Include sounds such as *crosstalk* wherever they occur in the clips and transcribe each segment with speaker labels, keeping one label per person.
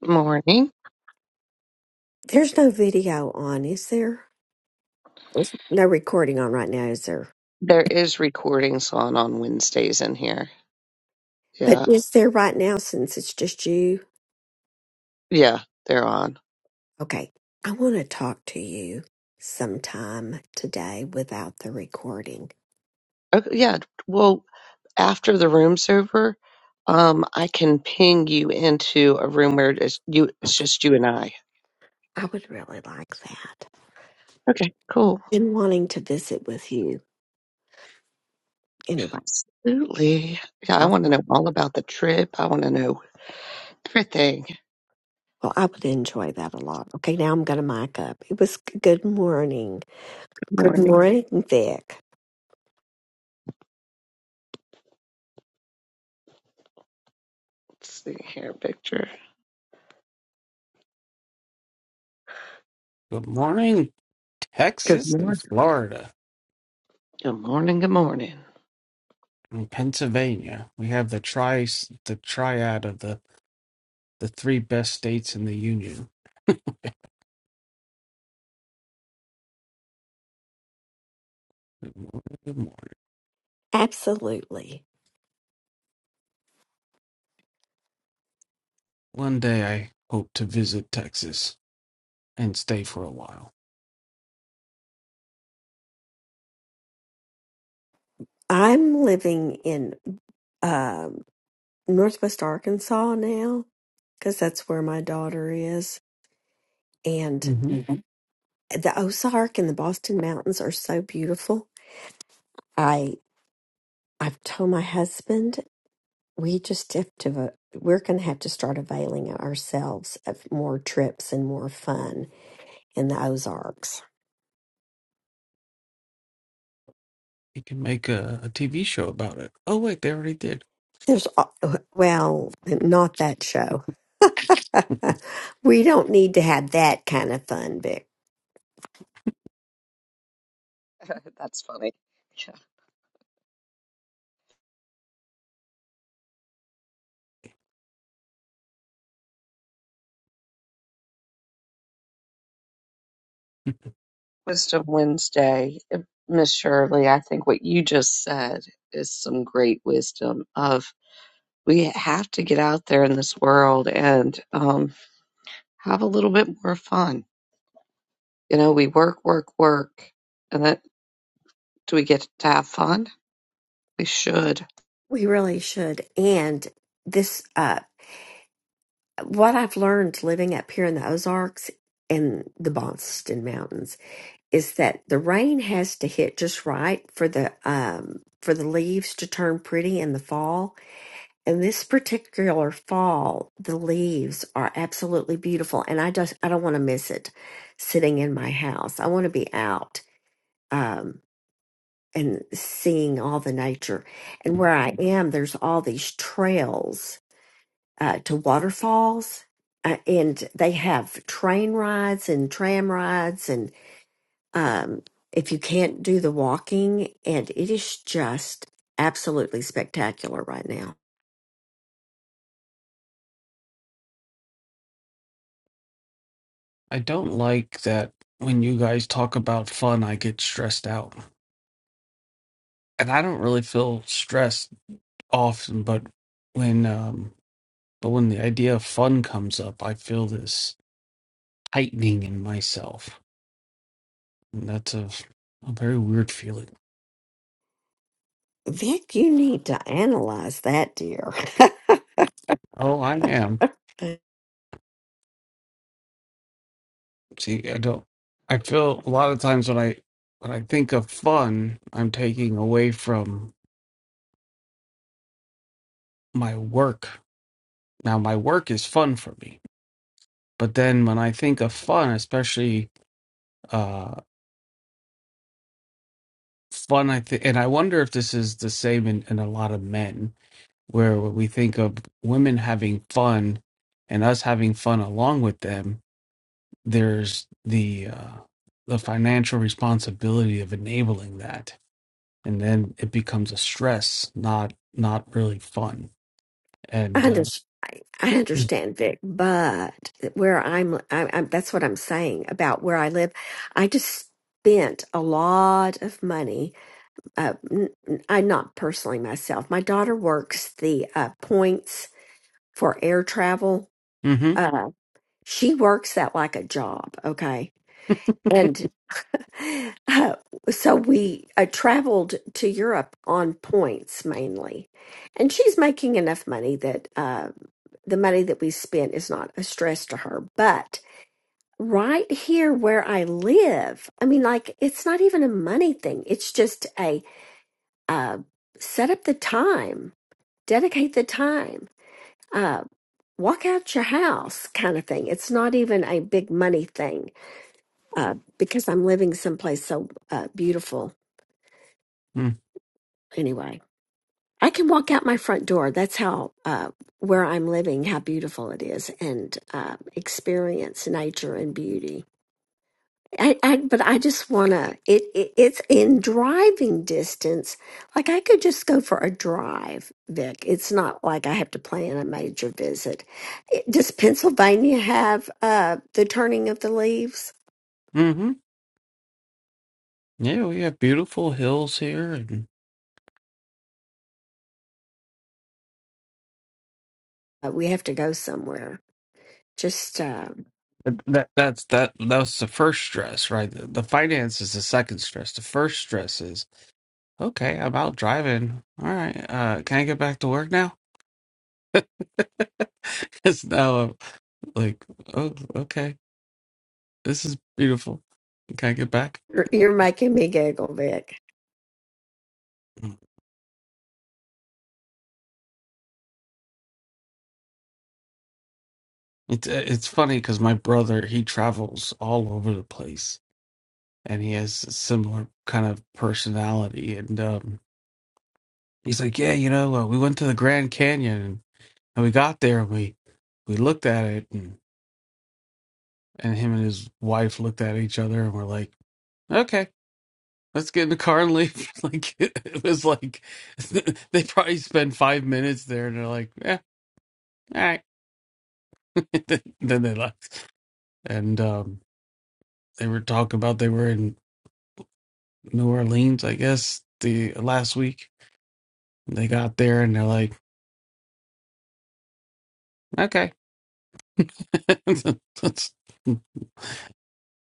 Speaker 1: Morning.
Speaker 2: There's no video on, is there? No recording on right now, is there?
Speaker 1: There is recordings on on Wednesdays in here.
Speaker 2: But
Speaker 1: Yeah.
Speaker 2: is there right now since it's just you?
Speaker 1: Yeah, they're on.
Speaker 2: Okay. I want to talk to you sometime today without the recording.
Speaker 1: Okay, yeah. Well, after the room's over, um, I can ping you into a room where it's you it's just you and I.
Speaker 2: I would really like that.
Speaker 1: Okay, cool.
Speaker 2: Been wanting to visit with you. Anyway,
Speaker 1: Absolutely. Yeah, I
Speaker 2: I,
Speaker 1: want to know all about the trip. I want to know everything.
Speaker 2: well, I would enjoy that a lot. Okay, now I'm going to mic up. It was g- good morning.
Speaker 1: Good
Speaker 2: Good
Speaker 1: morning.
Speaker 2: morning, Vic.
Speaker 1: Let's see here, picture.
Speaker 3: Good morning,
Speaker 1: Good
Speaker 3: Texas and
Speaker 1: morning.
Speaker 3: Florida
Speaker 1: Good morning. Good morning.
Speaker 3: and Pennsylvania. We have the tri the triad of the the three best states in the union. Good morning. Good morning.
Speaker 2: Absolutely.
Speaker 3: One day I hope to visit Texas and stay for a while.
Speaker 2: I'm living in um Northwest Arkansas now because that's where my daughter is. And
Speaker 3: hmm
Speaker 2: Mhm. the Ozark and the Boston Mountains are so beautiful. I I've told my husband we just have to va- we're going to have to start availing ourselves of more trips and more fun in the Ozarks.
Speaker 3: You can make a, a TV show about it. Oh wait, they already did.
Speaker 2: There's al- well, not that show. *laughs* we don't need to have that kind of fun, Vic.
Speaker 1: *laughs* That's funny. *laughs* Wisdom Wednesday, Uh, Miss Shirley, I think what you just said is some great wisdom of we have to get out there in this world and um, have a little bit more fun. You know, we work, work, work, and then do we get to have fun? We should.
Speaker 2: We really should. And this uh what I've learned living up here in the Ozarks and the Boston Mountains is that the rain has to hit just right for the um for the leaves to turn pretty in the fall. And this particular fall, the leaves are absolutely beautiful, and I just I don't want to miss it. Sitting in my house, I want to be out um, and seeing all the nature. And where I am, there's all these trails uh, to waterfalls, uh, and they have train rides and tram rides, and um, if you can't do the walking, and it is just absolutely spectacular right now.
Speaker 3: I don't like that when you guys talk about fun, I get stressed out, and I don't really feel stressed often, but when um But when the idea of fun comes up, I feel this tightening in myself. And that's a, a very weird feeling.
Speaker 2: Vic, you need to analyze that, dear. *laughs*
Speaker 3: Oh, I am.
Speaker 2: I
Speaker 3: See, I don't I feel a lot of times when I when I think of fun, I'm taking away from my work. Now my work is fun for me. But then when I think of fun, especially uh fun I think and I wonder if this is the same in, in a lot of men where we think of women having fun and us having fun along with them there's the uh, the financial responsibility of enabling that and then it becomes a stress not not really fun and uh,
Speaker 2: understand. I understand, Vic, but where I'm, I, I, that's what I'm saying about where I live. I just spent a lot of money uh, n- n- I not personally myself. My daughter works the uh, points for air travel.
Speaker 3: mm-hmm,
Speaker 2: Uh, she works that like a job. Okay, and uh, so we uh, traveled to Europe on points mainly, and she's making enough money that uh, the money that we spent is not a stress to her, but. Right here where I live, I mean, like, it's not even a money thing. It's just a uh, set up the time dedicate the time uh, walk out your house kind of thing it's not even a big money thing uh, because i'm living someplace so uh, beautiful
Speaker 3: mm-hmm.
Speaker 2: anyway i can walk out my front door that's how uh, where i'm living how beautiful it is and uh, experience nature and beauty I, I but I just wanna it, it it's in driving distance. Like I could just go for a drive, Vic. It's not like I have to plan a major visit. It, does Pennsylvania have uh the turning of the leaves?
Speaker 3: Mm-hmm. yeah we have beautiful hills here and
Speaker 2: Uh, we have to go somewhere. Just uh,
Speaker 3: that that's that that's the first stress right the, the finance is the second stress the first stress is okay i'm out driving all right uh can i get back to work now *laughs* Because now I'm like, oh, okay, this is beautiful. Can I get back?
Speaker 2: you're, you're making me giggle, Vic.
Speaker 3: Mm. It's uh, it's funny because my brother he travels all over the place and he has a similar kind of personality and um, he's like, yeah, you know, uh, we went to the Grand Canyon and we got there and we we looked at it and and him and his wife looked at each other and we're like, okay. Let's get in the car and leave. *laughs* like it was like *laughs* they probably spent five minutes there, and they're like, "Yeah, all right." *laughs* then they left, and um, they were talking about they were in New Orleans, I guess, the last week. They got there and they're like, okay, *laughs* and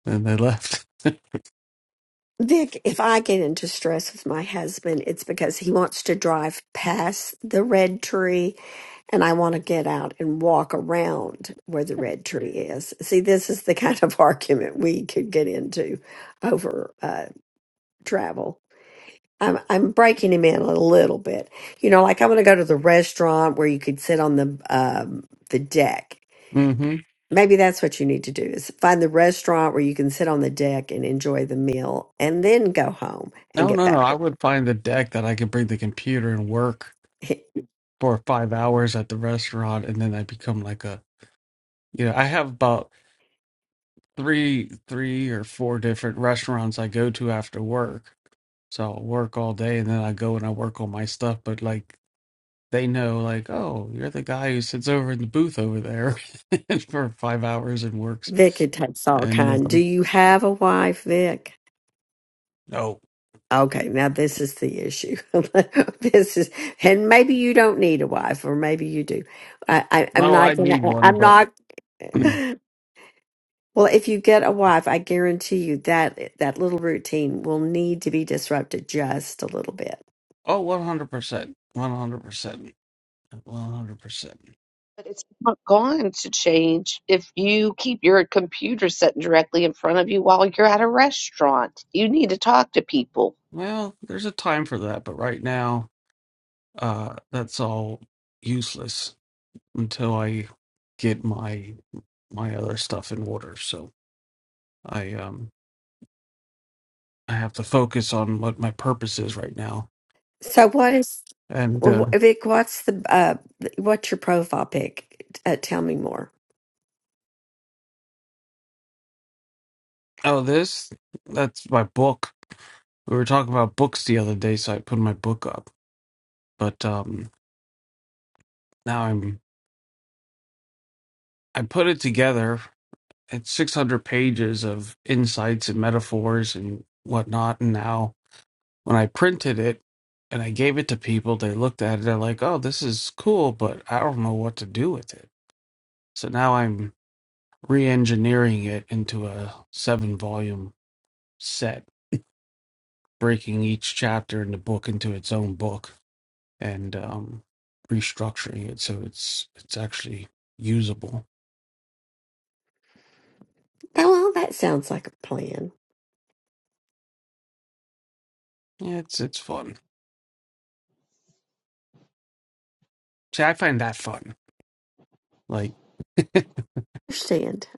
Speaker 3: they left. *laughs*
Speaker 2: Vic, if I get into stress with my husband, it's because he wants to drive past the red tree and I want to get out and walk around where the red tree is. See, this is the kind of *laughs* argument we could get into over uh, travel. I'm, I'm breaking him in a little bit. You know, like I'm going to go to the restaurant where you could sit on the um, the deck.
Speaker 3: hmm
Speaker 2: Maybe that's what you need to do is find the restaurant where you can sit on the deck and enjoy the meal and then go home and
Speaker 3: No, no,
Speaker 2: get
Speaker 3: no.
Speaker 2: back.
Speaker 3: I would find a deck that I could bring the computer and work for five hours at the restaurant, and then I become like a, you know, I have about three, three or four different restaurants I go to after work. So I'll work all day and then I go and I work on my stuff. But like they know like, oh, you're the guy who sits over in the booth over there *laughs* for five hours and works.
Speaker 2: Vic it takes all
Speaker 3: And
Speaker 2: kind. Do
Speaker 3: um,
Speaker 2: you have a wife, Vic?
Speaker 3: no,
Speaker 2: Okay, now this is the issue. *laughs* this is, and maybe you don't need a wife, or maybe you do. I, I, I'm
Speaker 3: no, I
Speaker 2: not gonna.
Speaker 3: need one,
Speaker 2: I'm
Speaker 3: but
Speaker 2: not.
Speaker 3: *clears throat*
Speaker 2: Well, if you get a wife, I guarantee you that that little routine will need to be disrupted just a little bit.
Speaker 3: oh, one hundred percent, one hundred percent, one hundred percent.
Speaker 1: But it's not going to change if you keep your computer sitting directly in front of you while you're at a restaurant. You need to talk to people.
Speaker 3: Well, there's a time for that, but right now, uh, that's all useless until I get my my other stuff in order. So I um I have to focus on what my purpose is right now.
Speaker 2: So what is
Speaker 3: And
Speaker 2: wh-
Speaker 3: uh,
Speaker 2: wh- Vic? What's the uh? th- What's your profile pic? Uh, tell me more.
Speaker 3: oh, this that's my book We were talking about books the other day, so I put my book up. But um, now I'm I put it together. It's 600 pages of insights and metaphors and whatnot. And now when I printed it and I gave it to people, they looked at it. They're like, "Oh, this is cool, but I don't know what to do with it." So now I'm re-engineering it into a seven-volume set, breaking each chapter in the book into its own book. and um, restructuring it so it's it's actually usable.
Speaker 2: Oh, Well, that sounds like a plan.
Speaker 3: Yeah, it's it's fun. See, I find that fun. Like *laughs* you
Speaker 2: Understand?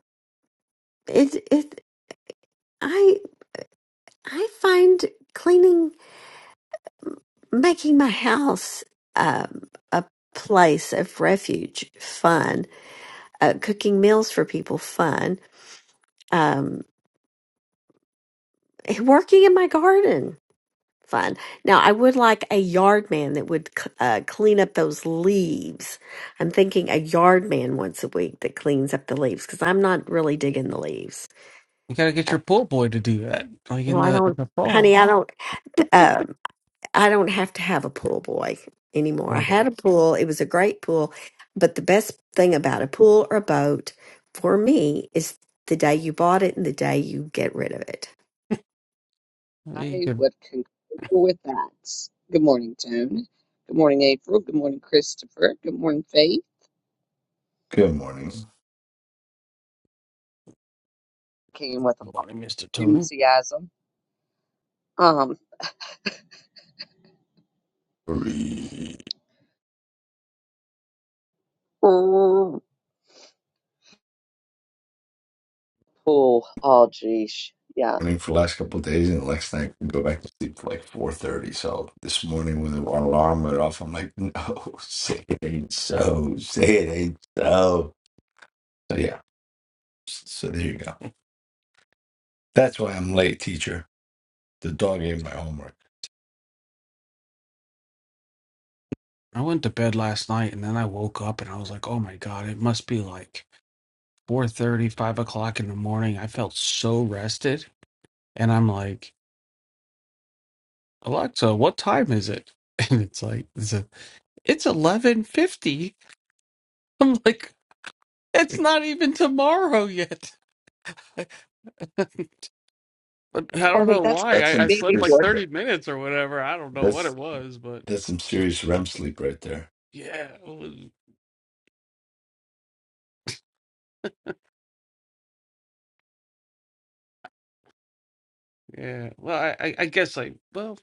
Speaker 2: It it I I find cleaning. making my house um, a place of refuge fun, uh, cooking meals for people fun, um, working in my garden fun. Now, I would like a yard man that would c- uh, clean up those leaves. I'm thinking a yard man once a week that cleans up the leaves because I'm not really digging the leaves.
Speaker 3: gotta get your pool boy to do that, like
Speaker 2: Well,
Speaker 3: in
Speaker 2: I
Speaker 3: the in
Speaker 2: don't,
Speaker 3: the fall.
Speaker 2: honey, I don't. um, I don't have to have a pool boy anymore. I
Speaker 3: Okay.
Speaker 2: had a pool, it was a great pool, but the best thing about a pool or a boat for me is the day you bought it and the day you get rid of it.
Speaker 3: Hey,
Speaker 1: I
Speaker 3: good
Speaker 1: would concur with that. Good morning, Joan. Good morning, April. Good morning, Christopher. Good morning, Faith.
Speaker 4: Good morning.
Speaker 1: Came with a lot
Speaker 3: morning, Mister
Speaker 1: of
Speaker 3: Tony.
Speaker 1: enthusiasm. Um,
Speaker 4: Three.
Speaker 1: oh, oh, geez, yeah.
Speaker 4: Morning for the last couple of days, and last night we go back to sleep for like four thirty. So this morning when the alarm went off, I'm like, no, *laughs* say it ain't so, say it ain't so. So yeah, so there you go. That's why I'm late, teacher. The dog ate my homework.
Speaker 3: I went to bed last night and then I woke up and I was like, oh my god, it must be like four thirty, five o'clock in the morning. I felt so rested, and I'm like, Alexa, what time is it? *laughs* And it's like it's a, it's eleven fifty. I'm like, It's not even tomorrow yet. *laughs* But I
Speaker 1: It's
Speaker 3: don't
Speaker 1: funny.
Speaker 3: know
Speaker 1: That's
Speaker 3: why.
Speaker 4: That's
Speaker 3: I,
Speaker 4: some
Speaker 3: I
Speaker 1: me
Speaker 3: slept like
Speaker 4: serious.
Speaker 1: before.
Speaker 3: 30 minutes or whatever. I don't know what it
Speaker 4: That's
Speaker 3: was, but
Speaker 4: that's some serious REM sleep right there.
Speaker 3: yeah. it was- yeah. Well, I, I, I guess I, well,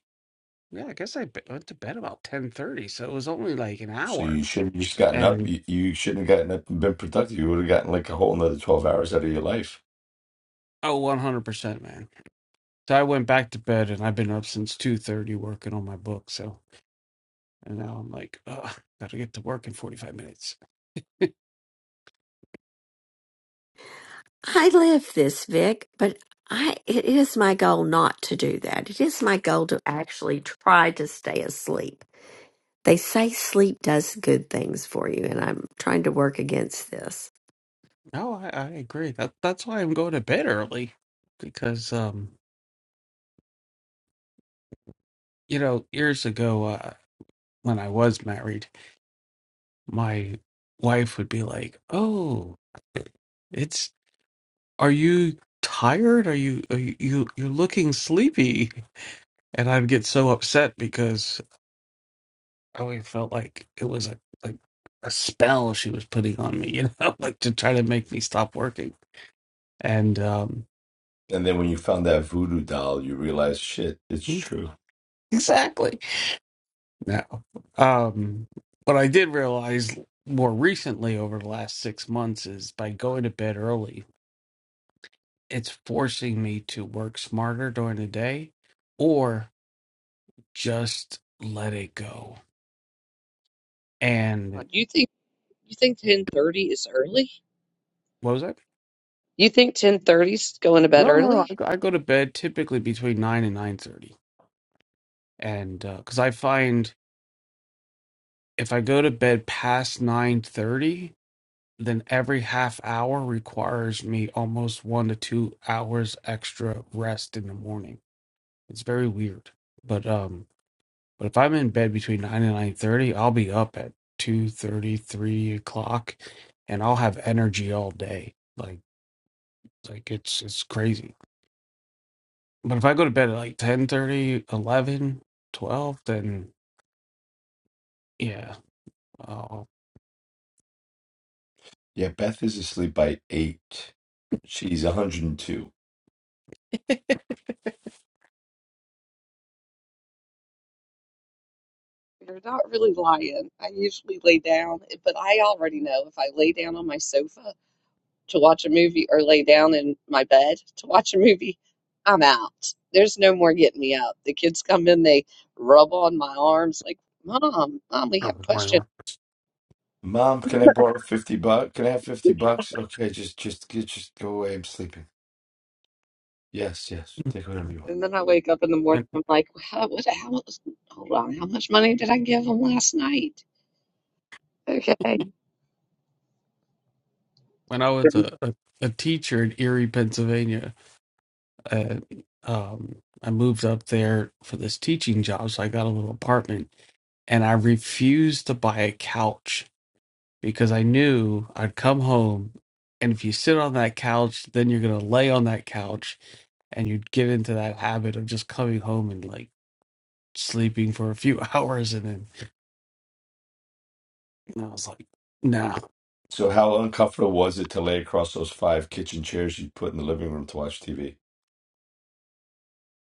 Speaker 3: yeah, I guess I be- went to bed about 10:30, so it was only like an
Speaker 4: So
Speaker 3: hour.
Speaker 4: you should have just gotten up.
Speaker 3: And
Speaker 4: You, you shouldn't have gotten up and been productive. You would have gotten like a whole another twelve hours out of your life.
Speaker 3: oh, 100%, man. So I went back to bed and I've been up since 2:30 working on my book. So. And now I'm like, oh, gotta get to work in 45 minutes. *laughs*
Speaker 2: I live this, Vic, but I it is my goal not to do that. It is my goal to actually try to stay asleep. They say sleep does good things for you, and I'm trying to work against this.
Speaker 3: No, I, I agree. That that's why I'm going to bed early because um, you know, years ago uh, when I was married, my wife would be like, "Oh, it's are you tired? Are you are you you- you're looking sleepy?" and I'd get so upset because I always felt like it was a like a spell she was putting on me, you know, *laughs* like to try to make me stop working. And um
Speaker 4: And then when you found that voodoo doll, you realized, shit, it's true.
Speaker 3: *laughs* exactly. No. Um what I did realize more recently over the last six months is by going to bed early, it's forcing me to work smarter during the day or just let it go. And
Speaker 1: You think you think ten thirty is early?
Speaker 3: what was that?
Speaker 1: You think ten thirty is going to bed
Speaker 3: No, no, no.
Speaker 1: early?
Speaker 3: I go, I go to bed typically between nine and nine thirty and because I find if I go to bed past nine thirty, then every half hour requires me almost one to two hours extra rest in the morning. It's very weird, but um, but if I'm in bed between nine and nine thirty, I'll be up at two thirty, three o'clock, and I'll have energy all day. Like like it's it's crazy. But if I go to bed at like ten thirty, eleven, twelve, then yeah, I'll,
Speaker 4: Yeah, Beth is asleep by eight. She's 102.
Speaker 1: You're not really lying. I usually lay down, but I already know if I lay down on my sofa. to watch a movie or lay down in my bed to watch a movie, I'm out. There's no more getting me up. The kids come in, they rub on my arms like, Mom, Mom, we have a question.
Speaker 3: I'll
Speaker 4: Mom, can I
Speaker 1: *laughs*
Speaker 4: borrow 50 bucks? Can I have 50 bucks? Okay, just, just, just just go away. I'm sleeping. Yes, yes. Take whatever you want.
Speaker 1: And then I wake up in the morning, I'm like, how, what, how, much- hold on, how much money did I give them last night? Okay.
Speaker 3: when I was a, a, a teacher in Erie, Pennsylvania, uh, um, I moved up there for this teaching job. So I got a little apartment and I refused to buy a couch because I knew I'd come home. And if you sit on that couch, then you're going to lay on that couch and you'd get into that habit of just coming home and like sleeping for a few *laughs* hours. And then and I was like, nah.
Speaker 4: So how uncomfortable was it to lay across those five kitchen chairs you put in the living room to watch TV?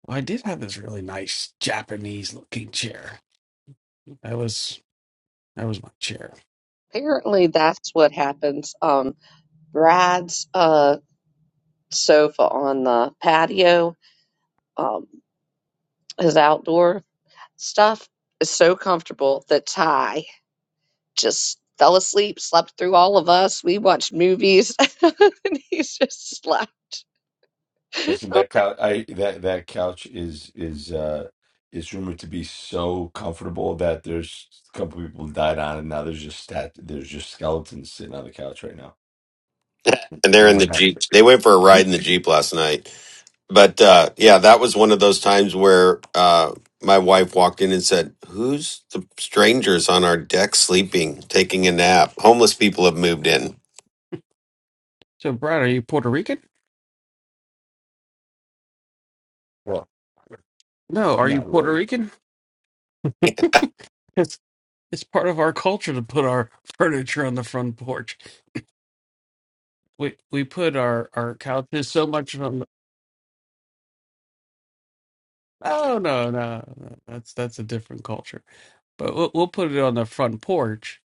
Speaker 3: Well, I did have this really nice Japanese looking chair. That was that was my chair
Speaker 1: Apparently that's what happens. Um, brides, uh, sofa on the patio, um, his outdoor stuff is so comfortable that Ty just fell asleep, slept through all of us. We watched movies, *laughs* and he's just slept.
Speaker 4: Listen,
Speaker 1: Oh,
Speaker 4: that couch, I that that couch is is uh is rumored to be so comfortable that there's a couple people died on it. Now there's just stat, there's just skeletons sitting on the couch right now.
Speaker 5: and they're in the
Speaker 4: Rumor has
Speaker 5: jeep.
Speaker 4: it.
Speaker 5: They went for a ride in the jeep last night. But uh, yeah, that was one of those times where uh, my wife walked in and said, "Who's the strangers on our deck sleeping, taking a nap? Homeless people have moved in.
Speaker 3: So, Brad, are you Puerto Rican?
Speaker 4: Well,
Speaker 3: No, are you
Speaker 4: no.
Speaker 3: Puerto
Speaker 4: Well,
Speaker 3: Rican? *laughs* It's it's part of our culture to put our *laughs* furniture on the front porch. We we put our our couches so much on. The, oh no, no, no, that's that's a different culture. But we'll, we'll put it on the front porch,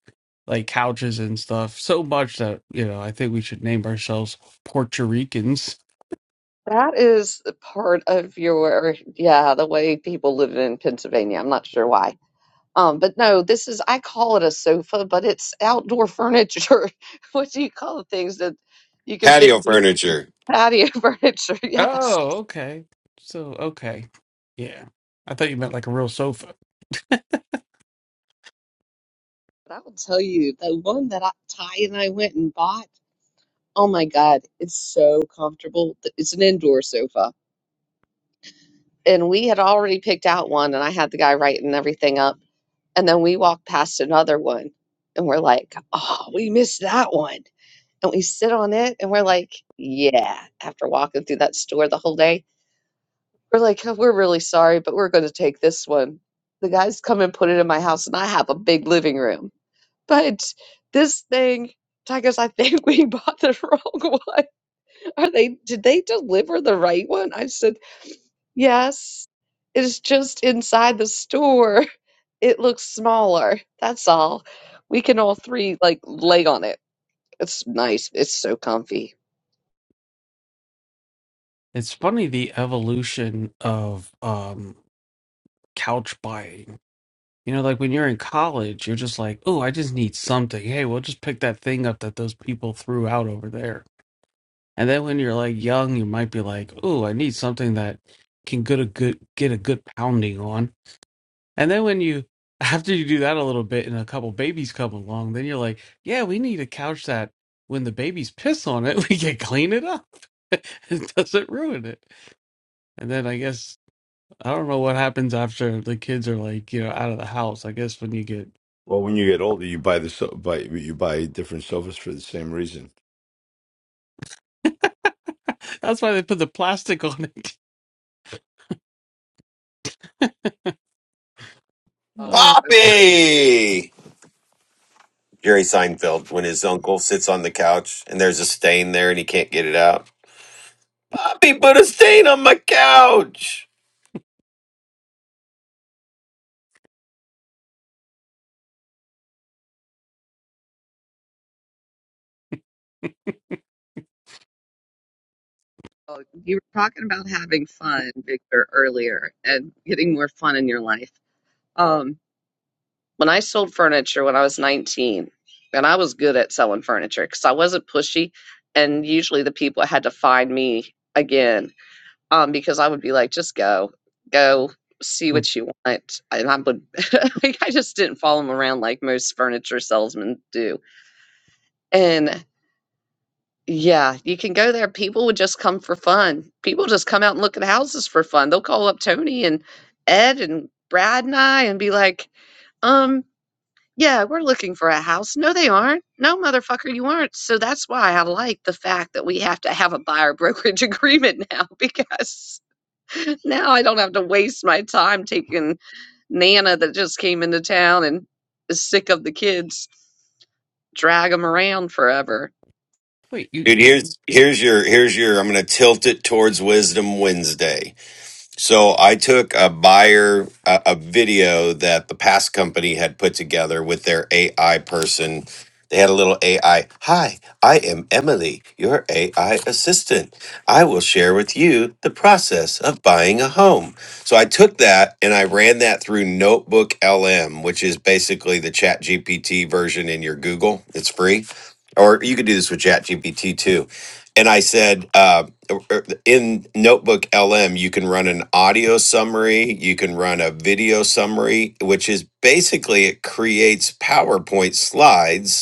Speaker 3: like couches and stuff, so much that you know I think we should name ourselves Puerto Ricans.
Speaker 1: That is part of your, yeah, the way people live in Pennsylvania. I'm not sure why. Um, but no, this is, I call it a sofa, but it's outdoor furniture. *laughs* What do you call the things that you can fit
Speaker 5: Patio
Speaker 1: through
Speaker 5: furniture.
Speaker 1: patio *laughs* furniture? Yes.
Speaker 3: Oh, okay. So okay, yeah. I thought you meant like a real sofa.
Speaker 1: But I will tell you, the one that I, Ty and I went and bought, oh my God, it's so comfortable. Th- It's an indoor sofa. And we had already picked out one, and I had the guy writing everything up. And then we walked past another one, and we're like, oh, we missed that one. And we sit on it, and we're like, yeah, after walking through that store the whole day, we're like, "Oh, we're really sorry, but we're going to take this one. The guys come and put it in my house, and I have a big living room. But this thing, Tigers, I think *laughs* we bought the *laughs* wrong one. Are they, did they deliver the right one? I said, yes. It's just inside the store. *laughs* It looks smaller. That's all. We can all three like lay on it. It's nice. It's so comfy.
Speaker 3: It's funny the evolution of um couch buying. You know, like when you're in college, you're just like, oh, I just need something. Hey, we'll just pick that thing up that those people threw out over there. And then when you're like young, you might be like, oh, I need something that can get a good get a good pounding on. And then when you *laughs* after you do that a little bit and a couple babies come along, then you're like, yeah, we need a couch that when the babies piss on it, *laughs* we can clean it up. *laughs* it doesn't ruin it. And then I guess I don't know what happens after the kids are like, you know, out of the house. I guess when you get
Speaker 4: well, when you get older, you buy the so buy you buy different sofas for the same reason.
Speaker 3: *laughs* that's why they put the plastic on it. *laughs*
Speaker 1: Oh,
Speaker 3: Uh,
Speaker 1: okay.
Speaker 5: Poppy." Jerry Seinfeld, when his uncle sits on the couch and there's a stain there and he can't get it out. Poppy put a stain on my couch.
Speaker 1: Oh, you were talking about having fun, Victor, earlier and getting more fun in your life. Um. When I sold furniture when I was 19, and I was good at selling furniture because I wasn't pushy, and usually the people had to find me again um, because I would be like, just go, go see what you want. And I would, *laughs* like, I just didn't follow them around like most furniture salesmen do. And yeah, you can go there. People would just come for fun. People just come out and look at houses for fun. They'll call up Tony and Ed and Brad and I and be like, um, yeah, we're looking for a house. No, they aren't. No, motherfucker, you aren't. So that's why I like the fact that we have to have a buyer brokerage *laughs* agreement now because now I don't have to waste my time taking Nana that just came into town and is sick of the kids, drag them around forever.
Speaker 3: wait, you
Speaker 5: Dude,
Speaker 3: you-
Speaker 5: here's here's your here's your I'm gonna tilt it towards Wisdom Wednesday So I took a buyer a, a video that the past company had put together with their AI person. They had a little AI. Hi, I am Emily, your AI assistant. I will share with you the process of buying a home. So I took that and I ran that through Notebook LM, which is basically the Chat GPT version in your Google. It's free. Or you could do this with Chat GPT too. And I said, uh, er, er, in Notebook LM, you can run an audio summary, you can run a video summary, which is basically it creates PowerPoint slides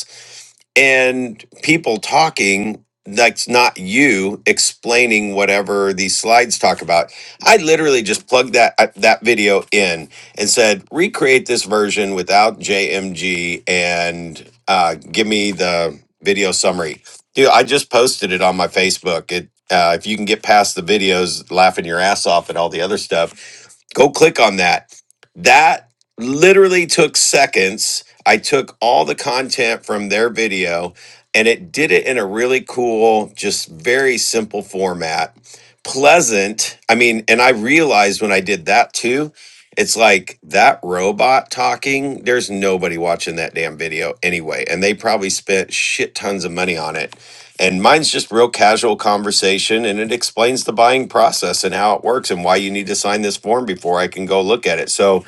Speaker 5: and people talking that's not you explaining whatever these slides talk about i literally just plugged that uh, that video in and said recreate this version without jmg and uh, give me the video summary dude i just posted it on my facebook it uh, if you can get past the videos laughing your ass off and all the other stuff go click on that that literally took seconds I took all the content from their video and it did it in a really cool, just very simple format. Pleasant. I mean, and I realized when I did that too, it's like that robot talking, there's nobody watching that damn video anyway. And they probably spent shit tons of money on it. And mine's just real casual conversation and it explains the buying process and how it works and why you need to sign this form before I can go look at it. So,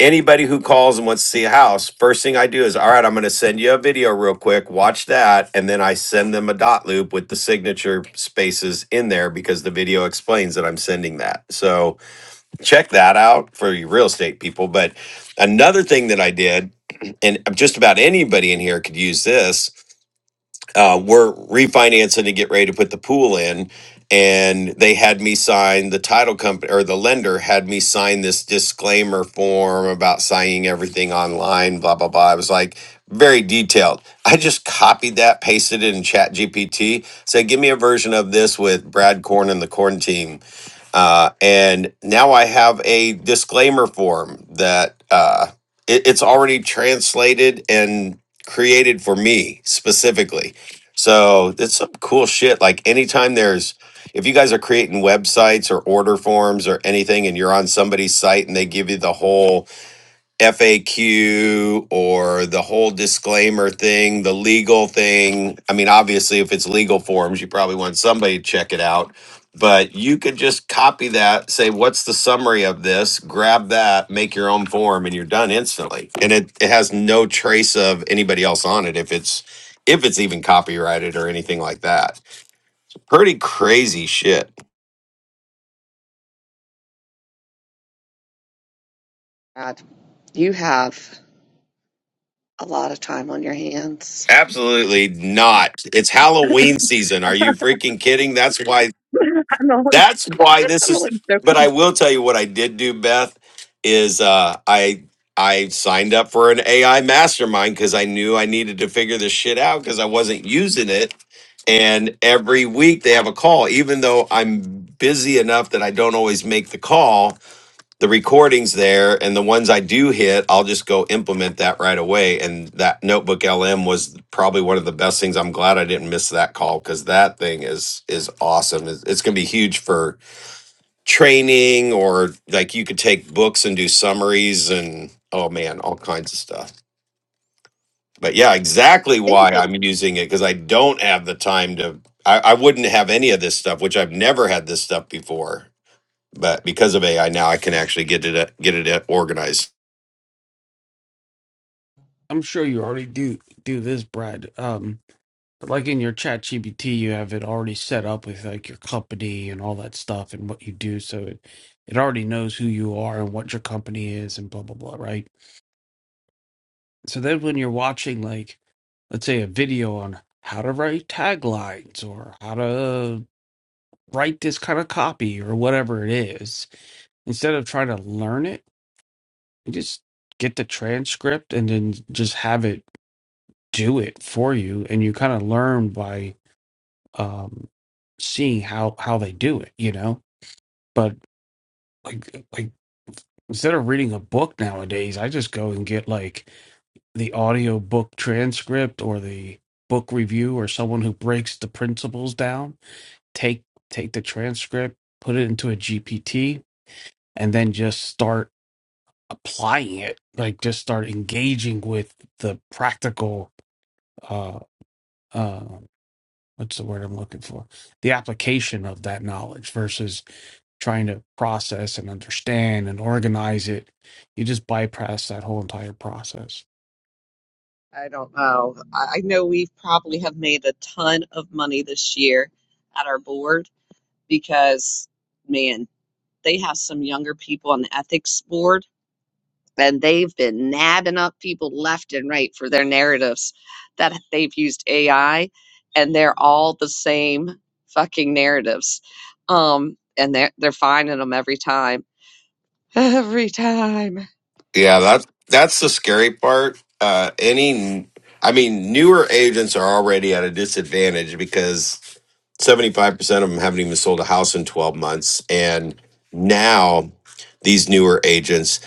Speaker 5: anybody who calls and wants to see a house, first thing I do is, all right, I'm going to send you a video real quick, watch that. And then I send them a dot loop with the signature spaces in there because the video explains that I'm sending that. So check that out for you real estate people. But another thing that I did, and just about anybody in here could use this uh, we're refinancing to get ready to put the pool in and they had me sign the title company or the lender had me sign this disclaimer form about signing everything online blah blah blah i was like very detailed i just copied that pasted it in chat gpt said give me a version of this with brad korn and the corn team uh, and now I have a disclaimer form that uh, it, it's already translated and created for me specifically. So it's some cool shit. Like anytime there's, if you guys are creating websites or order forms or anything, and you're on somebody's site and they give you the whole FAQ or the whole disclaimer thing, the legal thing. I mean, obviously, if it's legal forms, you probably want somebody to check it out. But you could just copy that, say, what's the summary of this? Grab that, make your own form, and you're done instantly. And it, it has no trace of anybody else on it if it's if it's even copyrighted or anything like that. Pretty crazy shit.
Speaker 1: God, you have a lot of time on your hands.
Speaker 5: Absolutely not. It's Halloween season. Are you freaking kidding? That's why
Speaker 1: *laughs* I'm always,
Speaker 5: That's why this
Speaker 1: I'm
Speaker 5: is.
Speaker 1: always
Speaker 5: But
Speaker 1: joking.
Speaker 5: I will tell you what I did do, Beth, is uh, I I signed up for an AI mastermind because I knew I needed to figure this shit out because I wasn't using it. And every week they have a call, even though I'm busy enough that I don't always make the call the recordings there and the ones I do hit, I'll just go implement that right away. And that notebook LM was probably one of the best things. I'm glad I didn't miss that call because that thing is is awesome. It's, it's gonna be huge for training or like you could take books and do summaries and oh man, all kinds of stuff. But yeah, exactly
Speaker 1: I think
Speaker 5: why
Speaker 1: the-
Speaker 5: I'm using it because I don't have the time to I, I wouldn't have any of this stuff, which I've never had this stuff before. But because of AI now I can actually get it get it organized.
Speaker 3: I'm sure you already do do this, Brad. Um, but like in your chat GBT, you have it already set up with like your company and all that stuff and what you do, so it it already knows who you are and what your company is and blah blah blah, right? So then when you're watching like let's say a video on how to write taglines or how to write this kind of copy or whatever it is instead of trying to learn it you just get the transcript and then just have it do it for you and you kind of learn by um seeing how how they do it you know but like like instead of reading a book nowadays i just go and get like the audio book transcript or the book review or someone who breaks the principles down take take the transcript put it into a gpt and then just start applying it like just start engaging with the practical uh uh what's the word i'm looking for the application of that knowledge versus trying to process and understand and organize it you just bypass that whole entire process
Speaker 1: I don't know. I I know we probably have made a ton of money this year at our board. because man, they have some younger people on the ethics board and they've been nabbing up people left and right for their narratives that they've used AI and they're all the same fucking narratives. Um and they're they're finding them every time. *laughs* Every time.
Speaker 5: Yeah, that that's the scary part. Uh, any, I mean, newer agents are already at a disadvantage because seventy five percent of them haven't even sold a house in twelve months, and now these newer agents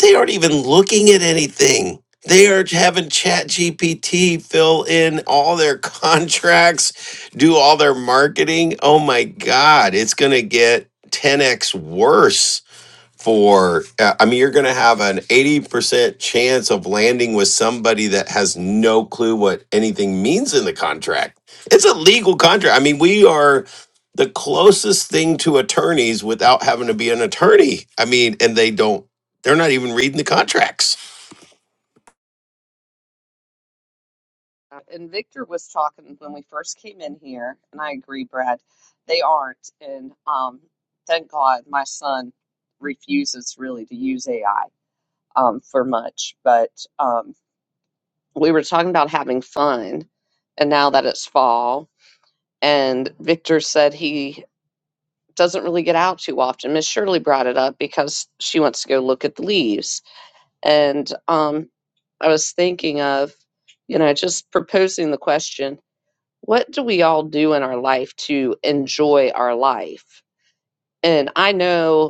Speaker 5: they aren't even looking at anything. They are having Chat GPT fill in all their *laughs* contracts, do all their marketing. Oh my God, it's going to get 10x worse for uh, i mean you're going to have an 80% chance of landing with somebody that has no clue what anything means in the contract it's a legal contract i mean we are the closest thing to attorneys without having to be an attorney i mean and they don't they're not even reading the contracts
Speaker 1: Uh, And Victor was talking when we first came in here, and I agree, Brad, they aren't. And um thank God my son refuses really to use AI um, for much, but um, we were talking about having fun. And now that it's fall, and Victor said he doesn't really get out too often. Miss Shirley brought it up because she wants to go look at the leaves. And um, I was thinking of, you know, just proposing the question what do we all do in our life to enjoy our life? And I know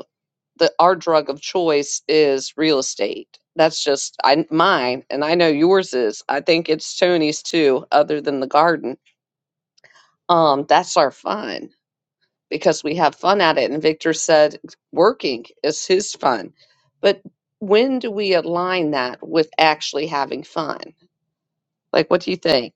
Speaker 1: the our drug of choice is real estate. That's just I mine and I know yours is. I think it's Tony's too, other than the garden. Um, that's our fun because we have fun at it. And Victor said working is his fun. But when do we align that with actually having fun? Like what do you think?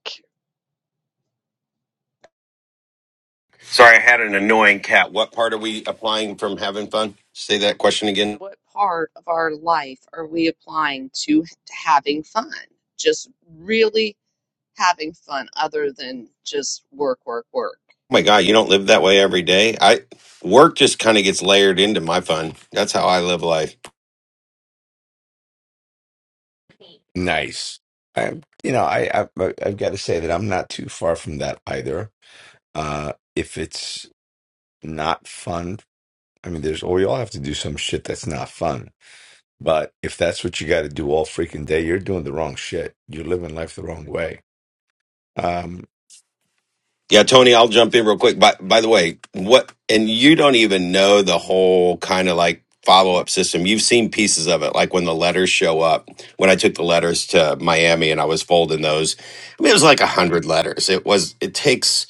Speaker 5: sorry i had an annoying cat what part are we applying from having fun say that question again
Speaker 1: What part of our life are we applying to h- having fun? Just really having fun other than just work, work, work.
Speaker 5: oh my god you don't live that way every day i work just kind of gets layered into my fun that's how i live life
Speaker 4: Nice. I, you know, I, I I've got to say that I'm not too far from that either. Uh, if it's not fun, I mean, there's we all have to do some shit that's not fun. But if that's what you got to do all freaking day, you're doing the wrong shit. You're living life the wrong way. Um,
Speaker 5: Yeah, Tony, I'll jump in real quick. By by the way, what and you don't even know the whole kind of like follow up system. You've seen pieces of it, like when the letters show up. When I took the letters to Miami and I was folding those, I mean it was like a hundred letters. It was it takes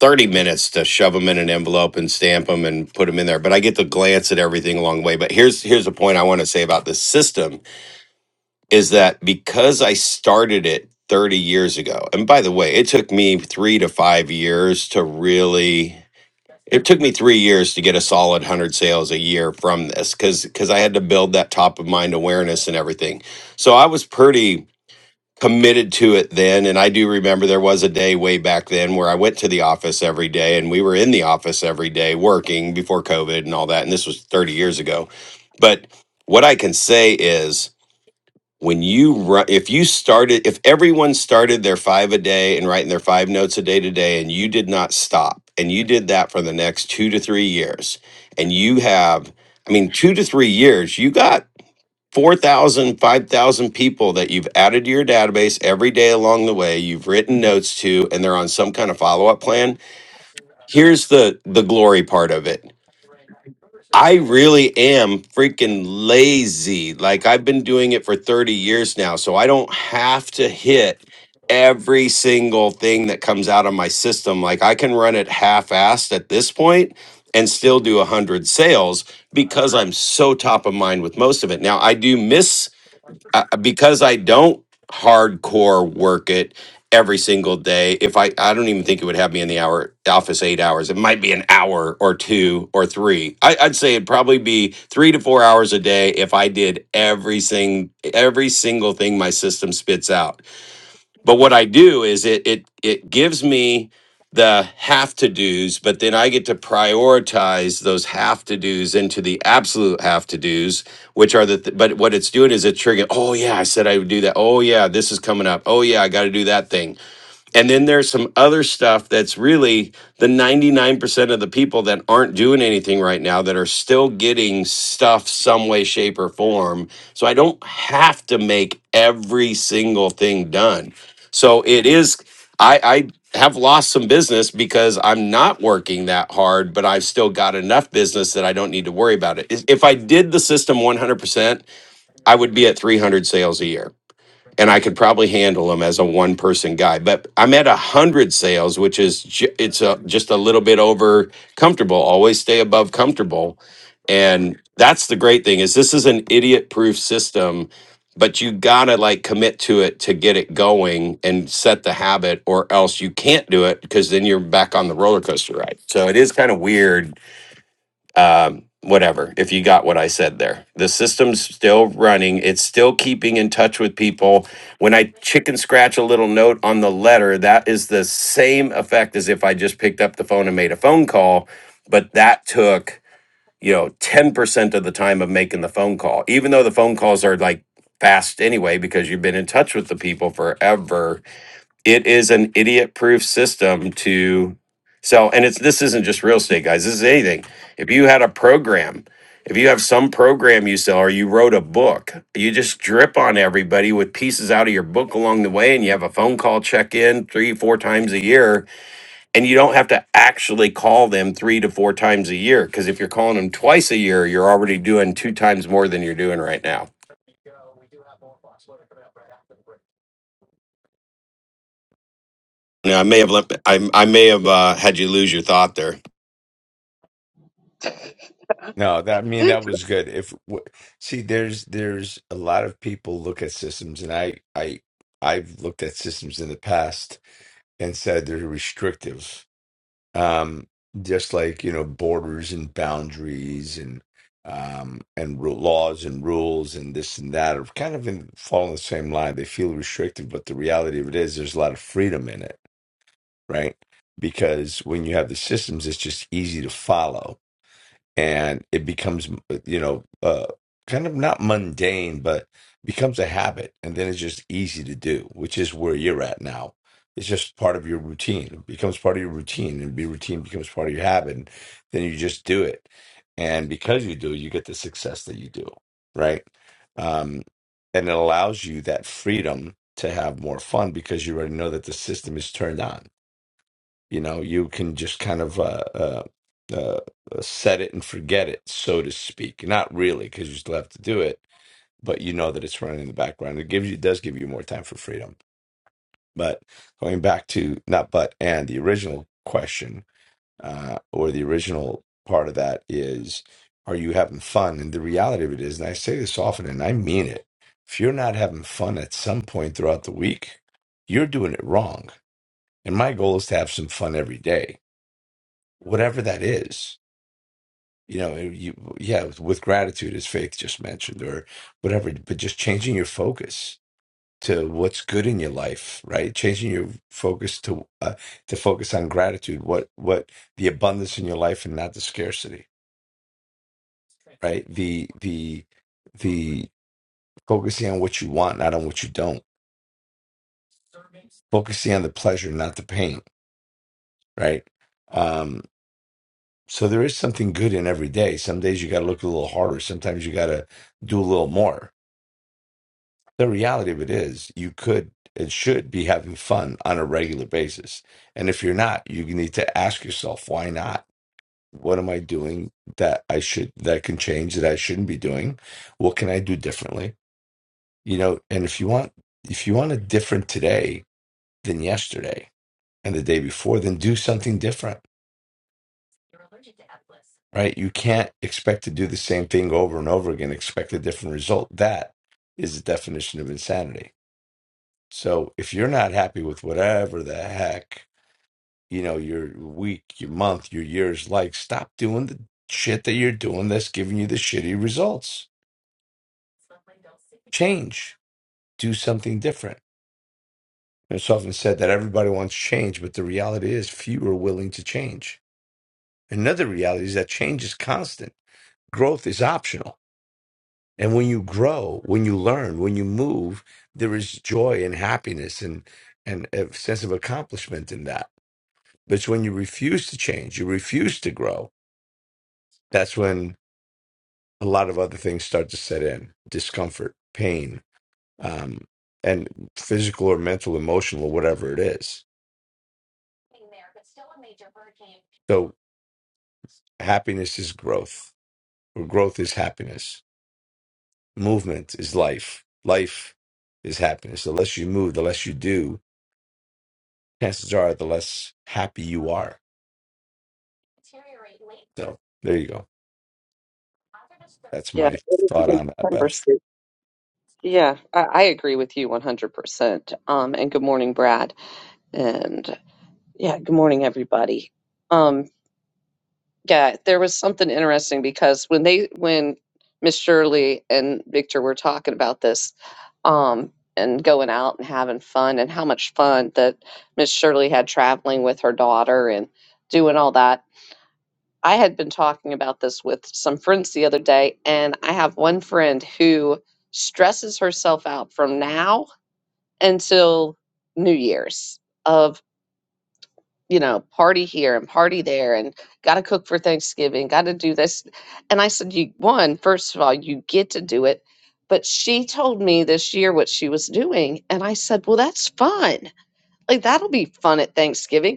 Speaker 5: thirty minutes to shove them in an envelope and stamp them and put them in there. But I get to glance at everything along the way. But here's here's a point I want to say about this system is that because I started it 30 years ago, and by the way, it took me three to five years to really, it took me three years to get a solid 100 sales a year from this because because I had to build that top of mind awareness and everything. So I was pretty committed to it then and I do remember there was a day way back then where I went to the office every day and we were in the office every day working before COVID and all that and this was 30 years ago. But what I can say is when you run if you started if everyone started their five a day and writing their five notes a day today and you did not stop and you did that for the next two to three years and you have i mean two to three years you got 4000, 5000 people that you've added to your database every day along the way you've written notes to and they're on some kind of follow-up plan here's the the glory part of it I really am freaking lazy. Like I've been doing it for 30 years now, so I don't have to hit every single thing that comes out of my system. Like I can run it half-assed at this point and still do 100 sales because I'm so top of mind with most of it. Now, I do miss I, because I don't hardcore work it every single day. If I, I don't even think it would have me in the hour office eight hours. It might be an hour or two or three. I, I'd say it'd probably be three to four hours a day if I did every sing, every single thing my system spits out. But what I do is it it it gives me the have to do's, but then I get to prioritize those have to do's into the absolute have to do's, which are the th- but what it's doing is it triggering. Oh yeah, I said I would do that. Oh yeah, this is coming up. Oh yeah, I got to do that thing. And then there's some other stuff that's really the 99% of the people that aren't doing anything right now that are still getting stuff some way, shape, or form. So I don't have to make every single thing done. So it is, I, I have lost some business because I'm not working that hard, but I've still got enough business that I don't need to worry about it. If if I did the system 100%, I would be at 300 sales a year and I could probably handle them as a one person guy. But I'm at a hundred sales, which is ju- it's a, just a little bit over comfortable. Always stay above comfortable, and that's the great thing is this is an idiot proof system, but you gotta like commit to it to get it going and set the habit, or else you can't do it because then you're back on the roller coaster ride. So it is kind of weird um, whatever, if you got what I said there. The system's still running, it's still keeping in touch with people. When I chicken scratch a little note on the letter, that is the same effect as if I just picked up the phone and made a phone call, but that took, you know, 10% of the time of making the phone call, even though the phone calls are like fast anyway, because you've been in touch with the people forever it is an idiot proof system to sell and it's this isn't just real estate guys this is anything if you had a program if you have some program you sell or you wrote a book you just drip on everybody with pieces out of your book along the way and you have a phone call check in three four times a year and you don't have to actually call them three to four times a year because if you're calling them twice a year you're already doing two times more than you're doing right now now i may have let i, I may have uh, had you lose your thought there
Speaker 4: No, that I mean that was good. If w- see, there's there's a lot of people look at systems, and I I I've looked at systems in the past and said they're restrictive, um, just like you know borders and boundaries and um and ru laws and rules and this and that are kind of in fall in the same line. They feel restrictive, but the reality of it is there's a lot of freedom in it, right? Because when you have the systems, it's just easy to follow and it becomes you know uh kind of not mundane but becomes a habit and then it's just easy to do which is where you're at now it's just part of your routine it becomes part of your routine and be routine becomes part of your habit and then you just do it and because you do you get the success that you do right um and it allows you that freedom to have more fun because you already know that the system is turned on you know you can just kind of uh, uh, uh, uh, set it and forget it so to speak not really because you still have to do it but you know that it's running in the background it gives you does give you more time for freedom but going back to not but and the original question uh, or the original part of that is are you having fun and the reality of it is and i say this often and i mean it if you're not having fun at some point throughout the week you're doing it wrong and my goal is to have some fun every day whatever that is you know you yeah with, gratitude as faith just mentioned or whatever but just changing your focus to what's good in your life right changing your focus to uh, to focus on gratitude what what the abundance in your life and not the scarcity the the the focusing on what you want not on what you don't focusing on the pleasure not the pain right um so there is something good in every day some days you got to look a little harder sometimes you got to do a little more the reality of it is you could and should be having fun on a regular basis and if you're not you need to ask yourself why not what am i doing that i should that I can change that i shouldn't be doing what can i do differently you know and if you want if you want a different today than yesterday and the day before then do something different right you can't expect to do the same thing over and over again expect a different result that is the definition of insanity So if you're not happy with whatever the heck, you know, your week, your month, your year's like, stop doing the shit that you're doing that's giving you the shitty results. Change. Do something different. And It's often said that everybody wants change, but the reality is few are willing to change. Another reality is that change is constant. Growth is optional. And when you grow, when you learn, when you move, there is joy and happiness and, and a sense of accomplishment in that But it's when you refuse to change, you refuse to grow, that's when a lot of other things start to set in discomfort, pain, um, and physical or mental, emotional, or whatever it is. So happiness is growth, or growth is happiness. Movement is life. Life is happiness. The less you move, the less you do, chances are the less happy you are. So there you go. That's
Speaker 1: Yeah,
Speaker 4: my
Speaker 1: it is a
Speaker 4: thought
Speaker 1: good
Speaker 4: on that, Beth.
Speaker 1: conversation. Yeah, I, I agree with you 100%. Um, and good morning, Brad. And yeah, good morning, everybody. Um, yeah, there was something interesting because when they, when Miss Shirley and Victor were talking about this, um, and going out and having fun and how much fun that Miss Shirley had traveling with her daughter and doing all that. I had been talking about this with some friends the other day, and I have one friend who stresses herself out from now until New Year's of, you know, party here and party there and got to cook for Thanksgiving, got to do this. And I said, you, one, first of all, you get to do it. But she told me this year what she was doing. And I said, well, that's fun. Like, that'll be fun at Thanksgiving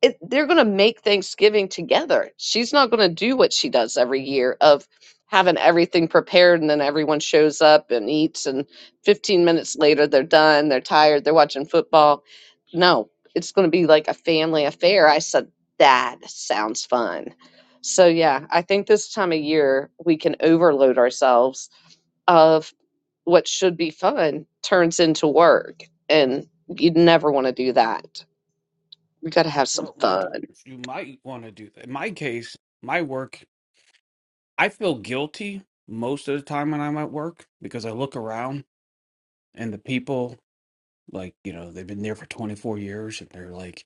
Speaker 1: it, they're going to make Thanksgiving together. She's not going to do what she does every year of having everything prepared and then everyone shows up and eats and 15 minutes later they're done, they're tired, they're watching football. No, it's going to be like a family affair. I said that sounds fun. So yeah, I think this time of year we can overload ourselves of what should be fun turns into work and you never want to do that. You got to have some
Speaker 3: well you
Speaker 1: fun.
Speaker 3: do you might want to do that in my case my work i feel guilty most of the time when i'm at work because i look around and the people like you know they've been there for 24 years and they're like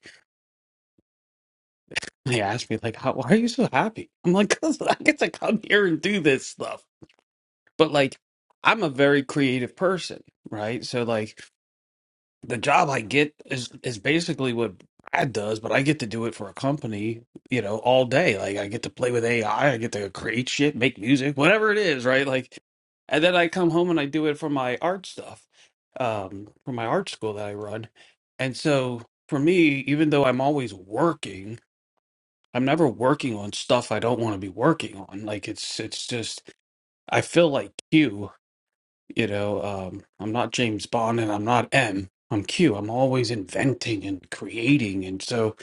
Speaker 3: They asked me like, How, "Why are you so happy?" I'm like, "Cause I get to come here and do this stuff." But like, I'm a very creative person, right? So like, the job I get is is basically what Brad does, but I get to do it for a company, you know, all day. Like, I get to play with AI, I I get to create shit, make music, whatever it is, right? Like, and then I come home and I do it for my art stuff, um, for my art school that I run, and so. For me, even though I'm always working, I'm never working on stuff I don't want to be working on. Like it's it's just I feel like Q, you know, um I'm not James Bond and I'm not M. I'm Q. I'm always inventing and creating and so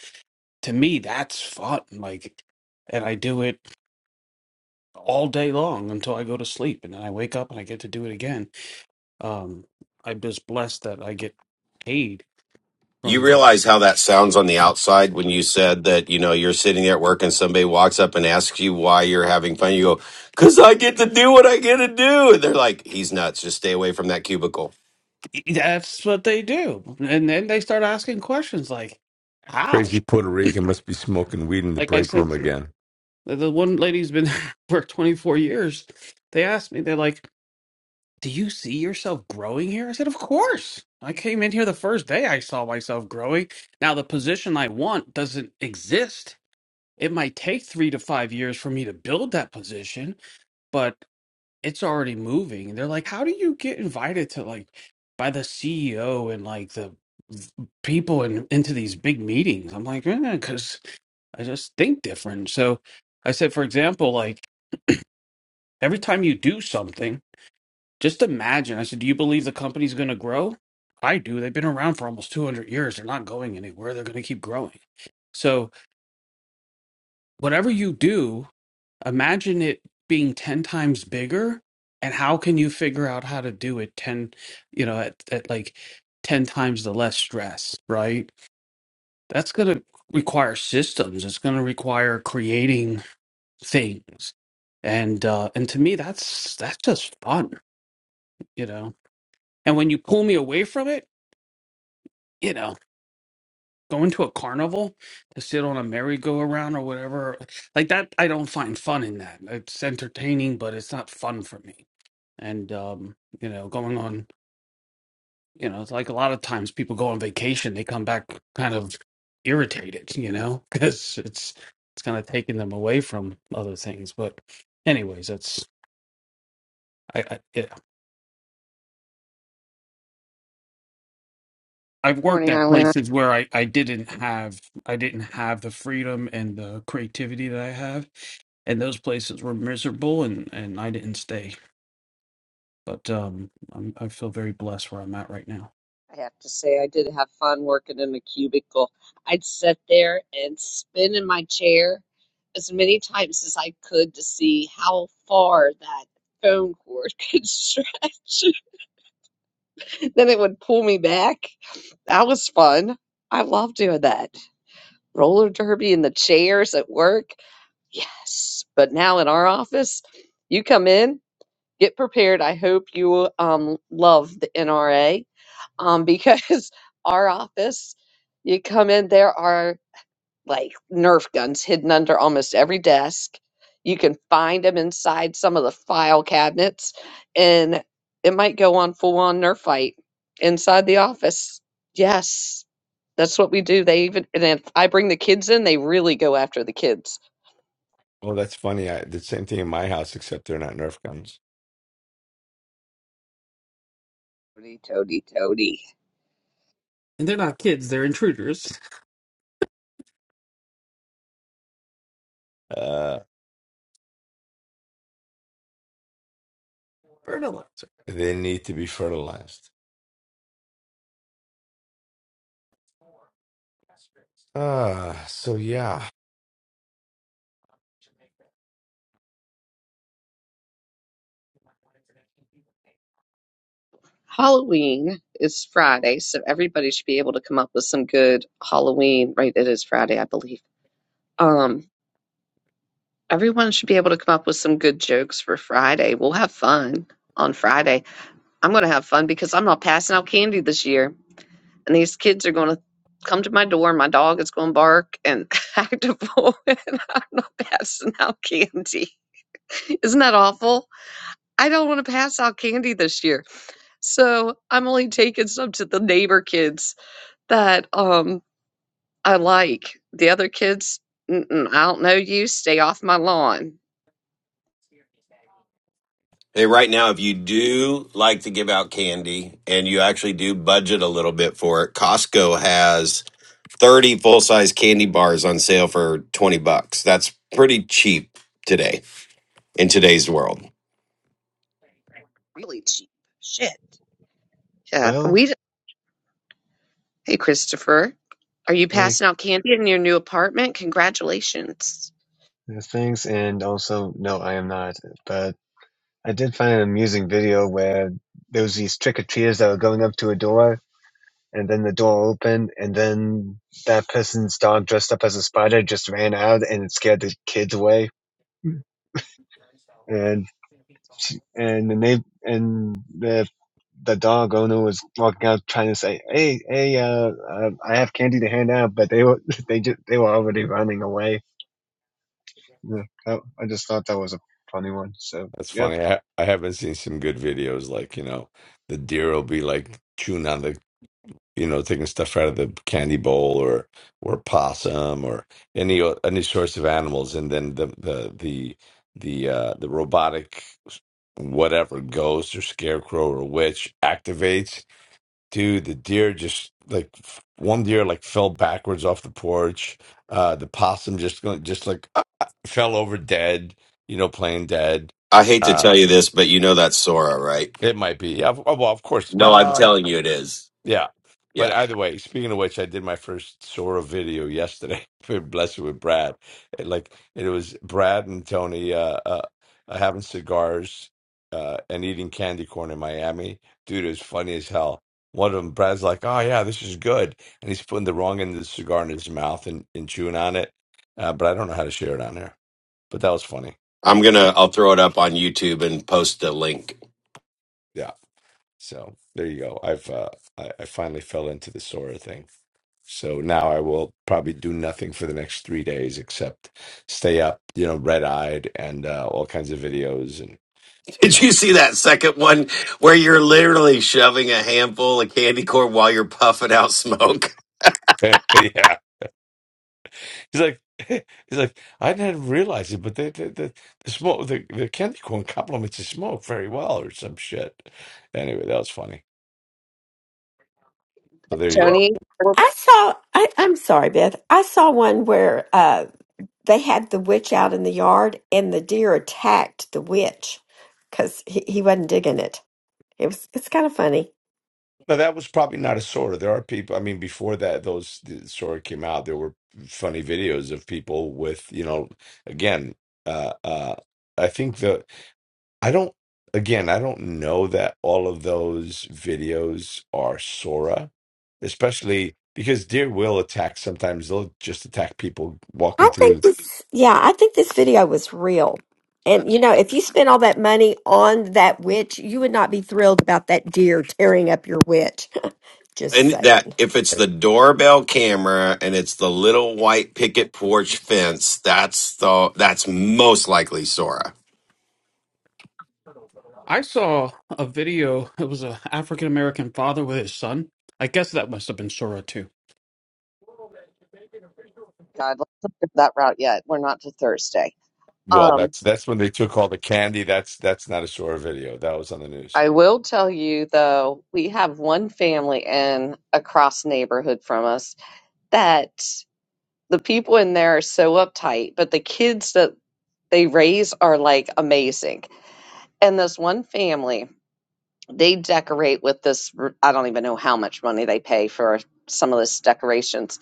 Speaker 3: to me that's fun. Like and I do it all day long until I go to sleep and then I wake up and I get to do it again. Um I'm just blessed that I get paid
Speaker 5: You
Speaker 3: from her.
Speaker 5: realize how that sounds on the outside when you said that, you know, you're sitting there at work and somebody walks up and asks you why you're having fun. You go, because I get to do what I get to do. And they're like, he's nuts. Just stay away from that cubicle.
Speaker 3: E, that's what they do. And then they start asking questions like how?
Speaker 4: Crazy Puerto Rican must be smoking weed in the
Speaker 3: Like I
Speaker 4: break
Speaker 3: said.
Speaker 4: room again.
Speaker 3: The the one lady's been *laughs* there for 24 years. They asked me, they're like, Do you see yourself growing here? I said, Of course. I came in here the first day I saw myself growing. Now, the position I want doesn't exist. It might take three to five years for me to build that position, but it's already moving. And they're like, How do you get invited to like by the CEO and like the people in, into these big meetings? I'm like, Because I just think different. So I said, for example, like, Every time you do something, just imagine. I said, Do you believe the company's going to grow? I do. They've been around for almost 200 years. They're not going anywhere. They're going to keep growing. So, whatever you do, imagine it being 10 times bigger. And how can you figure out how to do it 10, you know, at, at like 10 times the less stress, right? That's going to require systems. It's going to require creating things. And uh and to me that's that's just fun, you know And when you pull me away from it, you know, going to a carnival to sit on a merry-go-round or whatever, like that, I don't find fun in that. It's entertaining, but it's not fun for me. And, um, you know, going on, you know, it's like a lot of times people go on vacation, they come back kind of irritated, you know, *laughs* because it's, it's kind of taking them away from other things. But, anyways, that's, I, I, I've worked
Speaker 1: Morning,
Speaker 3: at
Speaker 1: Eileen.
Speaker 3: places where I, I didn't have I didn't have the freedom and the creativity that I have, and those places were miserable, and and I didn't stay. But um, I'm, I feel very blessed where I'm at right now.
Speaker 1: I have to say, I did have fun working in a cubicle. I'd sit there and spin in my chair as many times as I could to see how far that phone cord *laughs* could stretch. Then it would pull me back. That was fun. I love doing that. Roller derby in the chairs at work. Yes. But now in our office, you come in, get prepared. I hope you um, love the NRA um, because *laughs* our office, you come in, there are like Nerf guns hidden under almost every desk. You can find them inside some of the file cabinets, and it might go on full on Nerf fight inside the office. Yes, that's what we do. They even, and if I bring the kids in, they really go after the kids.
Speaker 4: Well, that's funny. I the same thing in my house, except they're not Nerf guns.
Speaker 1: Toady, toady, toady.
Speaker 3: And they're not kids; they're intruders. *laughs*
Speaker 4: Uh,
Speaker 3: Bird Fertilizer.
Speaker 4: they need to be fertilized. Ah, so yeah,
Speaker 1: Halloween is Friday, so everybody should be able to come up with some good Halloween, right? It is Friday, I believe. Um, everyone should be able to come up with some good jokes for Friday. We'll have fun on Friday. I'm going to have fun because I'm not passing out candy this year, and these kids are going to come to my door. My dog is going to bark and *laughs* act a fool, *laughs* and I'm not passing out candy. *laughs* Isn't that awful? I don't want to pass out candy this year, so I'm only taking some to the neighbor kids that, um, I like. The other kids, "Mm-mm, I don't know you, stay off my lawn."
Speaker 5: Hey, right now, if you do like to give out candy and you actually do budget a little bit for it, Costco has 30 full size candy bars on sale for 20 bucks. That's pretty cheap today in today's world.
Speaker 1: Really cheap. Shit. Yeah,
Speaker 6: Well,
Speaker 1: we d- Hey, Christopher, are you
Speaker 6: hey,
Speaker 1: passing out candy in your new apartment? Congratulations.
Speaker 6: uh, thanks, and also, no, I am not. But I did find an amusing video where there was these trick-or-treaters that were going up to a door, and then the door opened, and then that person's dog dressed up as a spider just ran out and it scared the kids away. And and the neigh and the the dog owner was walking out trying to say, "Hey, hey, uh, uh I have candy to hand out," but they were *laughs* they just they were already running away. Yeah, I I just thought that was a funny one. So
Speaker 4: that's
Speaker 6: yeah.
Speaker 4: funny. I I haven't seen some good videos like, you know, the deer will be like chewing on the, you know, taking stuff out of the candy bowl or or possum or any o- any sorts of animals, and then the the the the uh the robotic whatever ghost or scarecrow or witch activates Dude, the deer just like f- one deer like fell backwards off the porch. Uh, the possum just going just like ah, ah, fell over dead. You know, playing dead.
Speaker 5: I hate to
Speaker 4: Uh,
Speaker 5: tell you this, but you know that's Sora, right?
Speaker 4: it might be. Yeah, of- well, of course.
Speaker 5: No, I'm
Speaker 4: Well,
Speaker 5: telling you it is.
Speaker 4: yeah. But
Speaker 5: Yeah.
Speaker 4: either way, speaking of which, I did my first Sora video yesterday *laughs* for Bless It with Brad. It, like it was Brad and Tony uh, uh, uh, having cigars uh, and eating candy corn in Miami. Dude, it was funny as hell. One of them, Brad's like, "Oh yeah, this is good," and he's putting the wrong end of the cigar in his mouth and, and chewing on it. Uh, but I don't know how to share it on there. But that was funny.
Speaker 5: I'm going to, I'll throw it up on YouTube and post a link.
Speaker 4: Yeah. So there you go. I've uh, I, I finally fell into the Sora thing. So now I will probably do nothing for the next three days except stay up, you know, red eyed and uh, all kinds of videos and
Speaker 5: *laughs*
Speaker 4: you
Speaker 5: Did
Speaker 4: know,
Speaker 5: you see that second one where you're literally shoving a handful of candy corn while you're puffing out smoke? *laughs*
Speaker 4: *laughs* yeah. He's like, *laughs* he's like, I didn't realize it, but the the the, the smoke, the, the candy corn complements the smoke very well, or some shit. Anyway, that was funny. So there you go.
Speaker 2: Oh,
Speaker 1: Tony, oh my
Speaker 2: I saw. I, I'm sorry, Beth. I saw one where uh, they had the witch out in the yard and the deer attacked the witch because he, he wasn't digging it. It was it's kind of funny.
Speaker 4: Now that was probably not a sorta. There are people. I mean, before that, those the sorta came out. There were funny videos of people with, you know, again. Uh, uh, I think the I don't, again, I don't know that all of those videos are Sora, especially because deer will attack sometimes. They'll just attack people walking
Speaker 2: I think
Speaker 4: through.
Speaker 2: this yeah, I think this video was real. And you know, if you spent all that money on that witch, you would not be thrilled about that deer tearing up your witch. *laughs* Just
Speaker 5: And that,
Speaker 2: saying.
Speaker 5: if it's the doorbell camera and it's the little white picket porch fence, that's the, that's most likely Sora.
Speaker 3: I saw a video. It was an African American father with his son. I guess that must have been Sora too.
Speaker 1: God, let's not go that route yet. We're not to Thursday.
Speaker 4: Well,
Speaker 1: Um,
Speaker 4: that's that's when they took all the candy. That's that's not a Sora video. That was on the news.
Speaker 1: I will tell you though, we have one family in across neighborhood from us that the people in there are so uptight, but the kids that they raise are like amazing. And this one family, they decorate with this, r- I don't even know how much money they pay for some of this decorations.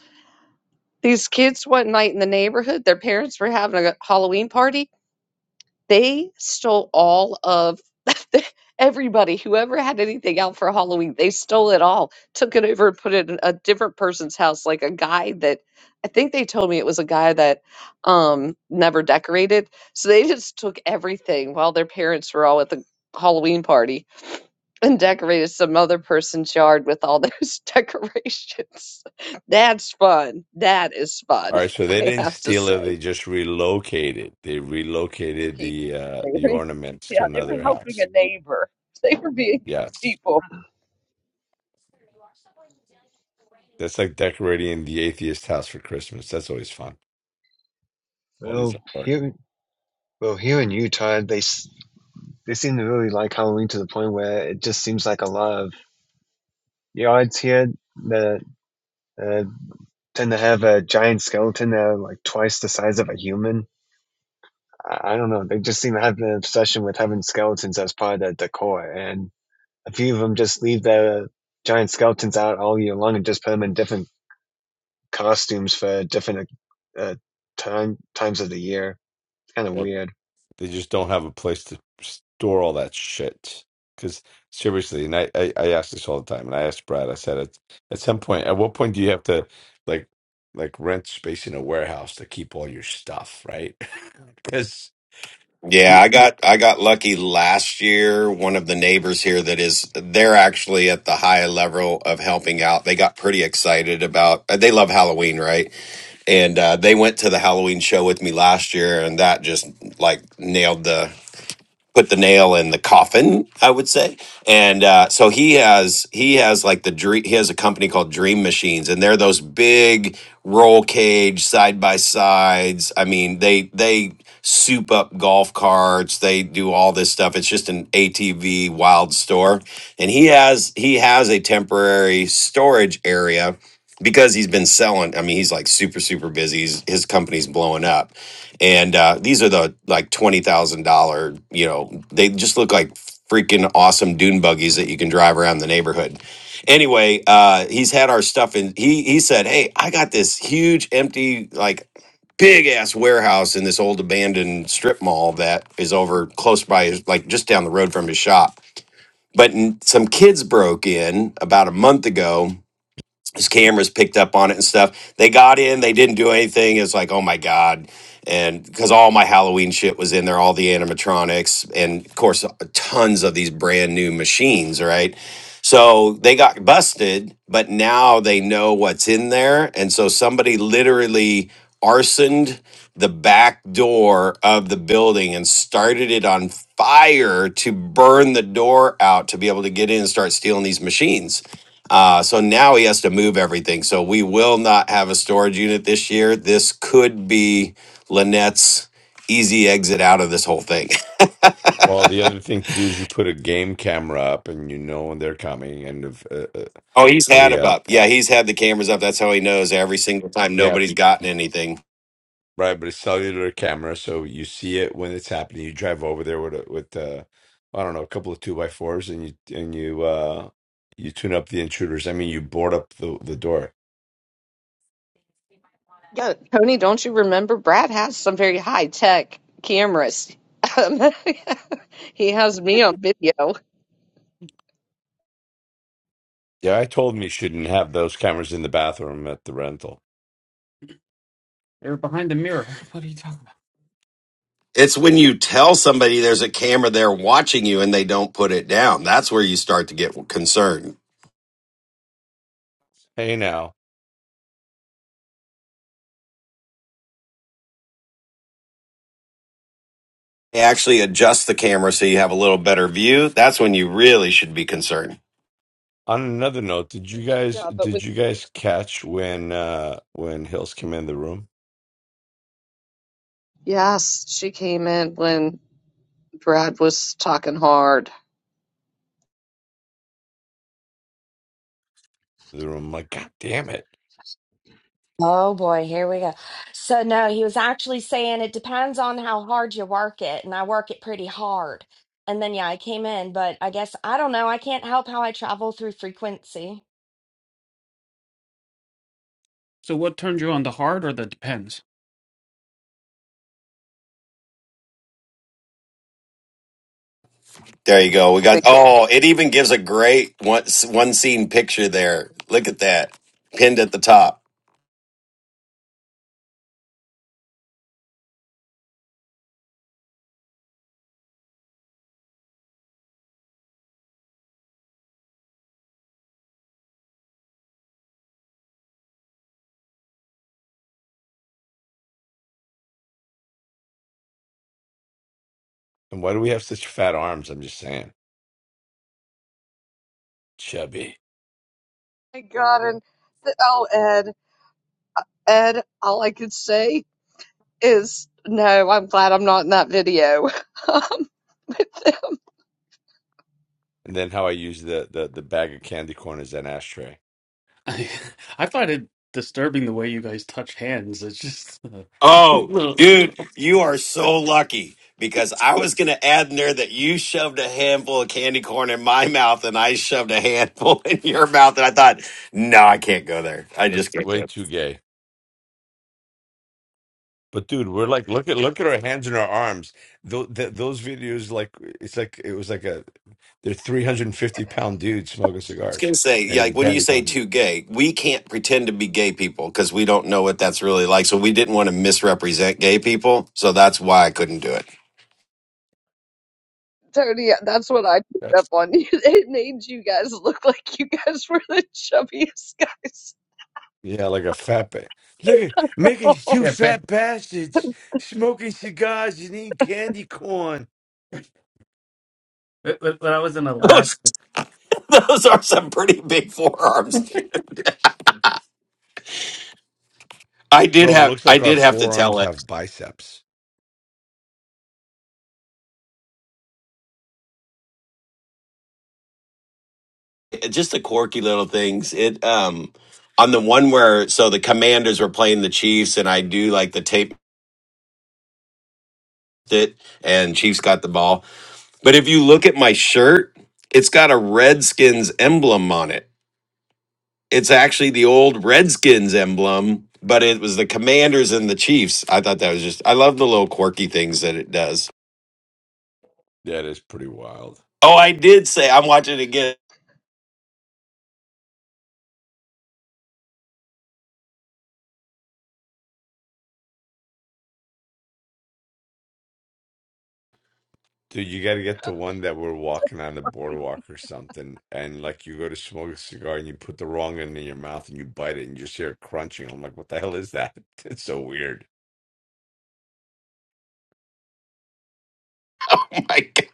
Speaker 1: These kids, one night in the neighborhood, their parents were having a Halloween party they stole all of *laughs* everybody, whoever had anything out for Halloween, they stole it all, took it over and put it in a different person's house, like a guy that I think they told me it was a guy that um never decorated. So they just took everything while their parents were all at the Halloween party and decorated some other person's yard with all those *laughs* decorations. That's fun. That is fun,
Speaker 4: All right, so
Speaker 1: *laughs*
Speaker 4: they
Speaker 1: I
Speaker 4: didn't
Speaker 1: have to
Speaker 4: steal it.
Speaker 1: say.
Speaker 4: They just relocated. They relocated
Speaker 1: Okay.
Speaker 4: the uh
Speaker 1: They
Speaker 4: the
Speaker 1: were, *laughs*
Speaker 4: ornaments
Speaker 1: yeah,
Speaker 4: to
Speaker 1: they were
Speaker 4: another
Speaker 1: helping
Speaker 4: house.
Speaker 1: a neighbor. *laughs* They were being good
Speaker 4: Yes,
Speaker 1: people.
Speaker 4: it's like decorating the atheist house for Christmas. That's always fun. All these
Speaker 6: Well,
Speaker 4: artwork.
Speaker 6: here, well, here in Utah, they s- they seem to really like Halloween to the point where it just seems like a lot of yards here that uh, tend to have a giant skeleton that are like twice the size of a human. I, I don't know. They just seem to have an obsession with having skeletons as part of their decor, and a few of them just leave their giant skeletons out all year long and just put them in different costumes for different uh, time times of the year. Kind of weird.
Speaker 4: They just don't have a place to store all that shit. Because seriously, and I, I, I ask this all the time, and I asked Brad. I said, at at some point, at what point do you have to like like rent space in a warehouse to keep all your stuff, right? *laughs* Because
Speaker 5: Yeah, I got I got lucky last year. One of the neighbors here that is they're actually at the high level of helping out. They got pretty excited about they love Halloween, right? and uh, they went to the Halloween show with me last year, and that just like nailed the put the nail in the coffin i would say and uh, so he has he has like the dream he has a company called dream machines and they're those big roll cage side by sides i mean they they soup up golf carts they do all this stuff it's just an atv wild store and he has he has a temporary storage area because he's been selling i mean he's like super super busy he's, his company's blowing up and uh, these are the like twenty thousand dollar. You know, they just look like freaking awesome dune buggies that you can drive around the neighborhood. Anyway, uh, he's had our stuff, and he he said, "Hey, I got this huge empty like." Big ass warehouse in this old abandoned strip mall that is over close by, his- like just down the road from his shop. But n- some kids broke in about a month ago his cameras picked up on it and stuff. They got in, they didn't do anything. It's like, oh my god. And because all my Halloween shit was in there, all the animatronics, and of course, tons of these brand new machines, right? So they got busted, but now they know what's in there. And so somebody literally arsoned the back door of the building and started it on fire to burn the door out to be able to get in and start stealing these machines. Uh, so now he has to move everything. So we will not have a storage unit this year. This could be Lynette's easy exit out of this whole thing. *laughs*
Speaker 4: well, the other thing to do is you put a game camera up, and you know when they're coming, and if, uh, uh,
Speaker 5: Oh, he's had
Speaker 4: a
Speaker 5: them
Speaker 4: uh,
Speaker 5: up.
Speaker 4: uh,
Speaker 5: Yeah, he's had the cameras up. That's how he knows every single time
Speaker 4: yeah
Speaker 5: nobody's gotten anything.
Speaker 4: Right, but it's cellular camera, so you see it when it's happening. You drive over there with a, with uh, I don't know, a couple of two by fours, and you and you uh, you tune up the intruders. I mean, you board up the the door.
Speaker 1: Yeah, Tony, don't you remember? Brad has some very high tech cameras. Um, *laughs* he has me on video.
Speaker 4: Yeah, I told him he shouldn't have those cameras in the bathroom at the rental.
Speaker 3: They were behind the mirror. What are you talking about?
Speaker 5: It's when you tell somebody there's a camera there watching you and they don't put it down. That's where you start to get concerned.
Speaker 4: Hey, now
Speaker 5: They actually adjust the camera so you have a little better view. That's when you really should be concerned.
Speaker 4: on another note, did you guys
Speaker 1: Yeah, but when
Speaker 4: did you guys catch when uh when Hills came in the room?
Speaker 1: Yes, she came in when Brad was talking hard.
Speaker 4: The room, I'm like, God damn it!
Speaker 7: Oh boy, here we go. So, no, he was actually saying it depends on how hard you work it, and I work it pretty hard. And then, yeah, I came in, but I guess I don't know. I can't help how I travel through frequency.
Speaker 3: So, what turned you on, the hard or the depends?
Speaker 5: There you go. We got.
Speaker 1: Thank you.
Speaker 5: Oh, it even gives a great one one scene picture there. Look at that pinned at the top.
Speaker 4: And why do we have such fat arms? I'm just saying, chubby.
Speaker 1: My God, and the, oh, Ed, Ed, all I could say. is no, I'm glad I'm not in that video *laughs* um, with them.
Speaker 4: And then how I use the the the bag of candy corn as an ashtray.
Speaker 3: I, *laughs* I find it disturbing the way you guys touch hands. It's just
Speaker 5: Oh,
Speaker 3: when *laughs*
Speaker 5: dude. You are so lucky because I was going to add in there that you shoved a handful of candy corn in my mouth and I shoved a handful *laughs* in your mouth. And I thought, no, I can't go there. I
Speaker 4: That's
Speaker 5: just can't
Speaker 4: way
Speaker 5: go. I
Speaker 4: too gay. But dude, we're like, look at look at our hands and our arms. Those those videos, like, it's like it was like a they're three hundred and fifty pound dudes smoking
Speaker 5: was going
Speaker 4: cigars
Speaker 5: to say,
Speaker 4: and
Speaker 5: yeah, like
Speaker 4: eating
Speaker 5: when you
Speaker 4: candy
Speaker 5: say
Speaker 4: corn.
Speaker 5: too gay, we can't pretend to be gay people because we don't know what that's really like. So we didn't want to misrepresent gay people. So that's why I couldn't do it.
Speaker 1: Tony, that's what I
Speaker 5: *laughs*
Speaker 1: picked up
Speaker 4: That's-
Speaker 1: on. *laughs* It made you guys look like you guys were the chubbiest guys. *laughs*
Speaker 4: Yeah, like a fat ba- Look at making
Speaker 1: Oh
Speaker 4: two
Speaker 3: Yeah, back,
Speaker 4: fat bastards smoking cigars and eating candy corn.
Speaker 3: when when I was in
Speaker 5: Those
Speaker 3: Alaska.
Speaker 5: those are some pretty big forearms. I did
Speaker 4: Bro, it
Speaker 5: have
Speaker 4: looks
Speaker 5: I
Speaker 4: like our
Speaker 5: did have to tell
Speaker 4: forearms
Speaker 5: it.
Speaker 4: have biceps.
Speaker 5: It- Just the quirky little things. It um on the one where so the commanders were playing the Chiefs and I do like the tape it and Chiefs got the ball. But if you look at my shirt, it's got a Redskins emblem on it. It's actually the old Redskins emblem, but it was the commanders and the Chiefs. I thought that was just I love the little quirky things that it does.
Speaker 4: That is pretty wild.
Speaker 5: Oh, I did say I'm watching it again.
Speaker 4: Dude, you got to get the one that we're walking on the
Speaker 1: my
Speaker 4: boardwalk or something, and like you go to smoke a cigar and you put the wrong end in your mouth and you bite it and you just hear it crunching. I'm like, what the hell is that? *laughs* It's so weird.
Speaker 5: *laughs* My God.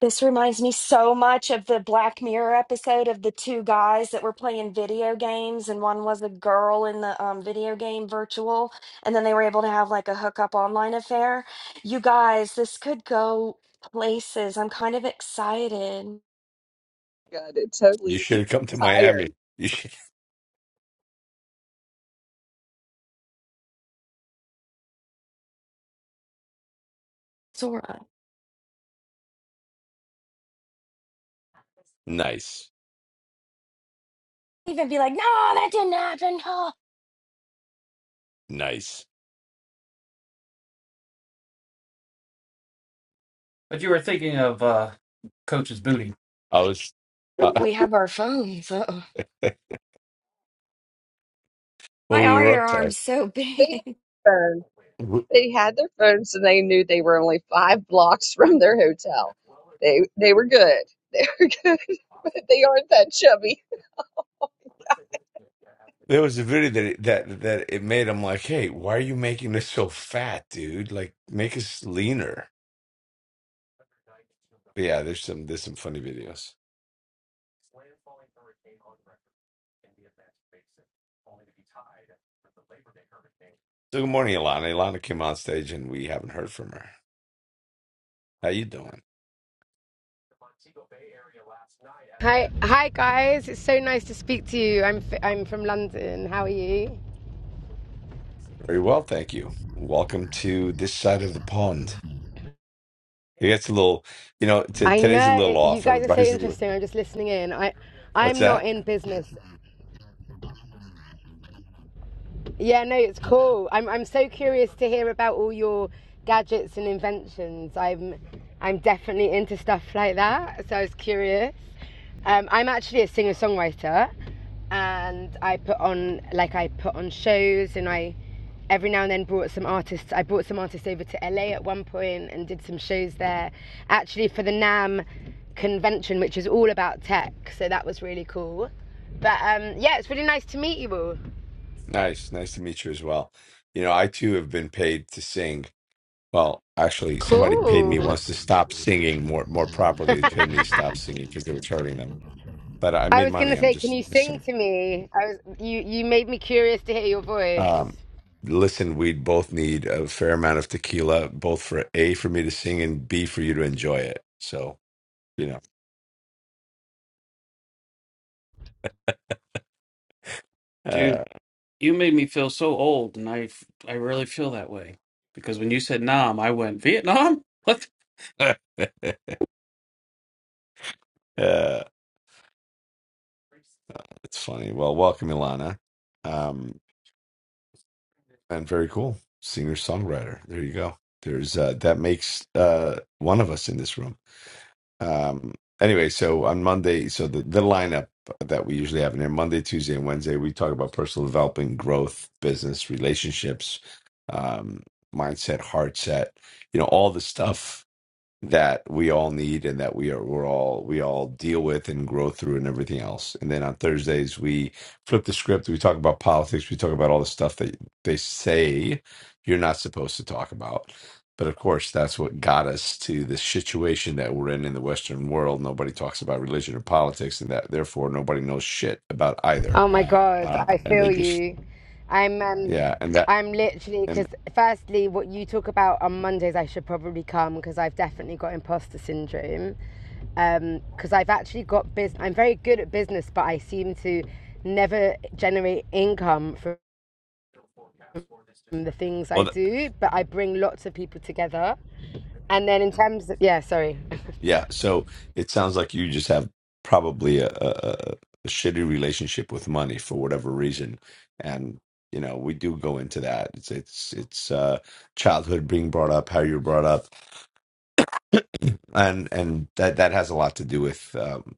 Speaker 7: This reminds me so much of the Black Mirror episode of the two guys that were playing video games, and one was a girl in the um, video game virtual, and then they were able to have like a hookup online affair. You guys, this could go places. I'm kind of excited.
Speaker 1: god, it
Speaker 4: You
Speaker 1: totally
Speaker 4: should have come to
Speaker 1: tired.
Speaker 4: Miami. You should... *laughs* Nice,
Speaker 7: even be like, no, that didn't happen. Oh.
Speaker 4: nice.
Speaker 3: But you were thinking of uh, Coach's booty.
Speaker 4: I was uh,
Speaker 7: We have our phones. Uh-oh.
Speaker 4: *laughs* when
Speaker 7: Why
Speaker 4: we
Speaker 7: are
Speaker 4: were
Speaker 7: your
Speaker 4: up there.
Speaker 7: arms so
Speaker 1: They
Speaker 7: big?
Speaker 1: had their phone.
Speaker 4: w-
Speaker 1: They had their phones and they knew they were only five blocks *laughs* from their hotel. They they were good. They were *laughs* good, but they aren't that chubby.
Speaker 4: There was a video that it, that that it made. I'm like, hey, why are you making this so fat, dude? Like, make us leaner. And there's some funny videos. So good morning, Ilana. Ilana came on stage and we haven't heard from her. How you doing?
Speaker 8: Hi, hi guys. It's so nice to speak to you. I'm f- I'm from London. How are you?
Speaker 4: Very well, thank you. Welcome to this side of the pond. It gets a little, you know, t
Speaker 8: I
Speaker 4: today's a
Speaker 8: know
Speaker 4: little
Speaker 8: it, you
Speaker 4: off.
Speaker 8: guys are so
Speaker 4: Everybody's a little,
Speaker 8: interesting. I'm just listening in. I
Speaker 4: what's
Speaker 8: I'm not
Speaker 4: that?
Speaker 8: in business. Yeah, no, it's cool. I'm I'm so curious to hear about all your gadgets and inventions. I'm I'm definitely into stuff like that, so I was curious. Um, I'm actually a singer songwriter, and I put on like I put on shows, and I every now and then brought some artists. I brought some artists over to LA at one point and did some shows there. Actually, for the Nam convention, which is all about tech, so that was really cool. But um, yeah, it's really nice to meet you all.
Speaker 4: Nice, nice to meet you as well. You know, I too have been paid to sing Well, actually, somebody paid me
Speaker 8: Cool.
Speaker 4: once to stop singing more more properly. They paid me to stop singing because they were charging them. But I
Speaker 8: I
Speaker 4: made
Speaker 8: was gonna
Speaker 4: money. I'm
Speaker 8: say, can
Speaker 4: just
Speaker 8: you sing
Speaker 4: saying.
Speaker 8: to me? I was you. You made me curious to hear your voice.
Speaker 4: Um, listen, we both need a fair amount of tequila, both for A, for me to sing, and B, for you to enjoy it. So, you know,
Speaker 3: Dude,
Speaker 4: uh,
Speaker 3: you made me feel so old, and I f- I really feel that way because when you said Nam, I went Vietnam. *laughs* What?
Speaker 4: *laughs* uh, it's funny. Well, welcome, Ilana. Um, and very cool. Singer songwriter. There you go. There's uh, that makes uh, one of us in this room. Um, anyway, so on Monday, so the, the lineup that we usually have in there Monday, Tuesday, and Wednesday, we talk about personal development, growth, business, relationships, um, mindset, heart set, you know, all the stuff that we all need and that we are we're all we all deal with and grow through and everything else. And then on Thursdays we flip the script. We talk about politics. We talk about all the stuff that they say you're not supposed to talk about. But of course, that's what got us to the situation that we're in in the Western world. Nobody talks about religion or politics, and that therefore nobody knows shit about either.
Speaker 8: Oh my God,
Speaker 4: Uh,
Speaker 8: I
Speaker 4: and they
Speaker 8: feel
Speaker 4: just
Speaker 8: you. I'm um,
Speaker 4: yeah, and that
Speaker 8: I'm literally because
Speaker 4: and
Speaker 8: firstly, what you talk about on Mondays, I should probably come because I've definitely got imposter syndrome. Um, because I've actually got business. I'm very good at business, but I seem to never generate income from the things
Speaker 4: Well,
Speaker 8: I
Speaker 4: th-
Speaker 8: do. But I bring lots of people together. And then in terms of yeah, sorry. *laughs*
Speaker 4: yeah. So it sounds like you just have probably a, a, a shitty relationship with money for whatever reason, and you know we do go into that. It's it's it's uh, childhood being brought up, how you're brought up, and and that that has a lot to do with um,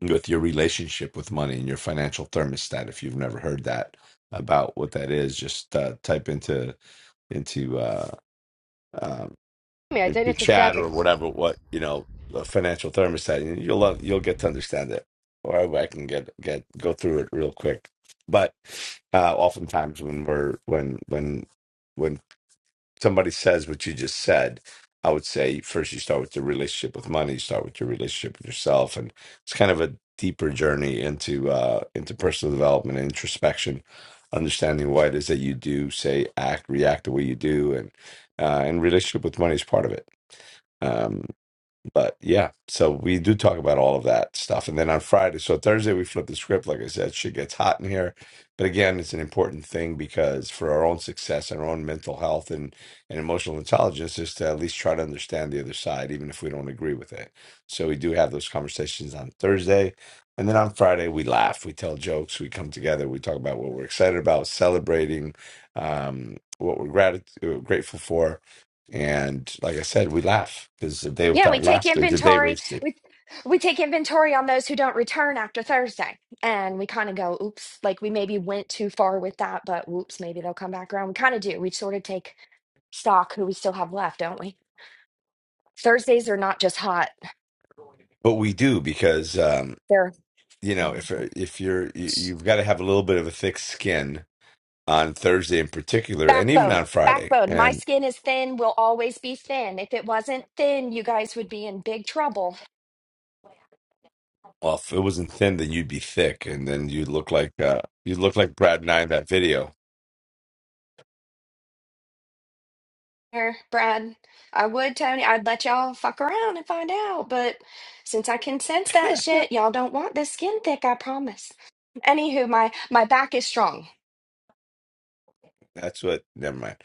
Speaker 4: with your relationship with money and your financial thermostat. If you've never heard that about what that is, just uh, type into into uh, um,
Speaker 8: I don't know
Speaker 4: into
Speaker 8: if the
Speaker 4: chat or
Speaker 8: service.
Speaker 4: whatever what you know a financial thermostat, and you'll love, you'll get to understand it. Or I can get get go through it real quick. But uh, oftentimes when we're when when when somebody says what you just said, I would say first you start with your relationship with money, you start with your relationship with yourself, and it's kind of a deeper journey into uh, into personal development and introspection, understanding why it is that you do say act, react the way you do, and uh, and relationship with money is part of it. Um, but yeah, so we do talk about all of that stuff. And then on Friday, so Thursday, we flip the script. Like I said, shit gets hot in here. But again, it's an important thing because for our own success and our own mental health and, and emotional intelligence is to at least try to understand the other side, even if we don't agree with it. So we do have those conversations on Thursday. And then on Friday, we laugh, we tell jokes, we come together, we talk about what we're excited about, celebrating um, what we're grat- grateful for and like I said, we laugh because a day
Speaker 7: *laughs* yeah, we
Speaker 4: without
Speaker 7: take
Speaker 4: laughter is a day
Speaker 7: inventory.
Speaker 4: wasted.
Speaker 7: We we take inventory on those who don't return after Thursday, and we kind of go, oops, like we maybe went too far with that, but whoops, maybe they'll come back around. We kind of do. We sort of take stock who we still have left, don't we? Thursdays are not just hot;
Speaker 4: But we do because um,
Speaker 7: they're
Speaker 4: you know if uh, if you're you, you've got to have a little bit of a thick skin on Thursday in particular, and even
Speaker 7: backbone.
Speaker 4: on Friday.
Speaker 7: Backbone. My skin is thin. Will always be thin. If it wasn't thin, you guys would be in big trouble.
Speaker 4: Well, if it wasn't thin, then you'd be thick, and then you'd look like uh, you'd look like Brad and I in that video.
Speaker 7: Here, Brad. I would, Tony. I'd let y'all fuck around and find out, but since I can sense that
Speaker 4: *laughs*
Speaker 7: shit, y'all don't want this skin thick, I promise. Anywho, my my back is strong.
Speaker 4: That's what. Never mind.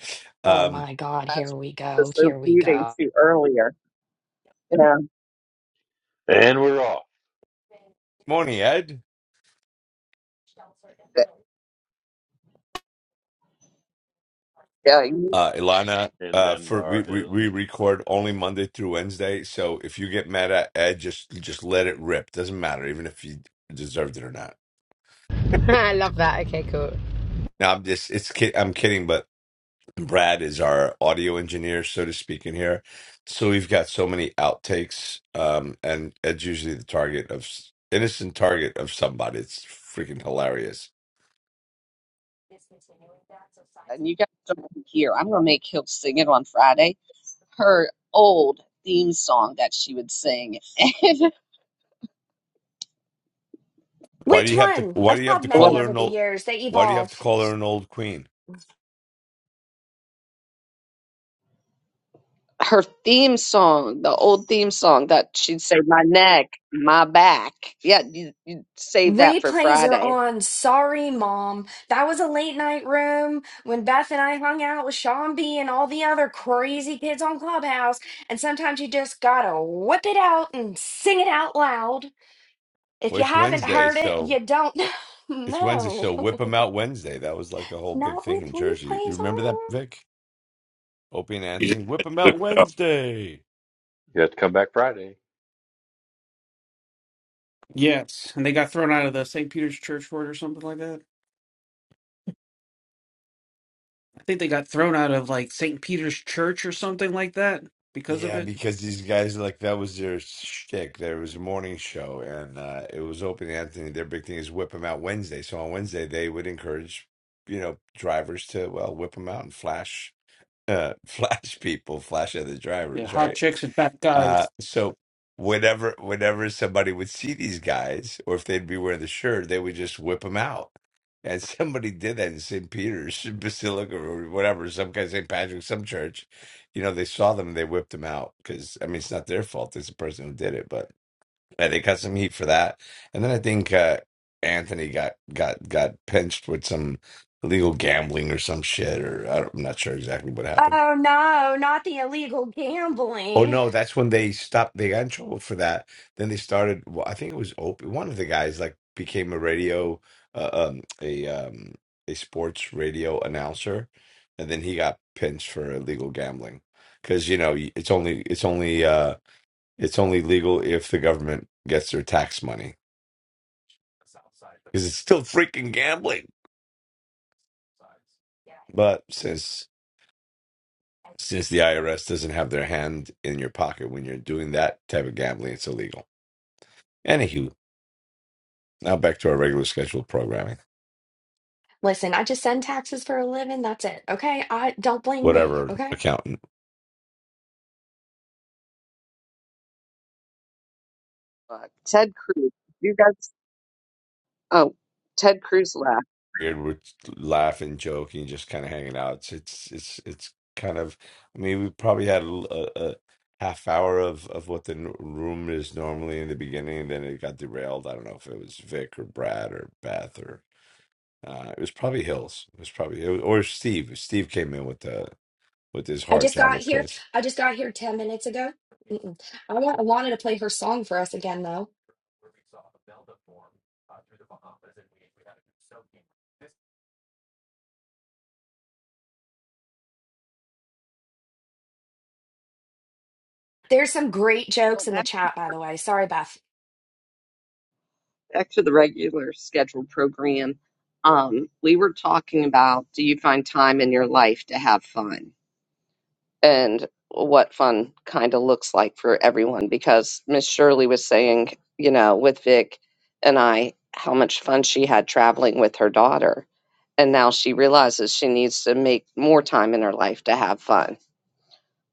Speaker 7: Oh
Speaker 4: Um,
Speaker 7: my God,
Speaker 1: That's
Speaker 7: here we go.
Speaker 1: because they're
Speaker 7: Here we
Speaker 1: booting
Speaker 7: go.
Speaker 1: to earlier. Yeah.
Speaker 9: And we're off.
Speaker 4: morning, Ed.
Speaker 1: But, yeah, you,
Speaker 4: Uh, Ilana.
Speaker 9: And
Speaker 4: Uh,
Speaker 9: then there
Speaker 4: for we,
Speaker 9: are
Speaker 4: we we
Speaker 9: hills.
Speaker 4: record only Monday through Wednesday, so if you get mad at Ed, just just let it rip. Doesn't matter, even if you deserved it or not.
Speaker 8: *laughs* I love that. Okay, cool.
Speaker 4: Now I'm just it's kid. I'm kidding, but And Brad is our audio engineer, so to speak, in here. So we've got so many outtakes, um, and Ed's usually the target of innocent target of somebody. It's freaking hilarious.
Speaker 1: and you guys don't want to hear. I'm gonna make Hill sing it on Friday. Her old theme song that she would sing. *laughs* And
Speaker 4: Why do
Speaker 7: Which
Speaker 4: you have to?
Speaker 7: one?
Speaker 4: Why do
Speaker 7: I've
Speaker 4: you have to
Speaker 7: had
Speaker 1: What?
Speaker 4: call
Speaker 7: many
Speaker 4: her
Speaker 7: over
Speaker 4: an
Speaker 7: the
Speaker 4: old?
Speaker 7: years. They
Speaker 4: Why do you have
Speaker 7: evolve.
Speaker 4: to call her an old queen?
Speaker 1: her theme song, the old theme song that she'd say, "My neck, my back." Yeah, you, you save that for
Speaker 7: Replays are
Speaker 1: Friday.
Speaker 7: on. Sorry, Mom. That was a late night room when Beth and I hung out with Sean B and all the other crazy kids on Clubhouse. And sometimes you just gotta whip it out and sing it out loud. If
Speaker 4: Well,
Speaker 7: you
Speaker 4: it's
Speaker 7: haven't
Speaker 4: Wednesday,
Speaker 7: heard it,
Speaker 4: so
Speaker 7: you don't *laughs*
Speaker 4: it's Wednesday.
Speaker 7: know.
Speaker 4: So whip 'em out Wednesday. That was like a whole big
Speaker 7: Not
Speaker 4: thing
Speaker 7: with
Speaker 4: in Jersey. You
Speaker 7: replays
Speaker 4: remember that,
Speaker 7: on.
Speaker 4: Vic? Opie and
Speaker 10: You just
Speaker 4: Anthony,
Speaker 10: had
Speaker 4: whip
Speaker 10: to
Speaker 4: 'em
Speaker 10: whip
Speaker 4: out
Speaker 10: it up.
Speaker 4: Wednesday.
Speaker 9: You have to come back Friday.
Speaker 3: Yes, and they got thrown out of the St. Peter's Church for it or something like that. I think they got thrown out of like St. Peter's Church or something like that because of
Speaker 4: Yeah,
Speaker 3: it.
Speaker 4: because these guys like that was their shtick. There was a morning show, and uh, it was open Anthony. Their big thing is whip them out Wednesday. So on Wednesday, they would encourage, you know, drivers to well whip them out and flash, uh, *laughs* flash people, flash other
Speaker 3: Yeah,
Speaker 4: drivers,
Speaker 3: hot
Speaker 4: right?
Speaker 3: chicks and fat
Speaker 4: Uh,
Speaker 3: guys.
Speaker 4: so whenever whenever somebody would see these guys, or if they'd be wearing the shirt, they would just whip them out. And *laughs* somebody did that in St. Peter's *laughs* Basilica or whatever, some guy St. Patrick, some church. You know, they saw them and they whipped them out because I mean it's not their fault; it's the person who did it. But yeah, they got some heat for that. And then I think uh, Anthony got got got pinched with some illegal gambling or some shit, or I don't, I'm not sure exactly what happened.
Speaker 7: Oh no, not the illegal
Speaker 4: Oh
Speaker 7: gambling.
Speaker 4: no, that's when they stopped. They got in trouble for that. Then they started. Well, I think it was Opie. One of the guys like became a radio, uh, um, a um, a sports radio announcer, and then he got pinched for illegal gambling because you know it's only it's only uh it's only legal if the government gets their tax money because it's still freaking gambling. But since since the IRS doesn't have their hand in your pocket when you're doing that type of gambling, it's illegal. Anywho, now back to our regular scheduled programming.
Speaker 7: Listen, I just send taxes for a living. That's it. Okay? I don't blame me.
Speaker 4: whatever
Speaker 7: Okay?
Speaker 4: accountant.
Speaker 1: Fuck. Ted Cruz. You guys. Oh, Ted Cruz left.
Speaker 4: Weird, we're laughing, joking, just kind of hanging out. It's it's it's it's kind of. I mean, we probably had a, l- a- a half hour of of what the n- room is normally in the beginning, and then it got derailed. I don't know if it was Vic or Brad or Beth or uh, it was probably Hills. It was probably it was- or Steve. Steve came in with the with his
Speaker 7: I
Speaker 4: hard
Speaker 7: just got
Speaker 4: Java
Speaker 7: here.
Speaker 4: twist.
Speaker 7: I just got here 10 minutes ago. Mm-mm. I, want, I wanted to play her song for us again, though. There's some great
Speaker 1: Well,
Speaker 7: jokes in the
Speaker 1: back
Speaker 7: chat, by the way. Sorry, Beth.
Speaker 1: back to the regular scheduled program. Um, we were talking about do you find time in your life to have fun and what fun kind of looks like for everyone because Miss Shirley was saying, you know, with Vic and I, how much fun she had traveling with her daughter. And now she realizes she needs to make more time in her life to have fun.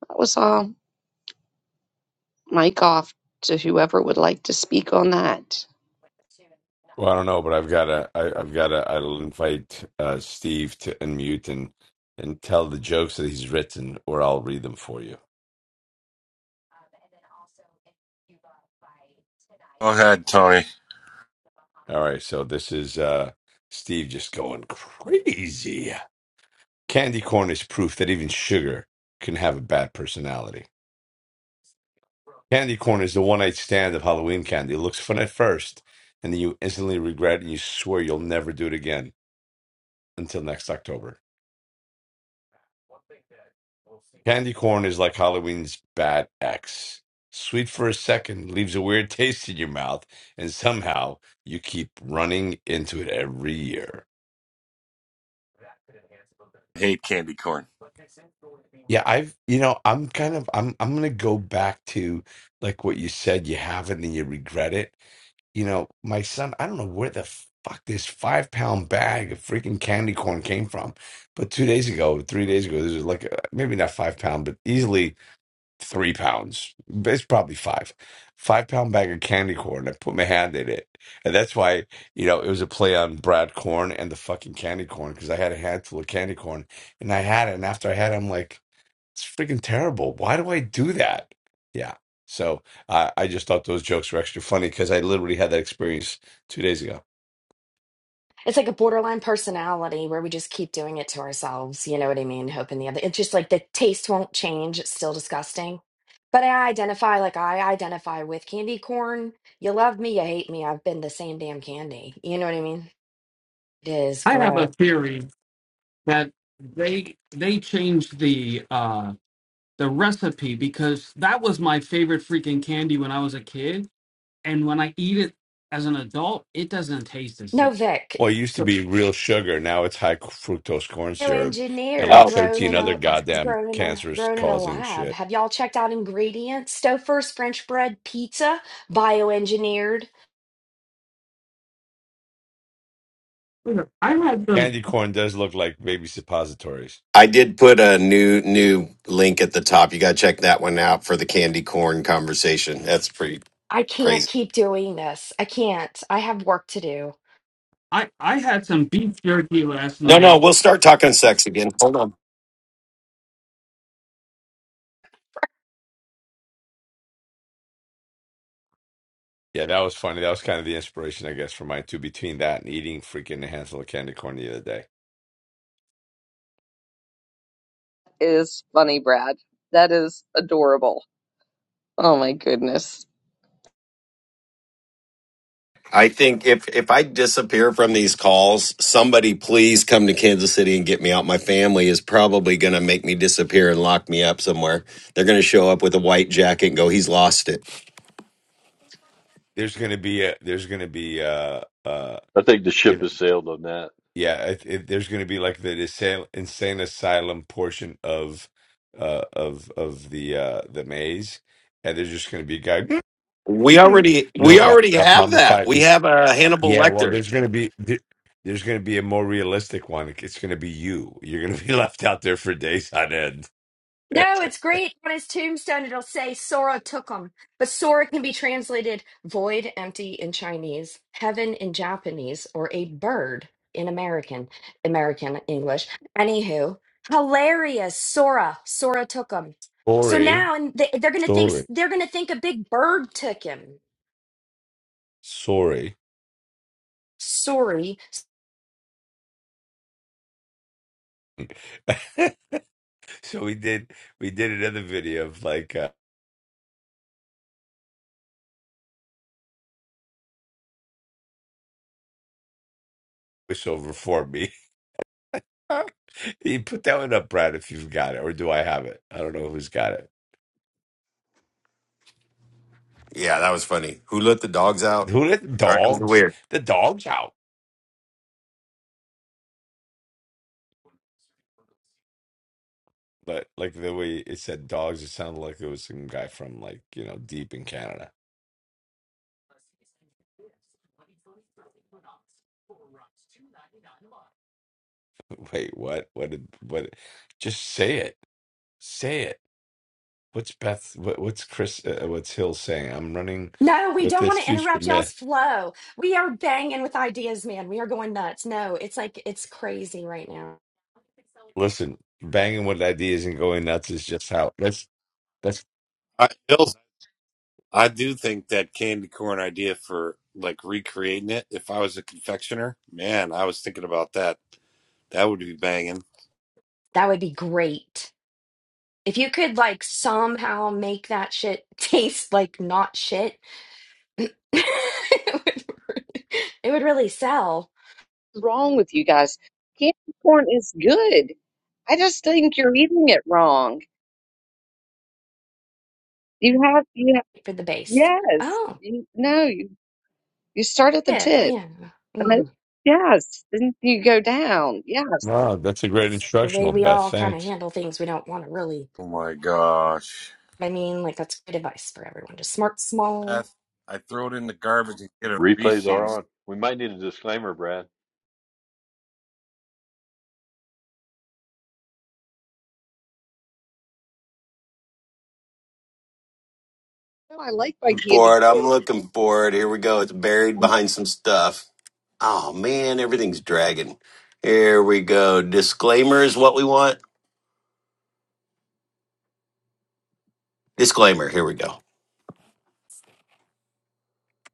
Speaker 1: That was all. mic off to whoever would like to speak on that.
Speaker 4: I don't know, but I've got to. I, I've got to. I'll invite uh, Steve to unmute and and tell the jokes that he's written, or I'll read them for you.
Speaker 10: Go ahead, Tony.
Speaker 4: So this is uh, Steve just going crazy. Candy corn is proof that even sugar can have a bad personality. Candy corn is the one night stand of Halloween candy. It looks fun at first, and then you instantly regret and you swear you'll never do it again until next October. Corn is like Halloween's bad ex. Sweet for a second, leaves a weird taste in your mouth, and somehow you keep running into it every year.
Speaker 10: I hate candy corn.
Speaker 4: I've, you know, I'm kind of, I'm, I'm gonna go back to like what you said. You have it and you regret it. You know, my son, I don't know where the fuck this five pound bag of freaking candy corn came from, but two days ago, three days ago, this was like uh, maybe not five pound, but easily three pounds. It's probably five, five pound bag of candy corn. I put my hand in it, and that's why you know it was a play on Brad Corn and the fucking candy corn because I had a handful of candy corn and I had it, and after I had, it, I'm like. It's freaking terrible. Why do I do that? Yeah. So I I just thought those jokes were extra funny because I literally had that experience two days ago.
Speaker 7: It's like a borderline personality where we just keep doing it to ourselves. You know what I mean? Hoping the other. It's just like the taste won't change. It's still disgusting. But I identify like I identify with candy corn. You love me, you hate me. I've been the same damn candy. You know what I mean? It is
Speaker 3: I have a
Speaker 7: gross.
Speaker 3: theory that they they changed the uh the recipe because that was my favorite freaking candy when I was a kid and when I eat it as an adult it doesn't taste the
Speaker 7: No,
Speaker 3: same.
Speaker 7: Vic.
Speaker 4: Well, it used to be real sugar. Now it's high fructose corn syrup and
Speaker 7: engineered
Speaker 4: like
Speaker 5: Oh,
Speaker 7: grown
Speaker 4: 13
Speaker 7: in
Speaker 4: other
Speaker 7: a
Speaker 4: goddamn
Speaker 7: grown in a
Speaker 4: cancerous
Speaker 7: grown in a
Speaker 4: causing
Speaker 7: lab
Speaker 4: shit.
Speaker 7: have y'all checked out ingredients stouffer's french bread pizza bioengineered
Speaker 3: I had some
Speaker 4: Candy corn does look like baby suppositories.
Speaker 5: I did put a new new link at the top. You got to check that one out for the candy corn conversation. That's pretty
Speaker 7: i can't
Speaker 5: crazy.
Speaker 7: keep doing this i can't i have work to do
Speaker 3: I I had some beef jerky last
Speaker 5: No, no,
Speaker 3: night.
Speaker 5: we'll start talking sex again. Hold on.
Speaker 4: Yeah, that was funny. That was kind of the inspiration, I guess, for mine too. Between that and eating freaking a handful of candy corn the other day,
Speaker 1: Is funny, Brad. That is adorable. Oh my goodness.
Speaker 5: I think if if I disappear from these calls, somebody please come to Kansas City and get me out. My family is probably going to make me disappear and lock me up somewhere. They're going to show up with a white jacket and go, "He's lost it."
Speaker 4: there's gonna be a there's gonna be uh uh
Speaker 9: I think the
Speaker 4: you
Speaker 9: ship
Speaker 4: know
Speaker 9: has sailed on that.
Speaker 4: yeah it, it, there's gonna be like the insane, insane asylum portion of uh of of the uh the maze, and there's just gonna be a guy
Speaker 5: We
Speaker 4: *clears throat*
Speaker 5: already
Speaker 4: no
Speaker 5: we
Speaker 4: wrap
Speaker 5: already
Speaker 4: up
Speaker 5: have that.
Speaker 4: mummified
Speaker 5: We have a Hannibal
Speaker 4: Yeah, well,
Speaker 5: Lecter.
Speaker 4: there's going to be there- there's going to be a more realistic one. It's going to be you. You're going to be *laughs* left out there for days on end.
Speaker 7: No, it's
Speaker 4: *laughs*
Speaker 7: great. On his tombstone, it'll say Sora took him. But Sora can be translated void, empty in Chinese, heaven in Japanese, or a bird in American, American English. Anywho, hilarious. Sora, Sora took him. So
Speaker 4: Sorry,
Speaker 7: now, and they, they're gonna think
Speaker 4: sorry,
Speaker 7: they're gonna think a big bird took him.
Speaker 4: sorry.
Speaker 7: Sorry.
Speaker 4: *laughs* So we did we did another video of like uh, voiceover for me. *laughs* *laughs* You put that one up, Brad, if you've got it, or do I have it? I don't know who's got it.
Speaker 5: Yeah, that was funny. Who let the dogs out?
Speaker 4: Who let
Speaker 5: All right, it was
Speaker 4: dogs?
Speaker 5: weird.
Speaker 4: The dogs out. But like the way it said dogs, it sounded like it was some guy from like, you know, deep in Canada. *laughs* Wait, what? What did what just say it. Say it. What's Beth what, what's Chris uh, uh, what's Hill saying? I'm running
Speaker 7: No, we
Speaker 4: with
Speaker 7: don't
Speaker 4: this
Speaker 7: want to
Speaker 4: future
Speaker 7: interrupt y'all's
Speaker 4: myth.
Speaker 7: flow. We are banging with ideas, man. We are going nuts. No, it's like it's crazy right now.
Speaker 4: Listen, banging with ideas and going nuts is just how that's that's
Speaker 10: I Bill's- I do think that candy corn idea for like recreating it. If I was a confectioner, man, I was thinking about that. That would be banging.
Speaker 7: That would be great. If you could like somehow make that shit *laughs* taste like not shit, *laughs* it would really, it would really sell
Speaker 1: What's wrong with you guys? Candy corn is good. I just think you're eating it wrong. You have you have
Speaker 7: for the base.
Speaker 1: yes.
Speaker 7: Oh,
Speaker 1: You, no, you you start at the
Speaker 7: yeah,
Speaker 1: tip.
Speaker 7: yeah.
Speaker 1: I mean,
Speaker 7: hmm
Speaker 1: yes, then you go down. Yes.
Speaker 4: wow, that's a great
Speaker 7: The way
Speaker 4: instructional,
Speaker 7: we
Speaker 4: Beth.
Speaker 7: all kind of
Speaker 4: Thanks.
Speaker 7: handle things, we don't want to really.
Speaker 10: Oh my gosh.
Speaker 7: I mean, like that's good advice for everyone. Just smart, small.
Speaker 10: Beth, I throw it in the garbage and get a
Speaker 9: Replays are
Speaker 10: Reese's.
Speaker 9: on. We might need a disclaimer, Brad.
Speaker 1: No, I like my candy
Speaker 5: for it.
Speaker 1: corn.
Speaker 5: I'm looking for it. Here we go. It's buried behind some stuff. Oh man, everything's dragging. Here we go. Disclaimer is what we want. Disclaimer. Here we go.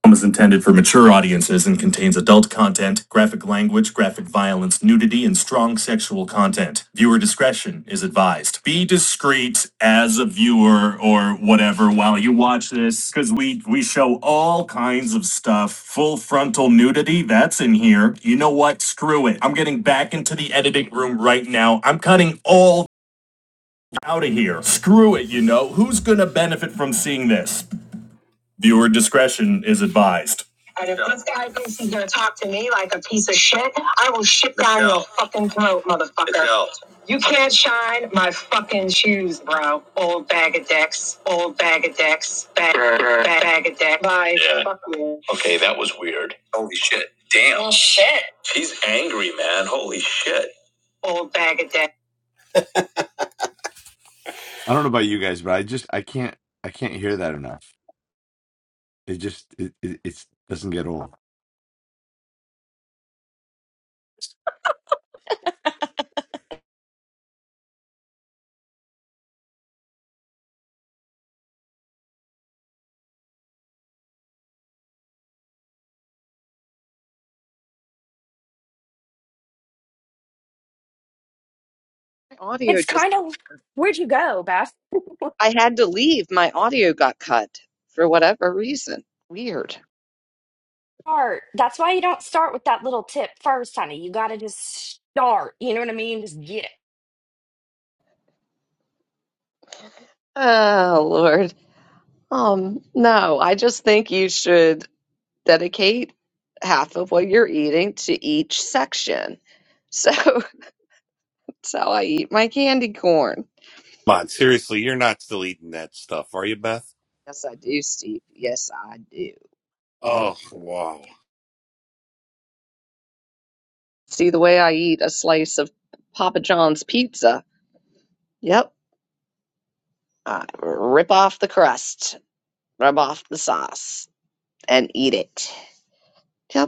Speaker 5: film is intended for mature audiences and contains adult content, graphic language, graphic violence, nudity, and strong sexual content. Viewer discretion is advised. Be discreet as a viewer or whatever while you watch this, because we we show all kinds of stuff. Full frontal nudity, that's in here. You know what? Screw it. I'm getting back into the editing room right now. I'm cutting all out of here. Screw it, you know. Who's gonna benefit from seeing this? Viewer discretion is advised. And if Yeah. this guy thinks he's gonna talk to me like a piece of shit, I will shit down your fucking throat, motherfucker. You can't shine my fucking shoes, bro. Old bag of dicks. old bag of dicks. bag, bag, bag of dicks. Bye. Yeah. Fuck you. Okay, that was weird. Holy shit. Damn. Well, shit. She's angry, man. Holy shit. Old bag of dicks.
Speaker 4: I don't know about you guys, but I just I can't I can't hear that enough. It just it it it's, doesn't get old.
Speaker 1: My audio
Speaker 7: It's
Speaker 1: just
Speaker 7: kind of where'd you go, Beth?
Speaker 1: I had to leave. My audio got cut for whatever reason. Weird.
Speaker 7: Start. That's why you don't start with that little tip first, honey. You got to just start. You know what I mean? Just get it.
Speaker 1: Oh, Lord. Um, no, I just think you should dedicate half of what you're eating to each section. So *laughs* that's how I eat my candy corn.
Speaker 10: Come on, seriously, you're not still eating that stuff, are you, Beth?
Speaker 1: Yes, I do, Steve. Yes, I do.
Speaker 10: Oh wow.
Speaker 1: See the way I eat a slice of Papa John's pizza? Yep. I rip off the crust, rub off the sauce, and eat it. Yep.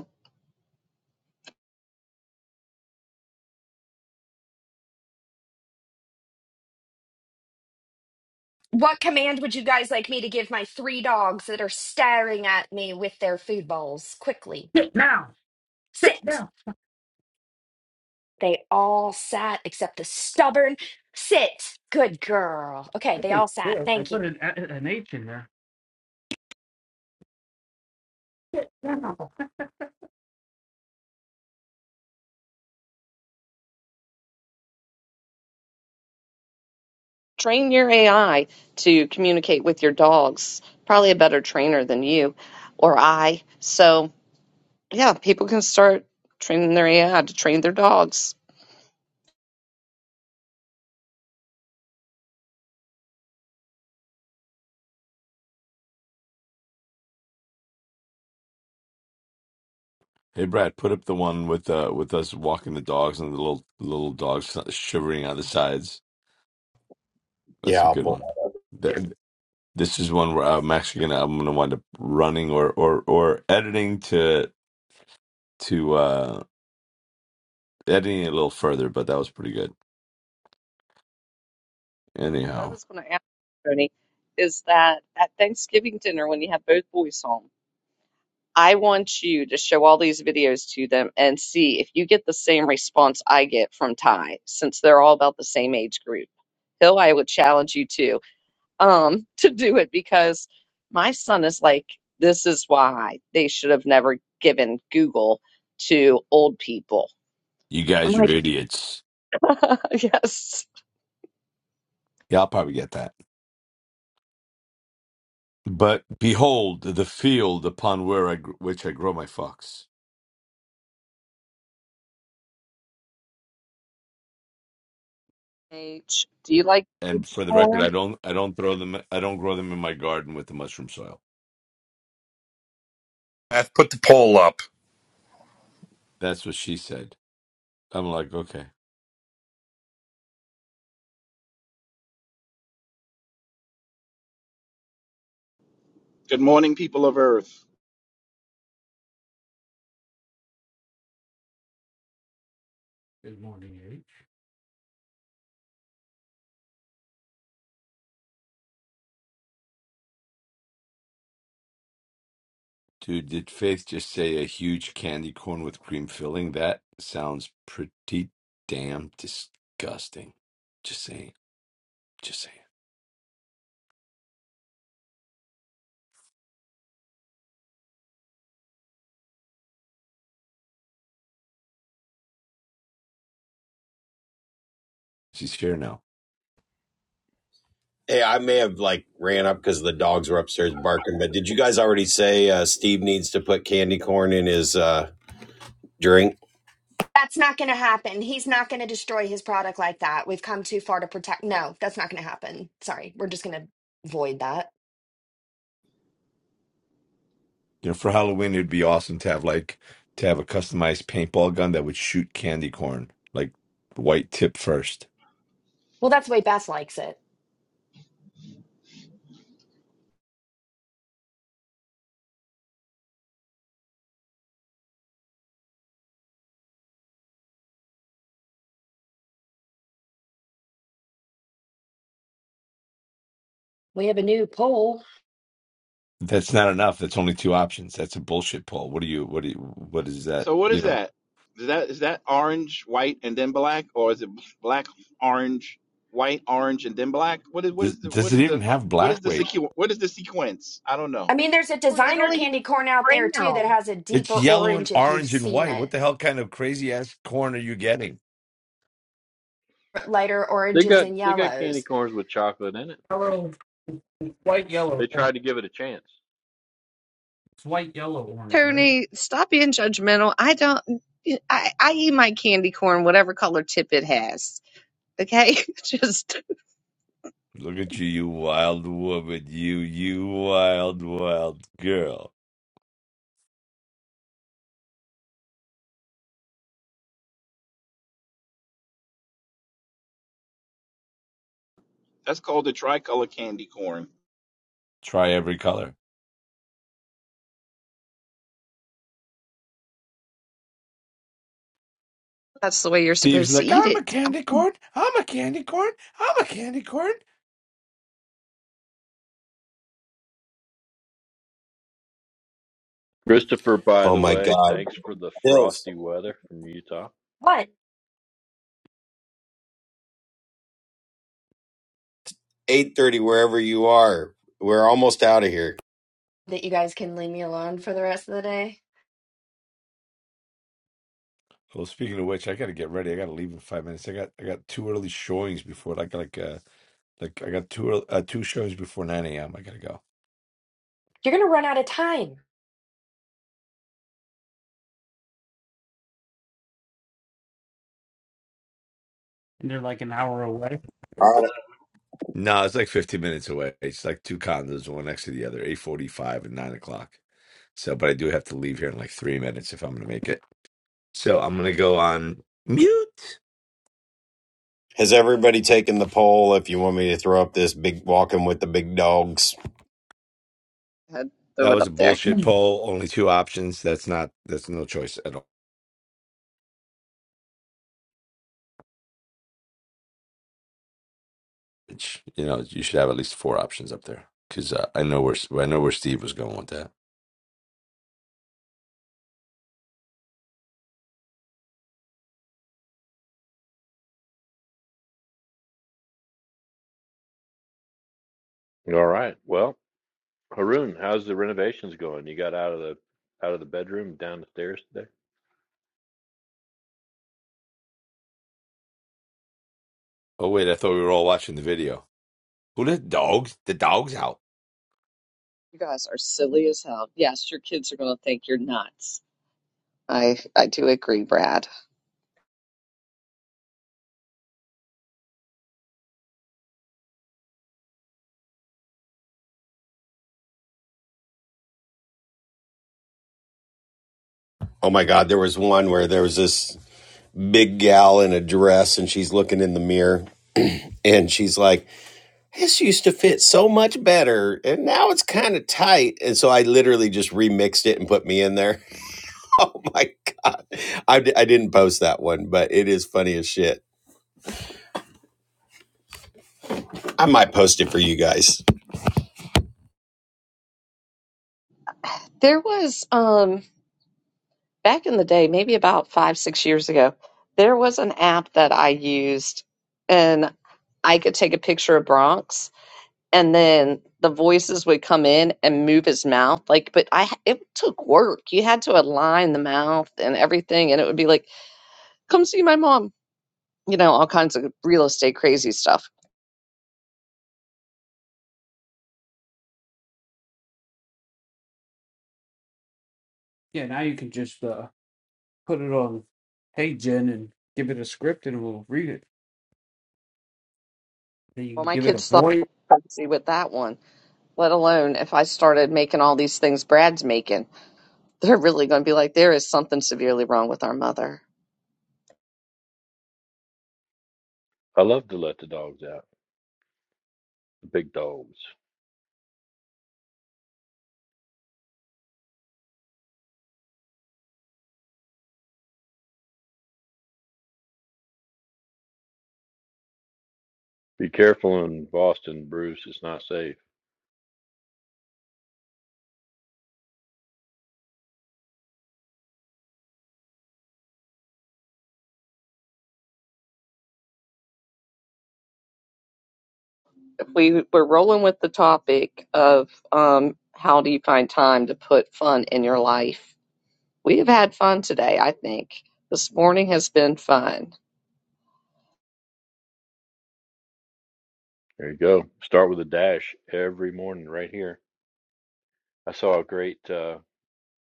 Speaker 7: What command would you guys like me to give my three dogs that are staring at me with their food bowls? Quickly,
Speaker 3: Sit down. Sit
Speaker 7: sit.
Speaker 3: down.
Speaker 7: They all sat except the stubborn. Sit. Good girl. Okay,
Speaker 3: I
Speaker 7: they
Speaker 3: say
Speaker 7: all sat.
Speaker 3: sit. I
Speaker 7: Thank you.
Speaker 3: put an an H in there. Sit down.
Speaker 1: Train your AI to communicate with your dogs. Probably a better trainer than you or I. So, yeah, people can start training their AI to train their dogs.
Speaker 4: Hey Brad, put up the one with uh with us walking the dogs and the little little dogs shivering on the sides. That's
Speaker 5: Yeah,
Speaker 4: a
Speaker 5: I'll
Speaker 4: good
Speaker 5: pull
Speaker 4: one. Th- this is one where I'm actually gonna I'm gonna wind up running or or or editing to to uh editing it a little further, but that was pretty good.
Speaker 1: What I
Speaker 4: Anyhow,
Speaker 1: was going to ask, Tony, is that at Thanksgiving dinner, when you have both boys home, I want you to show all these videos to them and see if you get the same response I get from Ty, since they're all about the same age group. Hill, I would challenge you to um *laughs* to do it because my son is like, this is why they should have never given Google to old people.
Speaker 4: you
Speaker 1: I'm
Speaker 4: guys are
Speaker 1: like,
Speaker 4: idiots.
Speaker 1: *laughs* yes.
Speaker 4: Yeah, I'll probably get that. But behold the field upon where I gr- which I grow my fox.
Speaker 1: H, do you like
Speaker 4: And for the record,
Speaker 1: corn?
Speaker 4: I don't I don't throw them I don't grow them in my garden with the mushroom soil.
Speaker 10: Beth, put the poll up.
Speaker 4: That's what she said. I'm like, okay.
Speaker 11: Good morning, people of Earth.
Speaker 3: Good morning, H.
Speaker 4: Dude, did Faith just say a huge candy corn with cream filling? That sounds pretty damn disgusting. Just saying. Just saying. She's here now.
Speaker 5: Hey, I may have like ran up because the dogs were upstairs barking, but did you guys already say uh, Steve needs to put candy corn in his uh, drink?
Speaker 7: That's not going to happen. He's not going to destroy his product like that. We've come too far to protect. No, that's not going to happen. Sorry. We're just going to avoid that.
Speaker 4: You know, for Halloween it'd be awesome to have like to have a customized paintball gun that would shoot candy corn, like white tip first.
Speaker 7: Well, that's the way Beth likes it. We have a new poll.
Speaker 4: That's not enough. That's only two options. That's a bullshit poll. What do you what do you what is that?
Speaker 11: So, what
Speaker 4: You
Speaker 11: is
Speaker 4: know.
Speaker 11: that? Is that is that orange, white, and then black, or is it black, orange, white, orange, and then black? What is what
Speaker 4: Does,
Speaker 11: is the what
Speaker 4: does it
Speaker 11: is
Speaker 4: even
Speaker 11: the
Speaker 4: have
Speaker 11: what is
Speaker 4: black
Speaker 11: the
Speaker 4: weight?
Speaker 11: sequ- what is the sequence? I don't
Speaker 7: I
Speaker 11: know.
Speaker 7: mean, there's a
Speaker 1: Corn, It
Speaker 7: designer
Speaker 1: only has
Speaker 7: candy corn out there too
Speaker 1: brown.
Speaker 7: that has a
Speaker 4: It's
Speaker 7: deeper
Speaker 4: yellow and
Speaker 7: orange if you've
Speaker 4: orange and
Speaker 7: seen
Speaker 4: white.
Speaker 7: it,
Speaker 4: What the hell kind of crazy ass corn are you getting?
Speaker 7: lighter
Speaker 9: They
Speaker 7: oranges
Speaker 9: got
Speaker 7: and
Speaker 9: they got candy
Speaker 7: yellows.
Speaker 9: corns with chocolate in it.
Speaker 3: Hello. It's white,
Speaker 9: They
Speaker 3: yellow, orange.
Speaker 9: tried to give it a chance.
Speaker 3: It's white, yellow, orange, right?
Speaker 1: Tony, stop being judgmental. I don't. I, I eat my candy corn, whatever color tip it has. Okay, *laughs* just
Speaker 4: Look at you, you wild woman. You, you wild, wild girl.
Speaker 11: That's called the tricolor candy corn.
Speaker 4: Try every color.
Speaker 1: that's the way you're
Speaker 4: Steve's
Speaker 1: supposed to
Speaker 4: like,
Speaker 1: eat
Speaker 4: I'm a
Speaker 1: it.
Speaker 4: candy corn. I'm a candy corn. I'm a candy corn.
Speaker 9: Christopher, by
Speaker 5: Oh
Speaker 9: the
Speaker 5: my
Speaker 9: way,
Speaker 5: God,
Speaker 9: thanks for the
Speaker 5: Hills,
Speaker 9: frosty weather from Utah.
Speaker 7: What?
Speaker 5: eight thirty, wherever you are, we're almost out of here.
Speaker 7: That you guys can leave me alone for the rest of the day?
Speaker 4: Well, speaking of which, I gotta get ready. I gotta leave in five minutes. I got I got two early showings before. I got like uh like I got two earl- uh, two showings before nine a.m. I gotta go.
Speaker 7: You're going to run out of time.
Speaker 3: And they're like an hour away.
Speaker 5: All right.
Speaker 4: No, it's like 15 minutes away. It's like two condos, one next to the other, 8:45 and 9 o'clock. So, but I do have to leave here in like three minutes if I'm going to make it. So I'm going to go on mute.
Speaker 5: Has everybody taken the poll? If you want me to throw up this big walking with the big dogs.
Speaker 1: Go ahead, throw
Speaker 4: That
Speaker 1: it
Speaker 4: was a
Speaker 1: up there.
Speaker 4: bullshit
Speaker 3: Yeah,
Speaker 4: poll. Only two options. That's not, that's no choice at all. Which, you know, you should have at least four options up there because uh, I know where, I know where Steve was going with that.
Speaker 9: All right. Well, Haroon, how's the renovations going? You got out of the out of the bedroom down the stairs today?
Speaker 4: Oh, wait, I thought we were all watching the video. Who the dogs? The dog's out.
Speaker 1: You guys are silly as hell. Yes, your kids are going to think you're nuts. I I do agree, Brad.
Speaker 5: Oh my God, there was one where there was this big gal in a dress, and she's looking in the mirror, and she's like this used to fit so much better and now it's kind of tight and so i literally just remixed it and put me in there *laughs* oh my god I, d- I didn't post that one but it is funny as shit i might post it for you guys
Speaker 1: There was um back in the day, maybe about five, six years ago, there was an app that I used and I could take a picture of Bronx and then the voices would come in and move his mouth. Like, but I it took work. You had to align the mouth and everything, and it would be like, come see my mom, you know, all kinds of real estate crazy stuff.
Speaker 3: now you can just uh put it on Hey Jen and give it a script and we'll read it. Then you
Speaker 1: Well,
Speaker 3: can
Speaker 1: my
Speaker 3: give it a
Speaker 1: kids thought I
Speaker 3: point.
Speaker 1: was crazy with that one. let alone if I started making all these things Brad's making, *laughs* they're really going to be like, there is something severely wrong with our mother.
Speaker 9: I love to let the dogs out. The big dogs. Be careful in Boston, Bruce. It's not safe.
Speaker 1: If we we're rolling with the topic of um, how do you find time to put fun in your life, we have had fun today. I think this morning has been fun.
Speaker 9: There you go. Start with a dash every morning right here. I saw a great uh,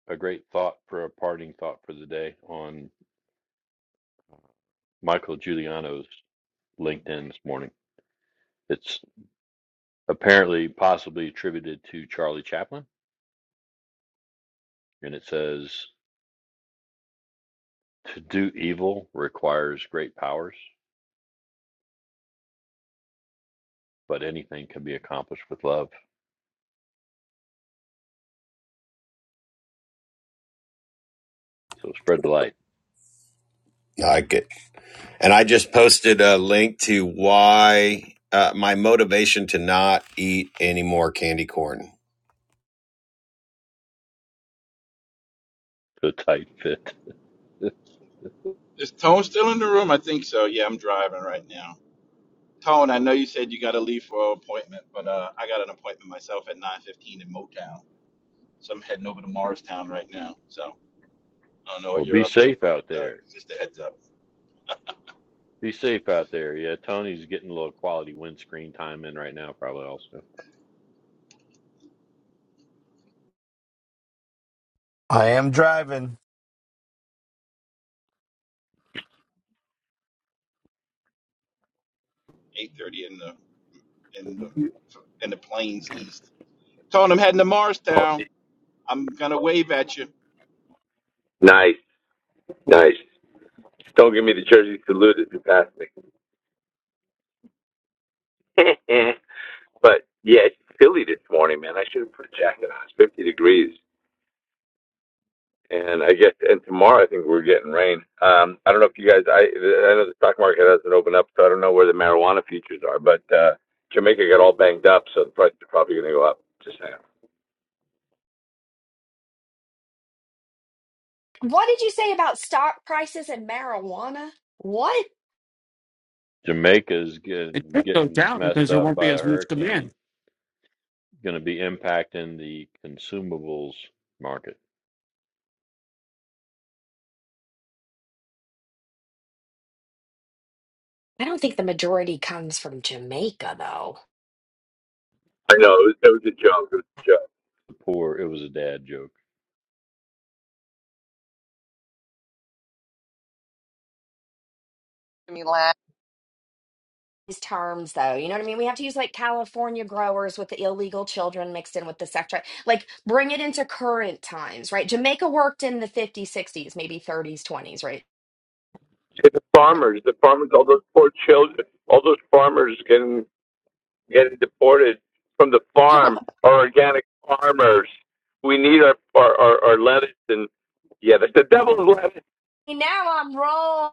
Speaker 9: a great thought for a parting thought for the day on Michael Giuliano's LinkedIn this morning. It's apparently possibly attributed to Charlie Chaplin, and it says, "To do evil requires great powers, but anything can be accomplished with love." So spread the light.
Speaker 5: i like it and i just posted a link to why uh, my motivation to not eat any more candy corn
Speaker 9: Put a tight fit. *laughs*
Speaker 11: Is Tone still in the room? I think so. Yeah, I'm driving right now. Tone, I know you said you got to leave for an appointment, but uh, I got an appointment myself at 9:15 in Motown, so I'm heading over to Morristown right now. So I don't know
Speaker 9: Well,
Speaker 11: what
Speaker 9: be
Speaker 11: you're up to,
Speaker 9: safe
Speaker 11: but
Speaker 9: out
Speaker 11: uh,
Speaker 9: there.
Speaker 11: just a heads up.
Speaker 9: Be safe out there. Yeah, Tony's getting a little quality windscreen time in right now, probably also.
Speaker 4: I am driving.
Speaker 11: 8:30 in the in the in the plains east. Told him heading to Marstown. I'm gonna wave at you.
Speaker 4: Nice, nice. Don't give me the jersey salute if you pass me. *laughs* But yeah, it's chilly this morning, man. I should have put a jacket on. It's 50 degrees. And I guess, and tomorrow I think we're getting rain. Um, I don't know if you guys, I, I know the stock market hasn't opened up, so I don't know where the marijuana futures are, but, uh, Jamaica got all banged up, so the prices are probably going to go up. Just saying.
Speaker 7: What did you say about stock prices and marijuana? What?
Speaker 9: Jamaica's
Speaker 3: It
Speaker 9: getting
Speaker 3: should go
Speaker 9: getting
Speaker 3: down
Speaker 9: messed
Speaker 3: because there
Speaker 9: up
Speaker 3: won't
Speaker 9: by
Speaker 3: be
Speaker 9: a
Speaker 3: as much demand.
Speaker 9: hurricane. Going to be impacting the consumables market.
Speaker 7: I don't think the majority comes from Jamaica, though.
Speaker 4: I know, it was, it was a joke. It was a joke.
Speaker 9: The poor. It was a dad joke.
Speaker 1: I mean, laugh.
Speaker 7: These terms, though, you know what I mean? We have to use like California growers with the illegal children mixed in with the sex trade. Like, bring it into current times, right? Jamaica worked in the 50s, 60s, maybe 30s, 20s, right?
Speaker 4: Yeah, the farmers, the farmers, all those poor children, all those farmers getting getting deported from the
Speaker 7: *laughs*
Speaker 4: farm, our organic farmers. We need our, our, our, our lettuce and yeah, the, the devil's lettuce.
Speaker 7: now I'm wrong.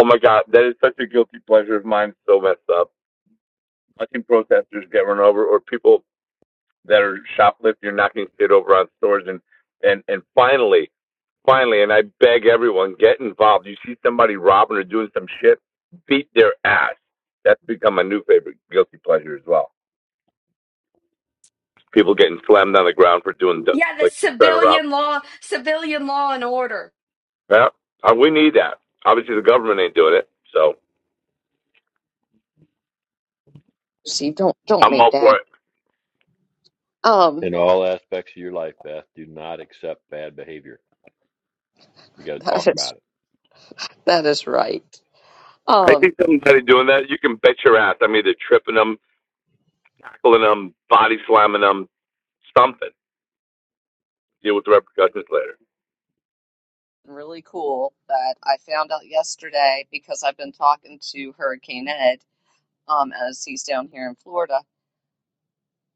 Speaker 4: Oh my God, that is such a guilty pleasure of mine. So messed up. Watching protesters get run over or people that are shoplifting or knocking shit over on stores. And, and, and finally, finally, and I beg everyone, get involved. You see somebody robbing or doing some shit, beat their ass. That's become my new favorite guilty pleasure as well. people getting slammed on the ground for doing
Speaker 7: Yeah, the
Speaker 4: like trying to rob.
Speaker 7: civilian law, civilian law and order.
Speaker 4: Yeah, uh, we need that. Obviously, the government ain't doing it, so
Speaker 1: See, don't don't
Speaker 4: I'm
Speaker 1: make
Speaker 4: all
Speaker 1: that.
Speaker 4: for it.
Speaker 1: Um,
Speaker 9: In all aspects of your life, Beth, do not accept bad behavior. You got to talk
Speaker 1: *laughs*
Speaker 9: about it.
Speaker 1: That is right.
Speaker 4: I
Speaker 1: Um,
Speaker 4: think somebody doing that, you can bet your ass. I'm either tripping them, tackling them, body slamming them, something. Deal with the repercussions later.
Speaker 1: really cool that I found out yesterday because I've been talking to Hurricane Ed, um, as he's down here in Florida.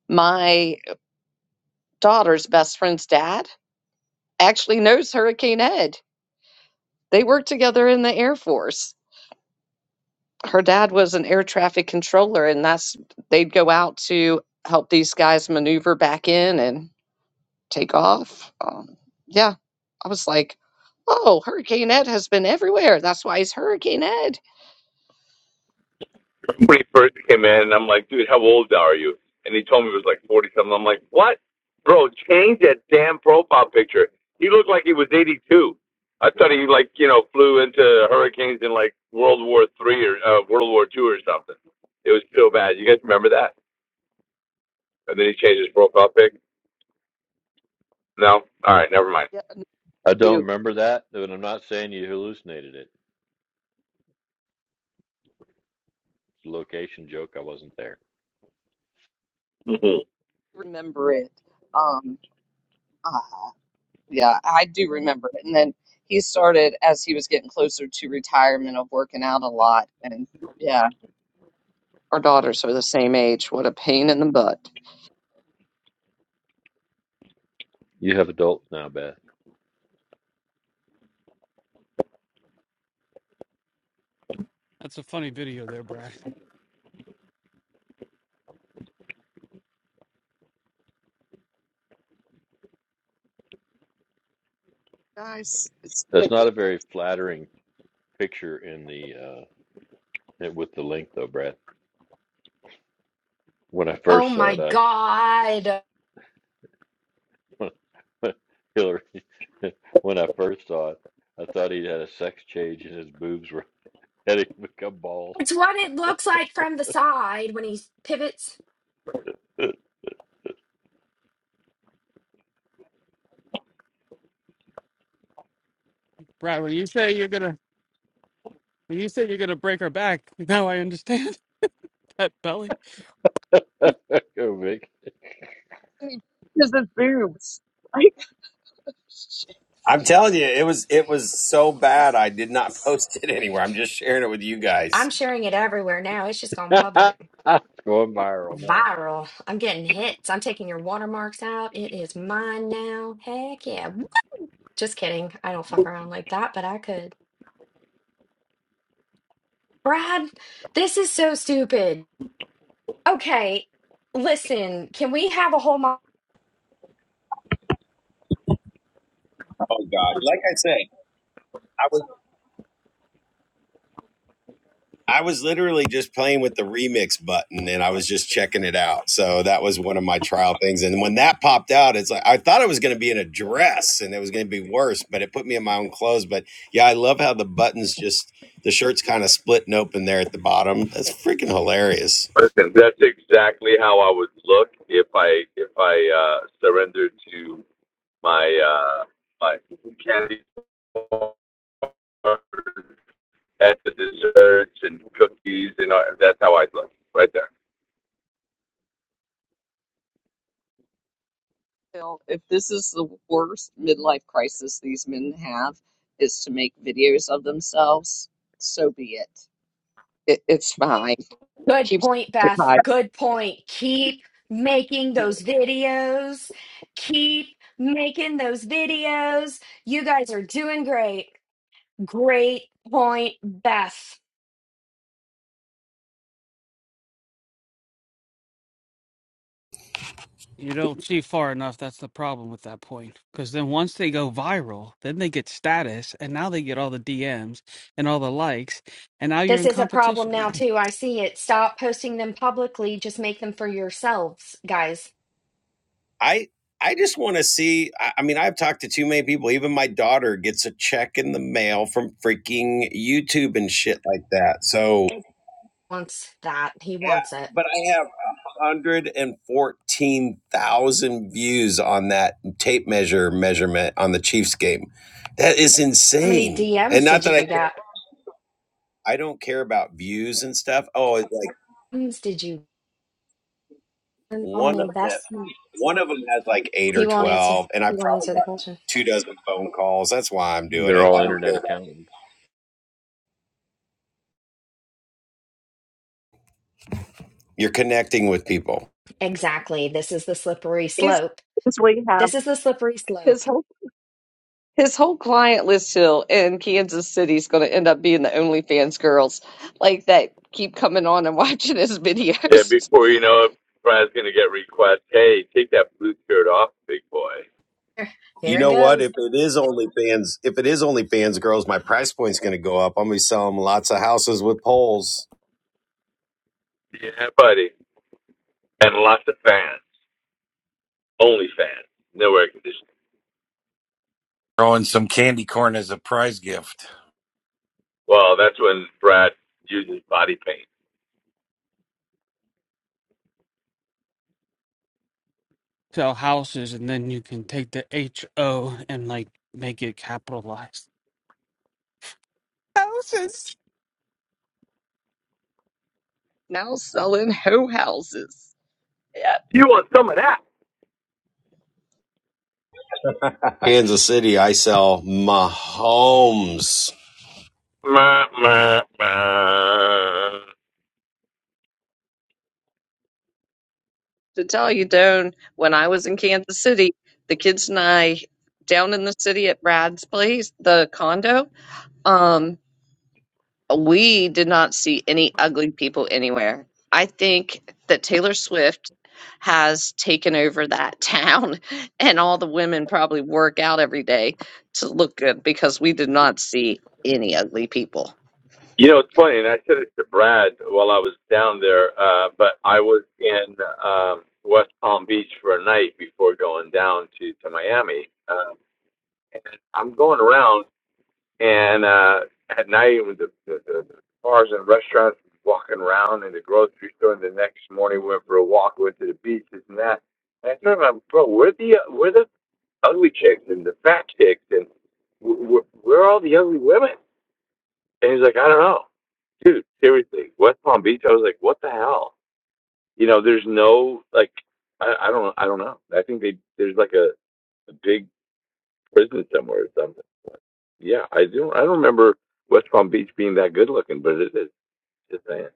Speaker 1: My daughter's best friend's dad actually knows Hurricane Ed. They worked together in the Air Force. Her dad was an air traffic controller, and that's they'd go out to help these guys maneuver back in and take off. Um, yeah, I was like, oh, Hurricane Ed has been everywhere. That's why he's Hurricane Ed.
Speaker 4: when he first came in, I'm like, dude, how old are you? And he told me he was like 40 something. I'm like, what? Bro, change that damn profile picture. He looked like he was 82. I thought he like, you know, flew into hurricanes in like World War Three or uh, World War Two or something. It was so bad. You guys remember that? And then he changed his profile pic. No, all right, never mind.
Speaker 1: Yeah, I
Speaker 9: I don't
Speaker 1: do
Speaker 9: remember that, but I'm not saying you hallucinated it. It's a location joke. I wasn't there.
Speaker 4: Mhm.
Speaker 1: remember it. Um, uh, yeah, I do remember it. And then he started as he was getting closer to retirement of working out a lot. And yeah, our daughters are the same age. What a pain in the butt.
Speaker 9: You have adults now, Beth.
Speaker 3: That's a funny video there, Brad.
Speaker 1: Guys, it's been a
Speaker 9: That's not
Speaker 1: good
Speaker 9: a very flattering picture in the uh with the link though, Brad. When I
Speaker 7: Oh
Speaker 9: first saw
Speaker 7: my
Speaker 9: it,
Speaker 7: God.
Speaker 9: I *laughs* Hillary. *laughs* When I first saw it, I thought he would had a sex change and his boobs were *laughs* heading to become balls.
Speaker 7: It's what it looks like from the side when he pivots.
Speaker 9: *laughs*
Speaker 3: Brad, when you say you're gonna when you say you're gonna break her back, *laughs* now I understand *laughs* that belly.
Speaker 9: Go Vic.
Speaker 1: thing because of boobs. *laughs* Like, shit,
Speaker 5: i'm telling you it was it was so bad i did not *laughs* post it anywhere i'm just sharing it with you
Speaker 7: I'm
Speaker 5: guys
Speaker 7: sharing it everywhere now. It's just
Speaker 9: *laughs*
Speaker 7: gone public.
Speaker 9: It's going viral now.
Speaker 7: Viral. I'm getting hits. I'm taking your watermarks out. It is mine now. Heck yeah. Just kidding. I don't fuck around like that, but I could. Brad, this is so stupid. Okay, listen, can we have a whole
Speaker 5: oh god like i said I was I was literally just playing with the remix button and I was just checking it out. So that was one of my trial things. And when that popped out, it's like I thought it was going to be in a dress and it was going to be worse, but it put me in my own clothes. But yeah, I love how the buttons just the shirt's kind of split and open there at the bottom. That's freaking hilarious.
Speaker 4: Listen, that's exactly how I would look if I if I uh, surrendered to my uh, my candy at the desserts and cookies, and uh, that's how i look right there.
Speaker 1: Bill, if this is the worst midlife crisis these men have, is to make videos of themselves, so be it. it it's fine.
Speaker 7: Good
Speaker 1: Keeps
Speaker 7: point,
Speaker 1: us
Speaker 7: Beth.
Speaker 1: alive.
Speaker 7: Good point. Keep making those videos. Keep making those videos. You guys are doing great. Great point, Beth.
Speaker 3: You don't see far enough. That's the problem with that point. Because then once they go viral, then they get status, and now they get all the DMs and all the likes, and now you're
Speaker 7: This
Speaker 3: in
Speaker 7: is a problem
Speaker 3: competition.
Speaker 7: now, too. I see it. Stop posting them publicly. Just make them for yourselves, guys.
Speaker 5: I I just want to see. I, I mean, I've talked to too many people. Even my daughter gets a check in the mail from freaking YouTube and shit like that. So
Speaker 7: Wants that. He
Speaker 5: Yeah,
Speaker 7: wants it.
Speaker 5: but I have 114,000 views on that tape measure measurement on the Chiefs game. That is
Speaker 7: How many
Speaker 5: insane. And
Speaker 7: DMs
Speaker 5: not
Speaker 7: did
Speaker 5: that I
Speaker 7: you
Speaker 5: care,
Speaker 7: get?
Speaker 5: I don't care about views and stuff. Oh, it's like
Speaker 7: DMs Did you earn on
Speaker 5: one of the
Speaker 7: investment?
Speaker 5: one of them has like eight or
Speaker 7: He won't answer.
Speaker 5: 12, and I
Speaker 7: He won't
Speaker 5: probably
Speaker 7: answer the
Speaker 5: got
Speaker 7: question.
Speaker 5: two dozen phone calls. That's why I'm doing
Speaker 9: They're
Speaker 5: it.
Speaker 9: all
Speaker 5: I don't
Speaker 9: internet
Speaker 5: care. About it.
Speaker 9: accountants.
Speaker 5: You're connecting with people.
Speaker 7: Exactly. This is the slippery slope
Speaker 1: It's
Speaker 7: This is the slippery slope.
Speaker 1: His whole his whole client list hill in Kansas City is going to end up being the OnlyFans girls like that keep coming on and *laughs* watching his
Speaker 4: Yeah,
Speaker 1: videos.
Speaker 4: before
Speaker 1: *laughs*
Speaker 4: you know it, Brad's gonna get requests. Hey, take that blue shirt off, big boy.
Speaker 7: *laughs*
Speaker 5: You
Speaker 7: Here it
Speaker 5: know what?
Speaker 7: goes.
Speaker 5: If it is OnlyFans, if it is OnlyFans girls, my price point's going to go up. I'm going to be selling lots of houses with poles.
Speaker 4: Yeah, buddy. And lots of fans, only fans, no air conditioning.
Speaker 10: Throwing some candy corn as a prize gift.
Speaker 4: Well, that's when Brad uses body paint.
Speaker 3: *clears throat* Sell houses, and then you can take the H O and like make it capitalized. Houses.
Speaker 1: Now selling hoe houses. Yeah.
Speaker 4: You want some of that?
Speaker 5: Kansas City, I sell Mahomes.
Speaker 4: Meh, meh, meh.
Speaker 1: to tell you, Doan, when I was in Kansas City, the kids and I down in the city at Brad's place, the condo. Um, we did not see any ugly people anywhere. I think that Taylor Swift has taken over that town, *laughs* and all the women probably work out every day to look good because we did not see any ugly people.
Speaker 4: You know, it's funny, and I said it to Brad while I was down there, uh, but I was in um, West Palm Beach for a night before going down to, to Miami. Uh, I'm going around. And uh, at night, it was the, the, the bars and restaurants walking around in the grocery store. And the next morning, we went for a walk, went to the beach, this and that. And I told him, bro, where the where the ugly chicks and the fat chicks and where, where are all the ugly women? And he's like, I don't know, dude. Seriously, West Palm Beach. I was like, what the hell? You know, there's no like, I, I don't, I don't know. I think they there's like a, a big prison somewhere or something. Yeah, I do. not I don't remember West Palm Beach being that good looking, but it is. Just saying.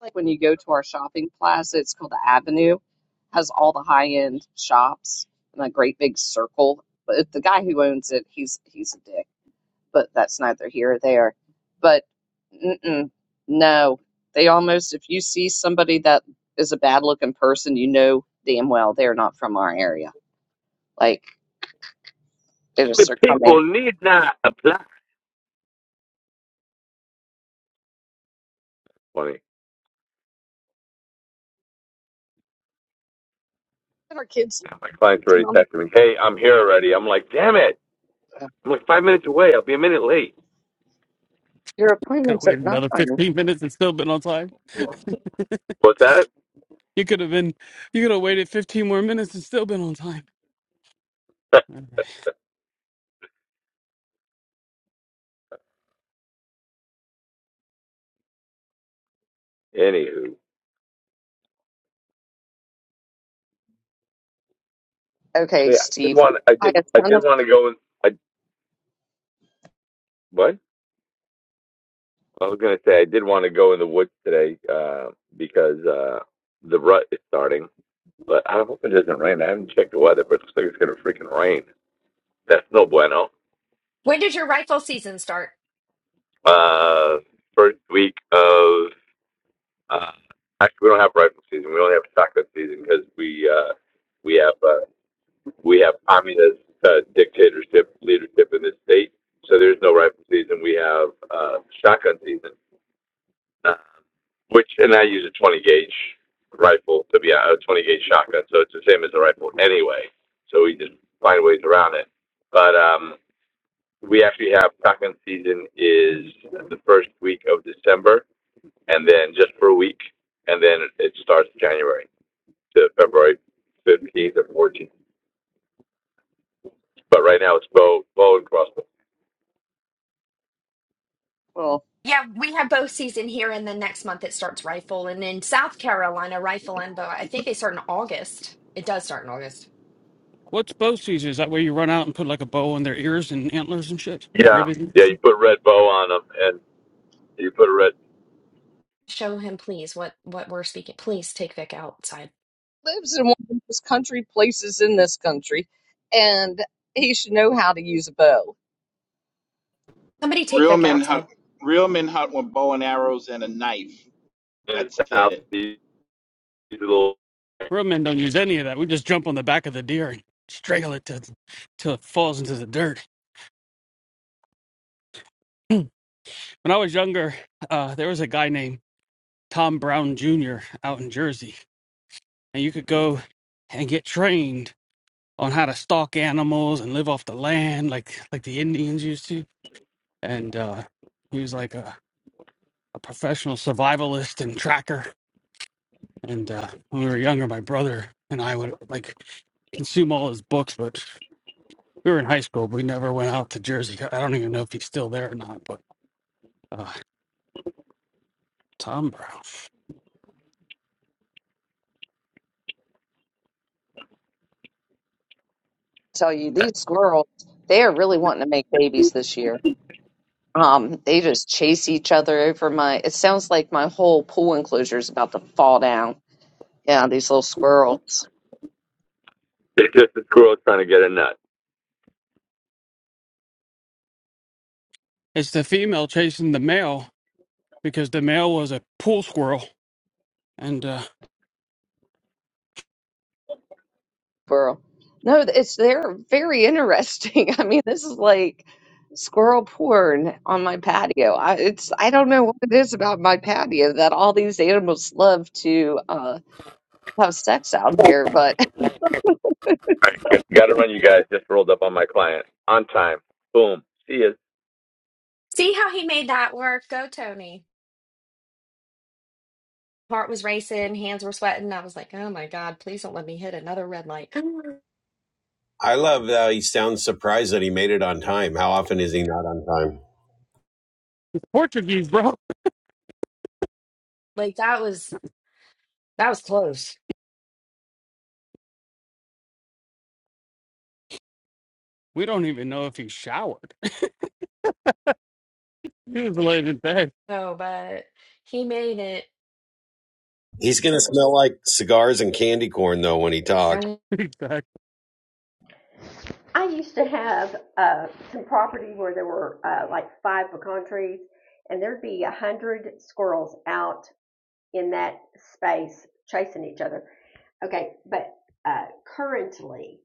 Speaker 1: like when you go to our shopping plaza, it's called the Avenue, has all the high end shops and a great big circle. But the guy who owns it, he's he's a dick. But that's neither here or there. But mm-mm, no, they almost if you see somebody that is a bad looking person, you know damn well they're not from our area. Like they just
Speaker 4: The
Speaker 1: are coming.
Speaker 4: people need not apply. Funny.
Speaker 1: And Our kids,
Speaker 4: My client's already
Speaker 1: come,
Speaker 4: texting me. Hey, I'm here already. I'm like, damn it. I'm like five minutes away. I'll be a minute late.
Speaker 1: your
Speaker 3: Could have
Speaker 1: appointment's at
Speaker 3: waited another
Speaker 1: nine.
Speaker 3: fifteen minutes and still been on time.
Speaker 4: What's that?
Speaker 3: You could have been. You could have waited fifteen more minutes and still been on time. Okay.
Speaker 4: Anywho, so
Speaker 1: Okay,
Speaker 4: yeah, I did
Speaker 1: Steve.
Speaker 4: want. I
Speaker 1: I
Speaker 4: did.
Speaker 1: have
Speaker 4: I
Speaker 1: a ton
Speaker 4: did want to go. In, I what? I was gonna say I did want to go in the woods today uh, because uh, the rut is starting. But I hope it doesn't rain. I haven't checked the weather, but it looks like it's gonna freaking rain. That's no bueno.
Speaker 7: When did your rifle season start?
Speaker 4: Uh, first week of uh, actually, we don't have rifle season. We only have shotgun season because we uh, we have uh, we have communist uh, dictatorship leadership in this state. So there's no rifle season. We have uh, shotgun season, uh, which and I use a 20 gauge rifle to be uh, a 20 gauge shotgun. So it's the same as a rifle anyway. So we just find ways around it. But um, we actually have shotgun season is the first week of December and then just for a week, and then it starts January to February fifteenth or fourteenth. But right now it's bow, bow and crossbow.
Speaker 1: of.
Speaker 7: Yeah, we have bow season here, and then next month it starts rifle. And in South Carolina, rifle and bow. I think they start in August. It does start in August.
Speaker 3: What's bow season? Is that where you run out and put like a bow on their ears and antlers and shit?
Speaker 4: Yeah,
Speaker 3: Ribbon.
Speaker 4: yeah. You put a red bow on them, and you put a red
Speaker 7: Show him, please, what what we're speaking. Please take Vic outside.
Speaker 1: lives in one of the most country places in this country, and he should know how to use a bow.
Speaker 7: Somebody take
Speaker 11: Real
Speaker 7: Vic
Speaker 11: men hunt.
Speaker 7: outside.
Speaker 11: Real men hunt with bow and arrows and a knife.
Speaker 4: in
Speaker 11: That's
Speaker 4: the south.
Speaker 11: it.
Speaker 4: These little,
Speaker 3: Roadmen don't use any of that. We just jump on the back of the deer and strangle it till till it falls into the dirt. *clears throat* when I was younger, uh, there was a guy named Tom Brown Jr. out in Jersey, and you could go and get trained on how to stalk animals and live off the land, like like the Indians used to. And uh, he was like a, a professional survivalist and tracker. And uh, when we were younger, my brother and I would like consume all his books, but we were in high school. But we never went out to Jersey. I don't even know if he's still there or not. But uh, Tom Brown.
Speaker 1: tell you, these squirrels, they are really wanting to make babies this year. Um, they just chase each other over my, it sounds like my whole pool enclosure is about to fall down. Yeah, these little squirrels.
Speaker 4: it's just the squirrel trying to get a nut.
Speaker 3: It's the female chasing the male because the male was a pool squirrel and uh,
Speaker 1: Squirrel. No, it's they're very interesting. *laughs* I mean, this is like squirrel porn on my patio. I, it's I don't know what it is about my patio that all these animals love to. uh, have sex out here, but
Speaker 4: All right, got to run, you guys. Just rolled up on my client on time. Boom. See ya.
Speaker 7: See how he made that work. Go, Tony. Heart was racing, hands were sweating. I was like, oh my god, please don't let me hit another red light. *laughs*
Speaker 5: I love how he sounds surprised that he made it on time. How often is he not on time?
Speaker 3: Portuguese, bro. *laughs*
Speaker 7: Like that was that was close.
Speaker 3: We don't even know if he showered. *laughs* he was laying in bed.
Speaker 7: No, but he made it.
Speaker 5: He's going to smell like cigars and candy corn, though, when he talks.
Speaker 3: *laughs* Exactly.
Speaker 2: I used to have uh, some property where there were uh, like five pecan trees, and there'd be a hundred squirrels out in that space chasing each other. Okay, but uh, currently,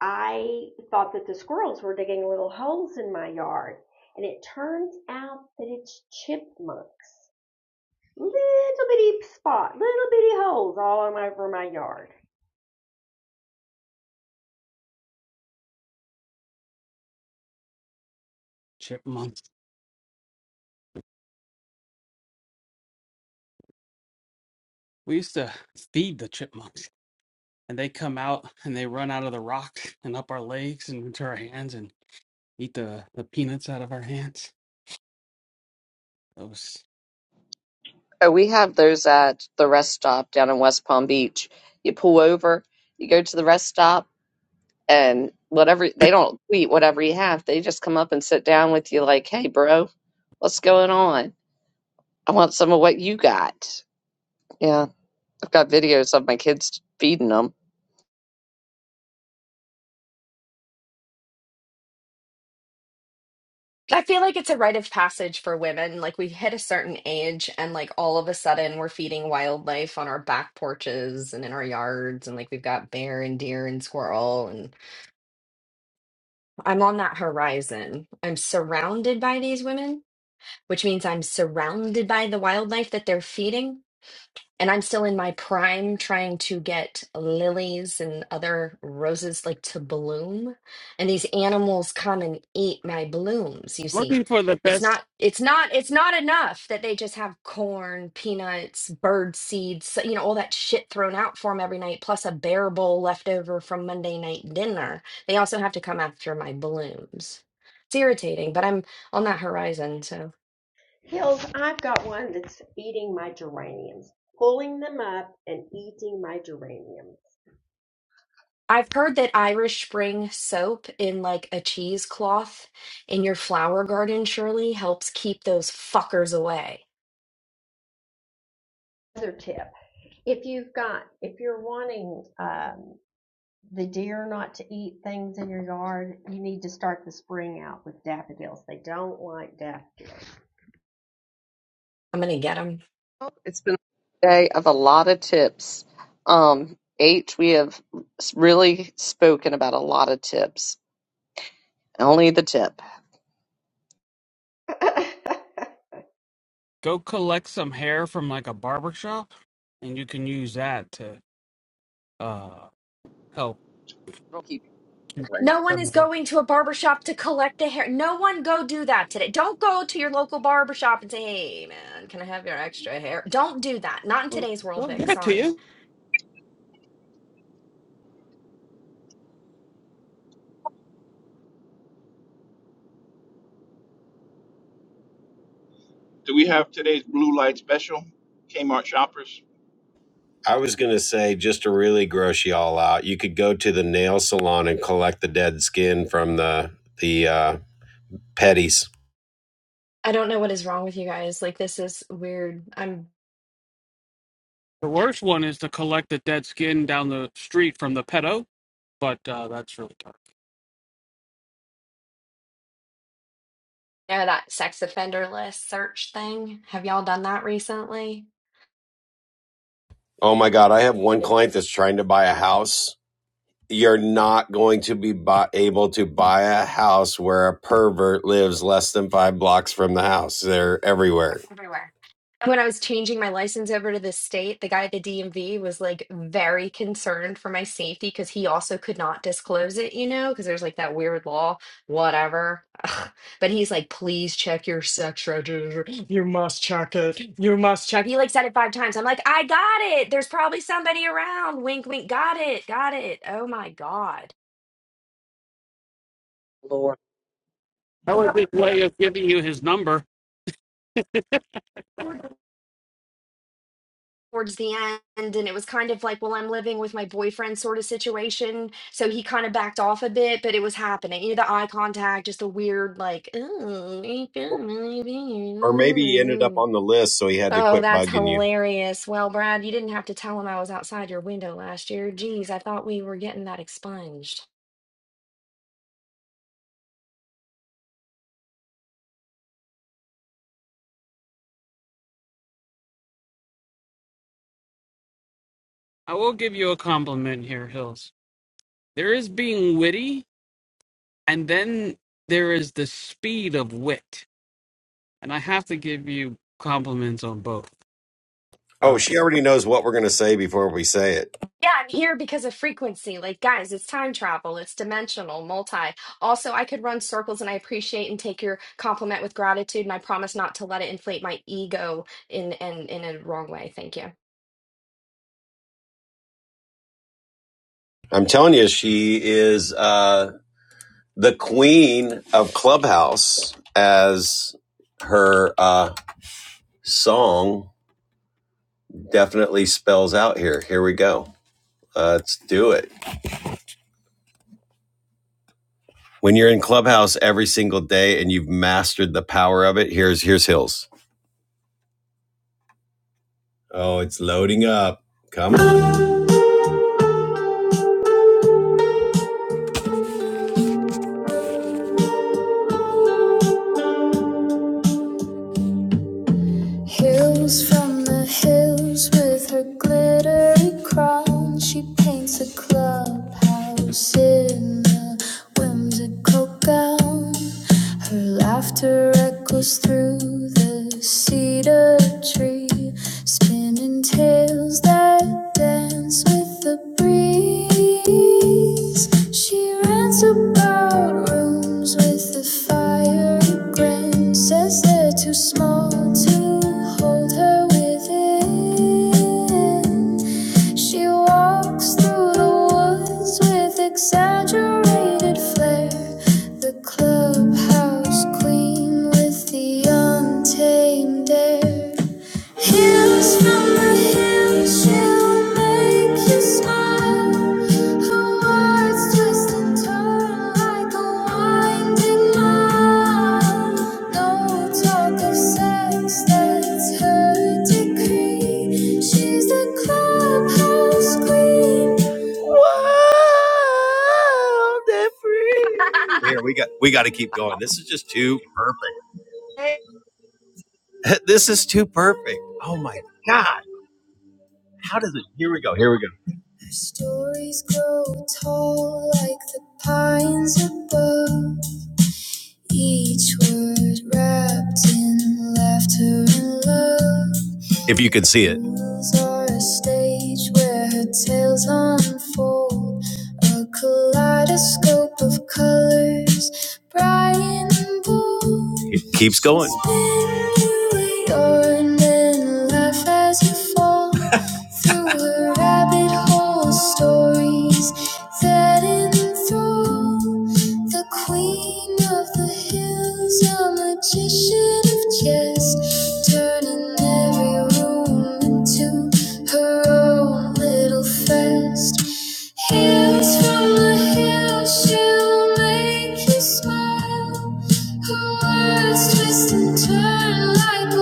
Speaker 2: I thought that the squirrels were digging little holes in my yard, and it turns out that it's chipmunks. Little bitty spot, little bitty holes all over my yard.
Speaker 3: Chipmunks. We used to feed the chipmunks, and they come out and they run out of the rocks and up our legs and into our hands and eat the, the peanuts out of our hands. I was
Speaker 1: *laughs* we have those at the rest stop down in West Palm Beach. You pull over, you go to the rest stop, and whatever they don't eat whatever you have, they just come up and sit down with you, like, "Hey, bro, what's going on? I want some of what you got." Yeah, I've got videos of my kids feeding them.
Speaker 7: I feel like it's a rite of passage for women. Like we hit a certain age and like all of a sudden we're feeding wildlife on our back porches and in our yards and like we've got bear and deer and squirrel and I'm on that horizon. I'm surrounded by these women, which means I'm surrounded by the wildlife that they're feeding and I'm still in my prime trying to get lilies and other roses like to bloom. And these animals come and eat my blooms, you see.
Speaker 3: looking for the
Speaker 7: It's
Speaker 3: best
Speaker 7: not it's not it's not enough that they just have corn, peanuts, bird seeds, you know, all that shit thrown out for them every night plus a bear bowl left over from Monday night dinner. They also have to come after my blooms. It's irritating, but I'm on that horizon, so.
Speaker 2: Hills, I've got one that's eating my geraniums, pulling them up and eating my geraniums.
Speaker 7: I've heard that Irish Spring soap in like a cheesecloth in your flower garden surely helps keep those fuckers away.
Speaker 2: Another tip, if you've got, if you're wanting um, the deer not to eat things in your yard, you need to start the spring out with daffodils. They don't like daffodils.
Speaker 7: I'm gonna get them.
Speaker 1: It's been a day of a lot of tips. Um, H, we have s- really spoken about a lot of tips Only the tip.
Speaker 3: Go collect some hair from like a barber shop, and you can use that to uh help
Speaker 1: We'll keep it
Speaker 3: keep
Speaker 1: going.
Speaker 7: No one
Speaker 3: them
Speaker 7: is
Speaker 3: away.
Speaker 7: going to a barbershop to collect a hair. No one go do that today. Don't go to your local barbershop and say, hey man, can I have your extra hair? Don't do that. Not in
Speaker 3: They'll
Speaker 7: today's world,
Speaker 3: they'll give
Speaker 7: Vic.
Speaker 3: it to
Speaker 7: Sorry.
Speaker 3: you.
Speaker 11: Do we have today's blue light special? Kmart shoppers.
Speaker 5: I was going to say, just to really gross you all out, you could go to the nail salon and collect the dead skin from the, the uh, petties.
Speaker 7: I don't know what is wrong with you guys. Like, this is weird. I'm,
Speaker 3: The worst one is to collect the dead skin down the street from the pedo, but uh, that's really dark.
Speaker 7: yeah, that sex offender list search thing. Have y'all done that recently?
Speaker 5: Oh my God. I have one client that's trying to buy a house you're not going to be bu able to buy a house where a pervert lives less than five blocks from the house. They're everywhere.
Speaker 7: everywhere. when I was changing my license over to the state, the guy at the DMV was like very concerned for my safety because he also could not disclose it, you know, because there's like that weird law, whatever. Ugh. But he's like, please check your sex register. You must check it. You must check. He like said it five times. I'm like, I got it. There's probably somebody around. Wink, wink. Got it. Got it. Oh my God.
Speaker 1: Lord.
Speaker 3: That was his way of giving you his number.
Speaker 7: towards the end and it was kind of like well i'm living with my boyfriend sort of situation so he kind of backed off a bit but it was happening you know the eye contact just a weird like "Ooh, I feel really
Speaker 5: Or maybe he ended up
Speaker 7: weird."
Speaker 5: on the list, so he had to
Speaker 7: oh
Speaker 5: quit
Speaker 7: that's
Speaker 5: bugging you.
Speaker 7: hilarious well brad you didn't have to tell him i was outside your window last year geez i thought we were getting that expunged
Speaker 3: I will give you a compliment here, Hills. There is being witty, and then there is the speed of wit, and I have to give you compliments on both.
Speaker 5: Oh,
Speaker 3: Uh,
Speaker 5: she already knows what we're going to say before we say it.
Speaker 7: Yeah, I'm here because of frequency. Like, guys, it's time travel, it's dimensional, multi. Also, I could run circles and I appreciate and take your compliment with gratitude, and I promise not to let it inflate my ego in in, in a wrong way. Thank you.
Speaker 5: I'm telling you, she is uh, the queen of Clubhouse, as her uh, song definitely spells out here. Here we go. Uh, let's do it. when you're in clubhouse every single day and you've mastered the power of it here's here's hills oh it's loading up come on hills from the hills with her glittery crown she paints a clubhouse in a whimsical gown her laughter echoes through the cedar tree Spin spinning tales that dance with the breeze. She rants about rooms with the fiery grin, says they're too small to hold her within. She walks through the woods with exaggerated flair. The clubhouse queen with the untamed air. Hills from the hills shall make you smile. Her words twist and turn like a winding mile. No talk of sex, that's her decree. She's the clubhouse queen. Wow, they're free. Here we got we got to keep going. This is just too perfect. *laughs* This is too perfect. Oh my god. How does it? Here we go. Here we go. Our stories grow tall like the pines above. Each word wrapped in laughter and love. If you could see it. Are a stage where her tales unfold. A kaleidoscope of colors, bright and bold. It keeps going. Spin you yarn and laugh as you fall. Through a rabbit hole, of stories that enthrall. The queen of the hills, a magician of jest, turning every room into her own little fest. Hills from the hills, she'll make you smile. like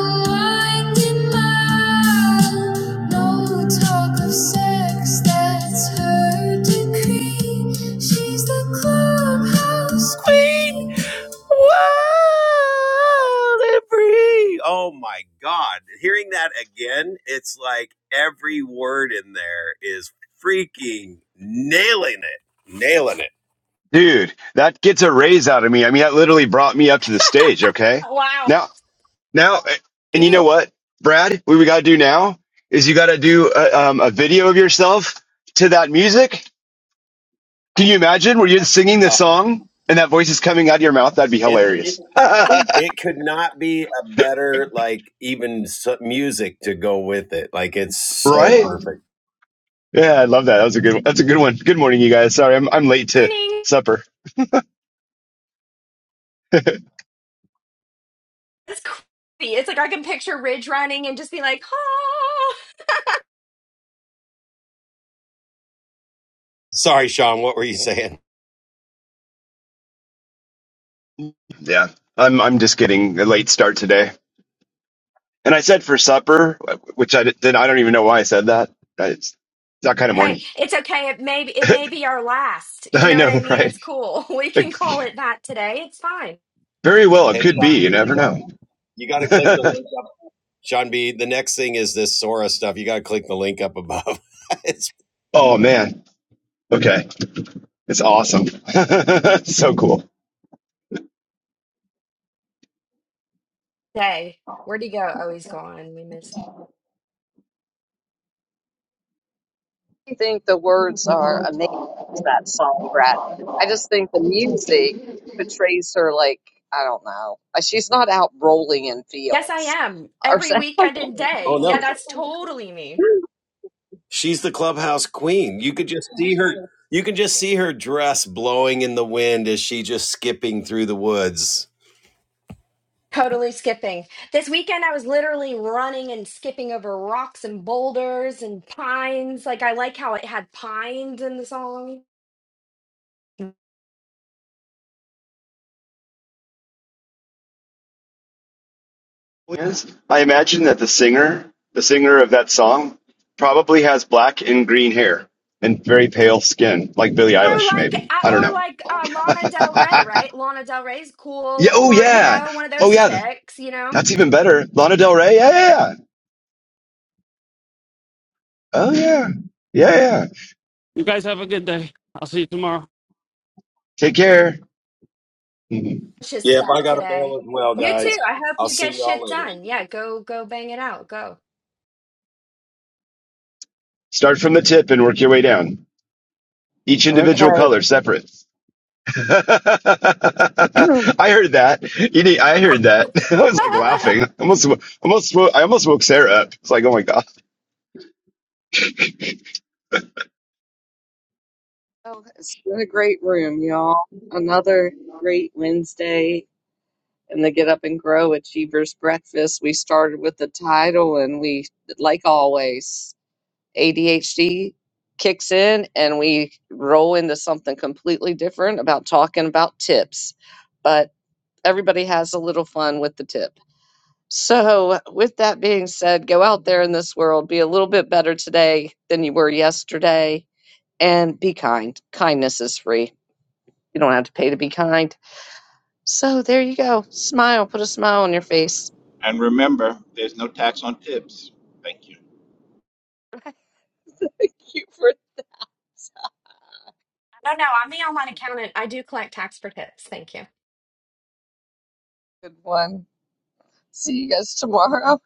Speaker 5: No Oh my God. Hearing that again, it's like every word in there is freaking nailing it. Nailing it.
Speaker 12: Dude, that gets a raise out of me. I mean, that literally brought me up to the stage. Okay.
Speaker 7: Wow.
Speaker 12: Now, now, and you know
Speaker 3: ew.
Speaker 12: what, Brad, what we got to do now is you got to do a, um, a video of yourself to that music. Can you imagine where you're
Speaker 1: I
Speaker 12: singing the
Speaker 5: Oh.
Speaker 12: song and that voice is coming out of your mouth? That'd be
Speaker 5: and it,
Speaker 12: hilarious. *laughs*
Speaker 1: really
Speaker 12: right?
Speaker 5: it could not be a better like even music to go with it. Like it's so perfect.
Speaker 12: Yeah. I love that. That was a good one. That's a good one. Good morning, you guys. Sorry. I'm, I'm late to
Speaker 7: Running
Speaker 12: supper.
Speaker 7: is crazy. It's like I can picture Ridge running and just be like, oh.
Speaker 5: Sorry, Sean. What were you saying?
Speaker 12: Yeah. I'm, I'm just getting a late start today. And I said for supper, which I did. I don't even know why I said that. It's that kind of
Speaker 7: Okay,
Speaker 12: morning.
Speaker 7: it's okay. It may be, it may be our last.
Speaker 12: *laughs*
Speaker 7: You
Speaker 12: I
Speaker 7: know what I
Speaker 12: know,
Speaker 7: mean?
Speaker 12: right?
Speaker 7: It's cool. *laughs* We
Speaker 12: Like,
Speaker 7: can call it that today. It's fine.
Speaker 12: very well,
Speaker 5: Hey,
Speaker 12: it could
Speaker 5: Sean
Speaker 12: be.
Speaker 5: B,
Speaker 12: You
Speaker 5: you
Speaker 12: never
Speaker 5: got
Speaker 12: know.
Speaker 5: you got to click the
Speaker 12: *laughs*
Speaker 5: link up. Sean B, the next thing is this Sora stuff. You got to click the link up above. *laughs* it's
Speaker 12: oh man. Okay, it's awesome. *laughs* so cool.
Speaker 7: Hey, Where'd he go? Oh, he's gone. We missed.
Speaker 1: think the words are amazing to that song, Brad. I just think the music portrays her like, I don't know. like She's not out rolling in
Speaker 7: Yes, I
Speaker 1: fields
Speaker 7: am.
Speaker 1: or *laughs*
Speaker 7: Every
Speaker 1: something.
Speaker 7: weekend and
Speaker 5: oh
Speaker 7: day. Yeah,
Speaker 5: no,
Speaker 7: that's totally me.
Speaker 5: She's the clubhouse queen. You could just see her. You can just see her dress blowing in the wind as she just skipping through the woods.
Speaker 7: Totally skipping. This weekend, I was literally running and skipping over rocks and boulders and pines. Like, I like how it had pines in the song.
Speaker 12: Yes. I imagine that the singer, the singer of that song, probably has black and green hair and very pale skin, like Billie
Speaker 7: Or
Speaker 12: Eilish,
Speaker 7: like,
Speaker 12: maybe. I
Speaker 7: uh,
Speaker 12: don't
Speaker 7: or
Speaker 12: know.
Speaker 7: like
Speaker 12: *laughs*
Speaker 7: uh, Lana Del Rey, right? Lana Del Rey's
Speaker 12: yeah.
Speaker 7: cool,
Speaker 12: Oh
Speaker 7: or you
Speaker 12: yeah.
Speaker 7: know, one of
Speaker 12: Oh
Speaker 7: those
Speaker 12: yeah.
Speaker 7: chicks, you know,
Speaker 12: That's even better. Lana Del Rey. Yeah. Yeah. yeah. Oh yeah, yeah, yeah.
Speaker 3: You guys have a good day. I'll see you tomorrow.
Speaker 12: Take care. Mhm.
Speaker 7: just
Speaker 5: Yep, I
Speaker 7: stuff
Speaker 5: got a bail
Speaker 7: today.
Speaker 5: as well,
Speaker 7: You
Speaker 5: guys.
Speaker 7: too. I hope
Speaker 5: I'll
Speaker 7: you
Speaker 5: see
Speaker 7: get
Speaker 5: y'all
Speaker 7: shit
Speaker 5: later.
Speaker 7: done. Yeah, go, go, bang it out. Go.
Speaker 12: Start from the tip and work your way down. Each
Speaker 1: Okay.
Speaker 12: individual color separate. *laughs* I
Speaker 1: *clears throat*
Speaker 12: heard that. You need, I heard that. *laughs* I was like
Speaker 7: *laughs*
Speaker 12: laughing. Almost, almost, wo- I almost woke Sarah up. It's like, oh my
Speaker 1: Well, it's been a great room, y'all. Another great Wednesday in the Get Up and Grow Achievers Breakfast. We started with the title, and we, like always, ADHD kicks in and we roll into something completely different about talking about tips. But everybody has a little fun with the tip. So, with that being said, go out there in this world, be a little bit better today than you were yesterday, and be kind. Kindness is free. You don't have to pay to be kind. So there you go. Smile. Put a smile on your face.
Speaker 11: And remember, there's no tax on tips. Thank you.
Speaker 1: *laughs* Thank you for a
Speaker 7: No, no, I'm the online accountant. I do collect tax for tips. Thank you.
Speaker 1: good one. See you guys tomorrow.